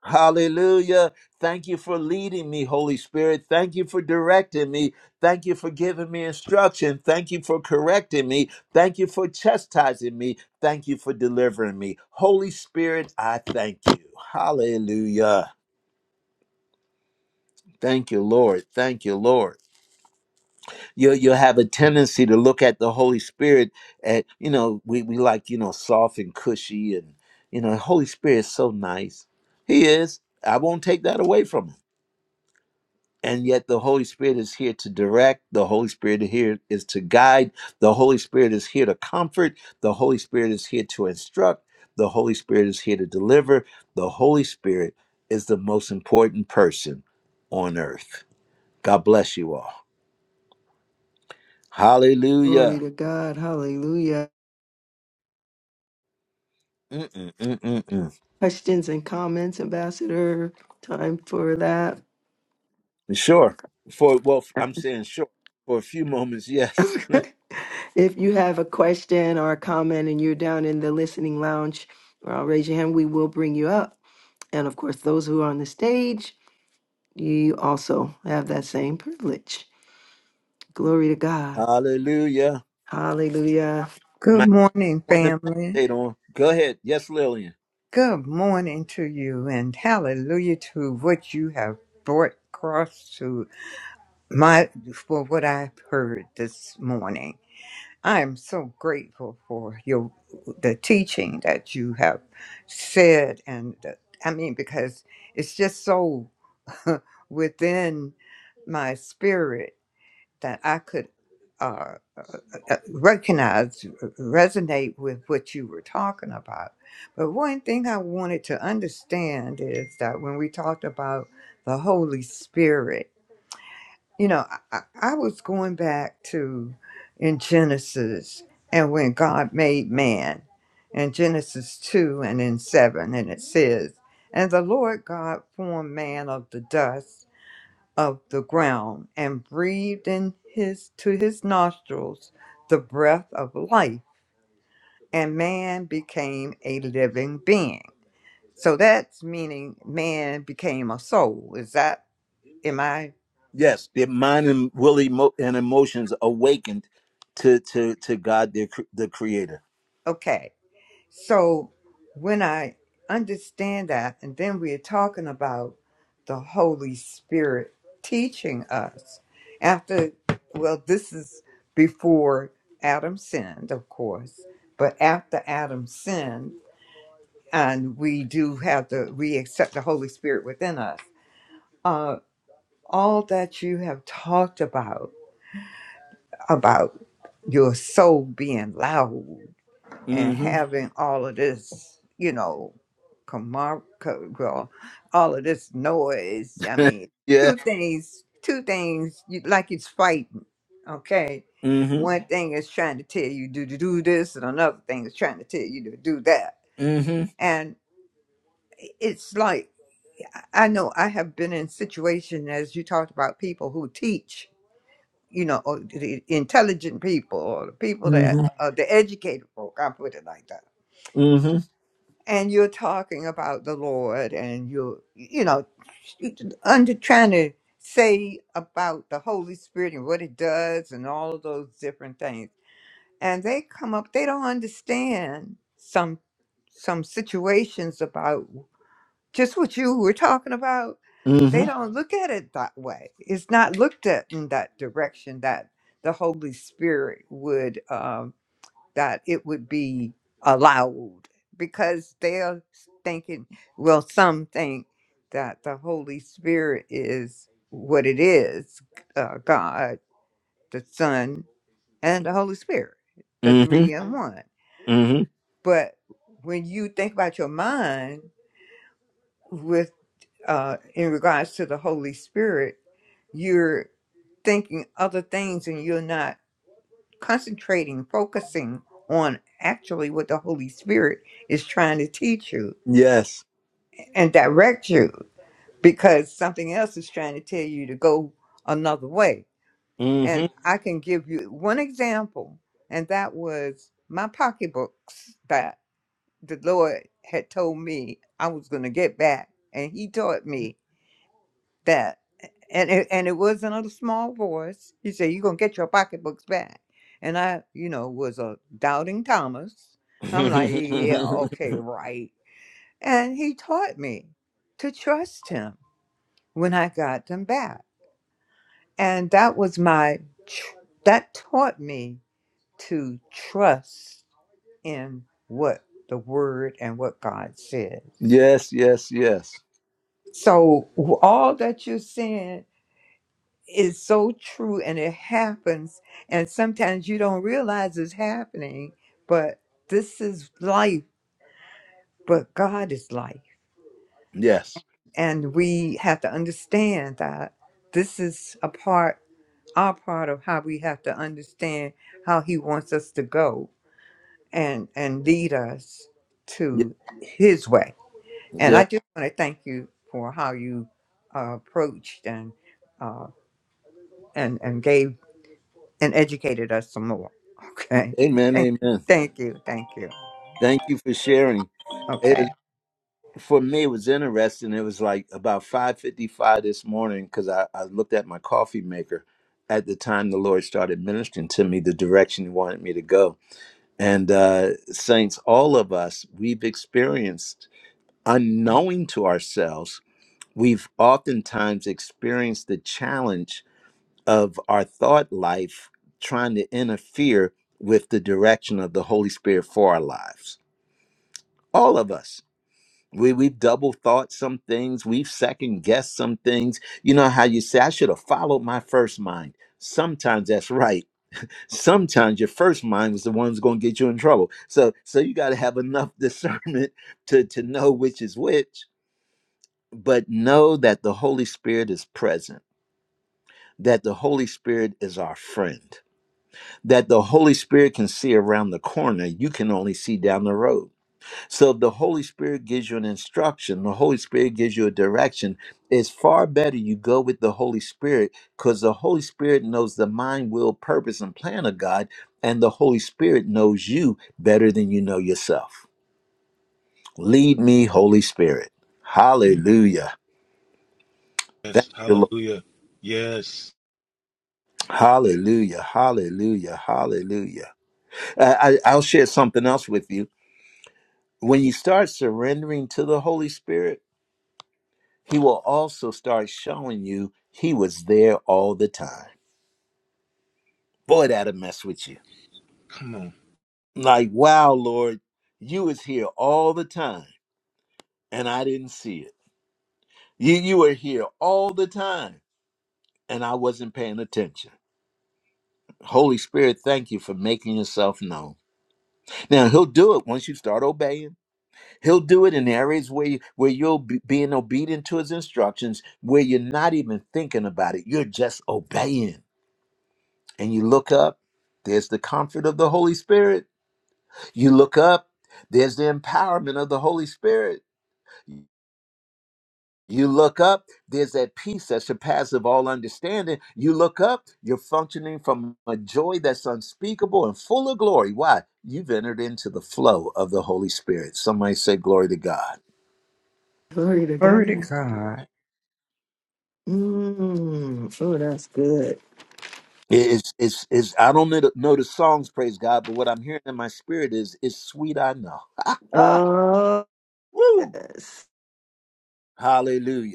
Hallelujah. Thank you for leading me, Holy Spirit. Thank you for directing me. Thank you for giving me instruction. Thank you for correcting me. Thank you for chastising me. Thank you for delivering me. Holy Spirit, I thank you. Hallelujah. Thank you, Lord. Thank you, Lord. You'll, you'll have a tendency to look at the Holy Spirit at, you know, we, we like, you know, soft and cushy and, you know, Holy Spirit's so nice. He is. I won't take that away from him and yet the holy spirit is here to direct the holy spirit here is to guide the holy spirit is here to comfort the holy spirit is here to instruct the holy spirit is here to deliver the holy spirit is the most important person on earth god bless you all Glory hallelujah to God. Hallelujah. Mm-mm-mm-mm-mm. questions and comments, Ambassador. Time for that. sure for well i'm saying sure for a few moments yes <laughs> Okay. <laughs> if you have a question or a comment and you're down in the listening lounge, uh, raise your hand. We will bring you up. And of course, those who are on the stage, you also have that same privilege. Glory to God. hallelujah Hallelujah. Good might morning, want to family. meditate on go ahead yes lillian Good morning to you, and hallelujah to what you have brought across to my for what I've heard this morning. I am so grateful for your the teaching that you have said, and the, I mean because it's just so <laughs> within my spirit that I could uh, uh, recognize, resonate with what you were talking about. But one thing I wanted to understand is that when we talked about the Holy Spirit you know, I, I was going back to in Genesis and when God made man in Genesis 2 and in 7, and it says, And the Lord God formed man of the dust of the ground and breathed in his to his nostrils the breath of life, and man became a living being. So that's meaning man became a soul. Is that, am I Yes, their mind and will emo- and emotions awakened to to to God, their cr- the Creator. okay? So when I understand that, and then we are talking about the Holy Spirit teaching us after, well, this is before Adam sinned, of course, but after Adam sinned, and we do have the, we accept the Holy Spirit within us. Uh, all that you have talked about, about your soul being loud and hmm having all of this, you know, comar- co- well, all of this noise. I <laughs> mean, yeah. two things, two things, you, like it's fighting, okay? hmm One thing is trying to tell you to do do this, and another thing is trying to tell you to do that. hmm And it's like, I I know I have been in situations, as you talked about, people who teach, you know, or the intelligent people, or the people that hmm are the educated folk, I put it like that hmm and you're talking about the Lord and you're, you know, under trying to say about the Holy Spirit and what it does and all of those different things. And they come up, they don't understand some some situations about just what you were talking about. hmm They don't look at it that way. It's not looked at in that direction that the Holy Spirit would um, that it would be allowed because they're thinking, well, some think that the Holy Spirit is what it is uh, God, the Son, and the Holy Spirit, the hmm three in one. hmm But when you think about your mind with uh, in regards to the Holy Spirit, you're thinking other things and you're not concentrating, focusing on actually what the Holy Spirit is trying to teach you Yes. and direct you because something else is trying to tell you to go another way. hmm And I can give you one example, and that was my pocketbooks that the Lord had told me I was going to get back. And He taught me that. and it, and it was in a small voice. He said, "You're gonna get your pocketbooks back." And I, you know, was a doubting Thomas. I'm like, "Yeah, <laughs> okay, right." And he taught me to trust him when I got them back, and that was my tr- that taught me to trust in what the Word and what God says. yes. Yes. Yes. So w- all that you're saying. is so true and it happens and sometimes you don't realize it's happening but this is life but god is life Yes. and we have to understand that this is a part our part of how we have to understand how he wants us to go and and lead us to his way Yes. and i just want to thank you for how you uh, approached and uh, and and gave and educated us some more. Okay. Amen, Thank, amen. thank you. Thank you. Thank you for sharing. It Okay. was, for me, it was interesting. It was like about five fifty-five this morning because I, I looked at my coffee maker at the time the Lord started ministering to me the direction He wanted me to go. And uh, saints, all of us, we've experienced, unknowing to ourselves, we've oftentimes experienced the challenge of our thought life trying to interfere with the direction of the Holy Spirit for our lives. All of us We we've double thought some things, we've second guessed some things. You know how you say, I should have followed my first mind. Sometimes that's right. Sometimes your first mind was the one who's gonna get you in trouble. So so you gotta have enough <laughs> discernment to, to know which is which, but know that the Holy Spirit is present, that the Holy Spirit is our friend, that the Holy Spirit can see around the corner, you can only see down the road So the Holy Spirit gives you an instruction, the Holy Spirit gives you a direction. It's far better you go with the Holy Spirit because the Holy Spirit knows the mind, will, purpose, and plan of God, and the Holy Spirit knows you better than you know yourself. Lead me, Holy Spirit. Hallelujah. Thank Yes. you, Lord. Hallelujah. Yes. Hallelujah. Hallelujah. Hallelujah. I, I- I'll share something else with you. When you start surrendering to the Holy Spirit, he will also start showing you he was there all the time. Boy, that'll mess with you. Come on. Like, wow, Lord, you was here all the time and I didn't see it. You you were here all the time and I wasn't paying attention. Holy Spirit, thank you for making yourself known. Now he'll do it once you start obeying. He'll do it in areas where you, where you'll be being obedient to his instructions, where you're not even thinking about it. You're just obeying. and you look up, there's the comfort of the Holy Spirit. You look up, there's the empowerment of the Holy Spirit. You look up, there's that peace that surpasses all understanding. You look up, you're functioning from a joy that's unspeakable and full of glory. Why? You've entered into the flow of the Holy Spirit. Somebody say, Glory to God. Glory to Glory to God. God. Mm. Oh, that's good. It's, it's, it's, I don't know the know the songs, praise God, but what I'm hearing in my spirit is, it's sweet, I know. Oh, <laughs> Woo! yes. Hallelujah.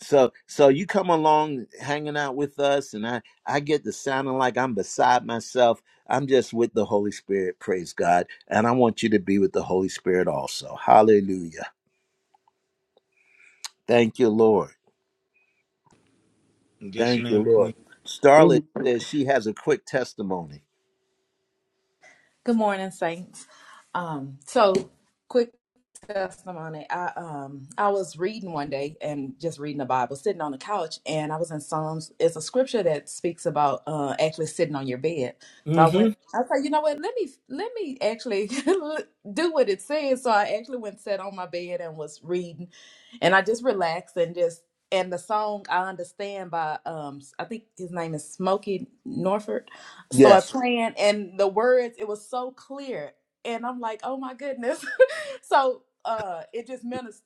So so you come along hanging out with us and I I get to sounding like I'm beside myself. I'm just with the Holy Spirit, praise God. And I want you to be with the Holy Spirit also. Hallelujah. Thank you, Lord. Yes, Thank you, ma'am, Queen. Lord. Starlet Amen. says she has a quick testimony. Good morning, saints. Um, so quick. testimony. I um I was reading one day and just reading the Bible, sitting on the couch, and I was in Psalms. It's a scripture that speaks about uh actually sitting on your bed. So I went. I said, you know what? Let me let me actually <laughs> do what it says. So I actually went sat on my bed and was reading, and I just relaxed and just and the song I understand by um I think his name is Smokey Norford started Yes. playing and the words it was so clear and I'm like oh my goodness <laughs> so uh it just ministered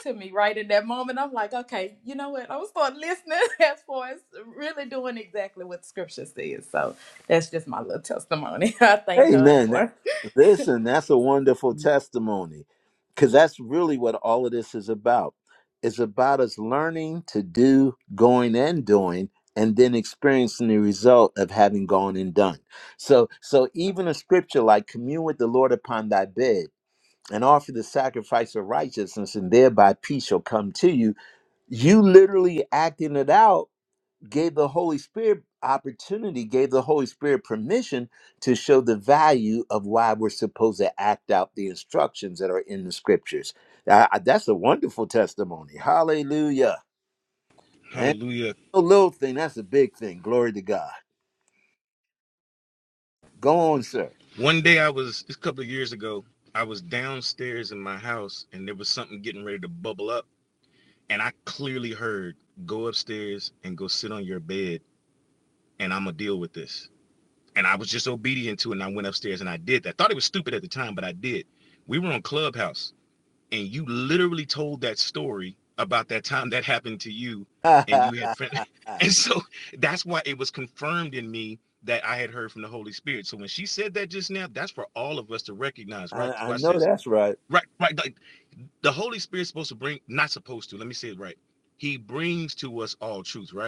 to me right in that moment i'm like okay you know what i'm gonna start listening <laughs> as far as really doing exactly what scripture says so that's just my little testimony <laughs> i thank god Amen. That, for <laughs> it. listen, that's a wonderful testimony because that's really what all of this is about. It's about us learning to do, going and doing, and then experiencing the result of having gone and done. So, so even a scripture like commune with the Lord upon thy bed and offer the sacrifice of righteousness, and thereby peace shall come to you. You literally acting it out gave the Holy Spirit opportunity, gave the Holy Spirit permission to show the value of why we're supposed to act out the instructions that are in the scriptures. I- that's a wonderful testimony. Hallelujah. And Hallelujah. no little thing, that's a big thing. Glory to God. Go on, sir. One day I was, a couple of years ago, I was downstairs in my house and there was something getting ready to bubble up. and I clearly heard go upstairs and go sit on your bed and I'm gonna deal with this. And I was just obedient to it and I went upstairs and I did that. I Thought it was stupid at the time, but I did. We were on Clubhouse and you literally told that story about that time that happened to you <laughs> and I, you had friends. <laughs> And so that's why it was confirmed in me that I had heard from the Holy Spirit. So when she said that just now, that's for all of us to recognize. Right, I watch know this. that's right. Right, right. like, the Holy Spirit's supposed to bring, not supposed to, let me say it right. He brings to us all truth, right?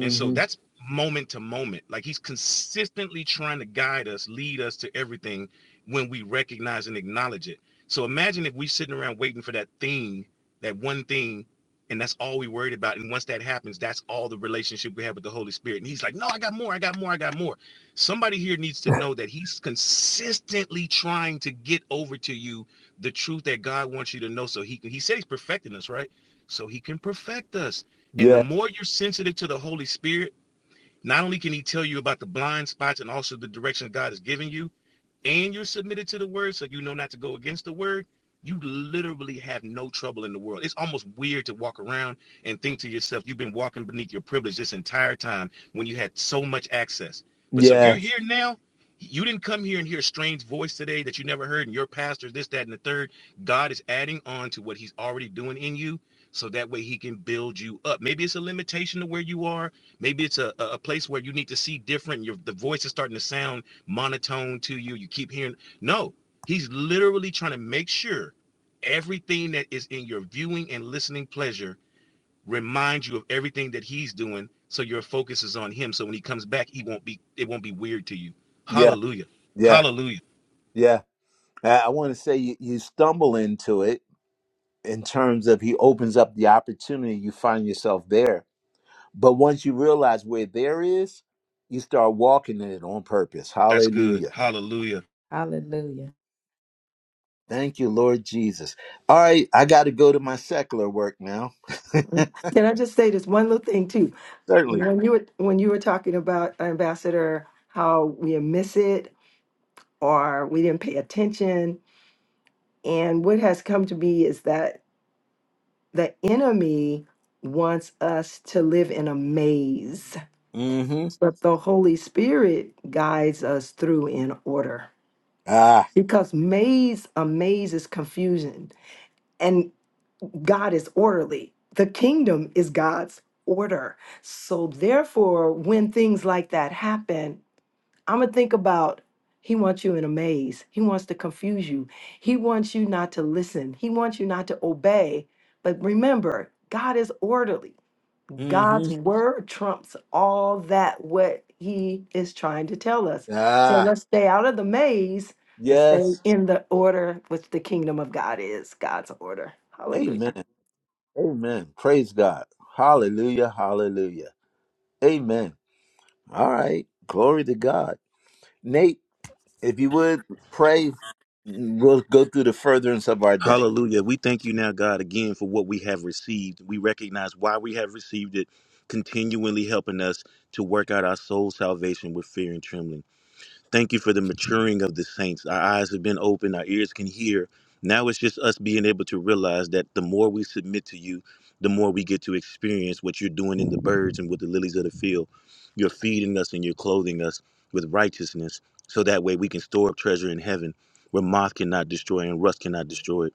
And so that's moment to moment. Like he's consistently trying to guide us, lead us to everything when we recognize and acknowledge it. So imagine if we sitting around waiting for that thing, that one thing, and that's all we worried about. And once that happens, that's all the relationship we have with the Holy Spirit. And he's like, no, I got more, I got more, I got more. Somebody here needs to know that he's consistently trying to get over to you the truth that God wants you to know. So he can, he said he's perfecting us, right? So he can perfect us and the Yeah, more you're sensitive to the Holy Spirit, not only can He tell you about the blind spots and also the direction God has given you, and you're submitted to the word, so you know not to go against the word, you literally have no trouble in the world. It's almost weird to walk around and think to yourself, you've been walking beneath your privilege this entire time when you had so much access. But so if you're yeah, here now, you didn't come here and hear a strange voice today that you never heard, and your pastor's this, that, and the third. God is adding on to what he's already doing in you. So that way he can build you up. Maybe it's a limitation to where you are. Maybe it's a, a a place where you need to see different. Your the voice is starting to sound monotone to you. You keep hearing no. He's literally trying to make sure everything that is in your viewing and listening pleasure reminds you of everything that he's doing, so your focus is on him. So when he comes back, he won't be it won't be weird to you. yeah, Hallelujah. yeah, Hallelujah. yeah. I, I want to say you, you stumble into it in terms of he opens up the opportunity, you find yourself there But once you realize where there is, you start walking in it on purpose. That's good. Hallelujah. Hallelujah. hallelujah Thank you, Lord Jesus. All right, I got to go to my secular work now. Can I just say this one little thing too? <laughs> Certainly. When you were when you were talking about Ambassador, how we miss it or we didn't pay attention, and what has come to me is that the enemy wants us to live in a maze, Mm-hmm. but the Holy Spirit guides us through in order. Ah. Because maze, a maze is confusion, and God is orderly. The kingdom is God's order. So therefore, when things like that happen, I'm gonna think about he wants you in a maze. He wants to confuse you. He wants you not to listen. He wants you not to obey. But remember, God is orderly. Mm-hmm. God's word trumps all that what he is trying to tell us. So Ah. let's stay out of the maze and stay Yes. in the order which the kingdom of God is. God's order. Hallelujah. Amen. Amen. Praise God. Hallelujah. Hallelujah. Amen. All right. Glory to God. Nate, if you would pray, we'll go through the furtherance of our day. Continually helping us to work out our soul salvation with fear and trembling. Thank you for the maturing of the saints. Our eyes have been open, our ears can hear. Now it's just us being able to realize that the more we submit to you, the more we get to experience what you're doing in the birds and with the lilies of the field. You're feeding us and you're clothing us with righteousness so that way we can store up treasure in heaven where moth cannot destroy and rust cannot destroy it.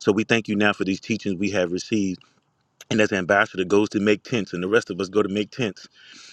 So we thank you now for these teachings we have received. And as the ambassador goes to make tents and the rest of us go to make tents,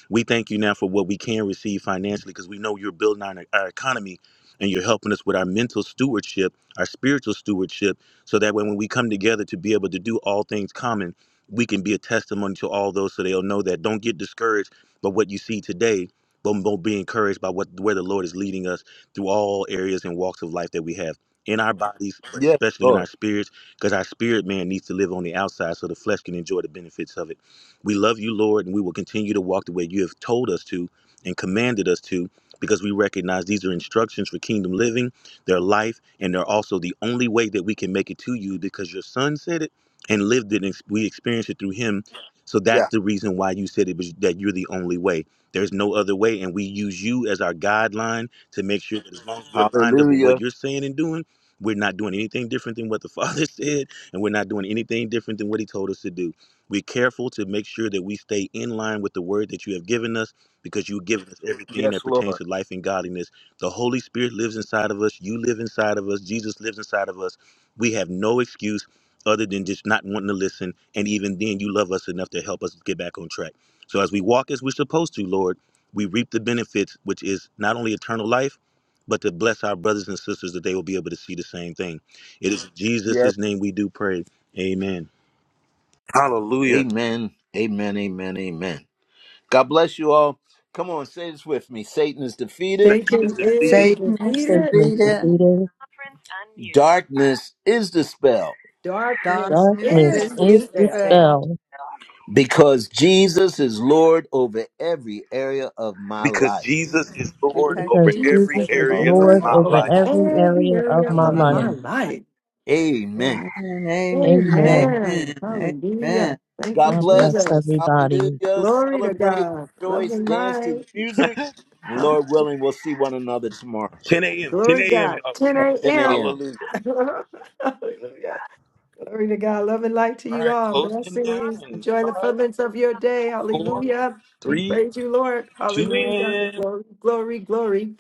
we thank you now for what we can receive financially because we know you're building our, our economy and you're helping us with our mental stewardship, our spiritual stewardship, so that when, when we come together to be able to do all things common, we can be a testimony to all those so they'll know that. Don't get discouraged by what you see today, but but be encouraged by what where the Lord is leading us through all areas and walks of life that we have in our bodies, but Yes, especially in our Lord. spirits, because our spirit man needs to live on the outside so the flesh can enjoy the benefits of it. We love you, Lord, and we will continue to walk the way you have told us to and commanded us to because we recognize these are instructions for kingdom living, their life, and they're also the only way that we can make it to you because your son said it and lived it and we experienced it through him. So that's Yeah. the reason why you said it was that you're the only way. There's no other way. And we use you as our guideline to make sure that as long as we're lined up with Hallelujah. what you're saying and doing, we're not doing anything different than what the Father <laughs> said, and we're not doing anything different than what He told us to do. We're careful to make sure that we stay in line with the word that you have given us because you've given us everything Yes, that pertains Lord. to life and godliness. The Holy Spirit lives inside of us. You live inside of us. Jesus lives inside of us. We have no excuse other than just not wanting to listen. And even then, you love us enough to help us get back on track. So as we walk as we're supposed to, Lord, we reap the benefits, which is not only eternal life, but to bless our brothers and sisters that they will be able to see the same thing. It is in Yes. Jesus' name we do pray. Amen. Hallelujah. Amen. Amen. Amen. Amen. God bless you all. Come on, say this with me. Satan is defeated. Satan is Satan is defeated. Satan is defeated. defeated. Darkness is dispelled Darkness Darkness Darkness darkness is is is is dispelled dispelled dispelled dispelled because Jesus is Lord over every area of my because life. Jesus is Lord because over because Jesus Jesus is every Jesus is is every Lord. area area of Lord Lord my of over my over of life. life every every area of area our my of lives. my life. amen life. Amen. Amen. Amen. Amen. Amen. Amen. Amen. Hallelujah. Thank God you, God bless. bless Jesus. everybody. Hallelujah. Glory to Celebrate, God. Love rejoice, and dance to the light. music. And Um, Lord willing, we'll see one another tomorrow 10 a.m., 10 glory to a.m., God. y'all, 10 10 at a.m. 10 a.m. a.m. Hallelujah. <laughs> Hallelujah. Glory to God. Love and light to All you right, all. closing it now Blessings. in Enjoy the five, furtherance of your day. four, Hallelujah. We three, praise you, Lord. two, Hallelujah. and Glory, glory, glory.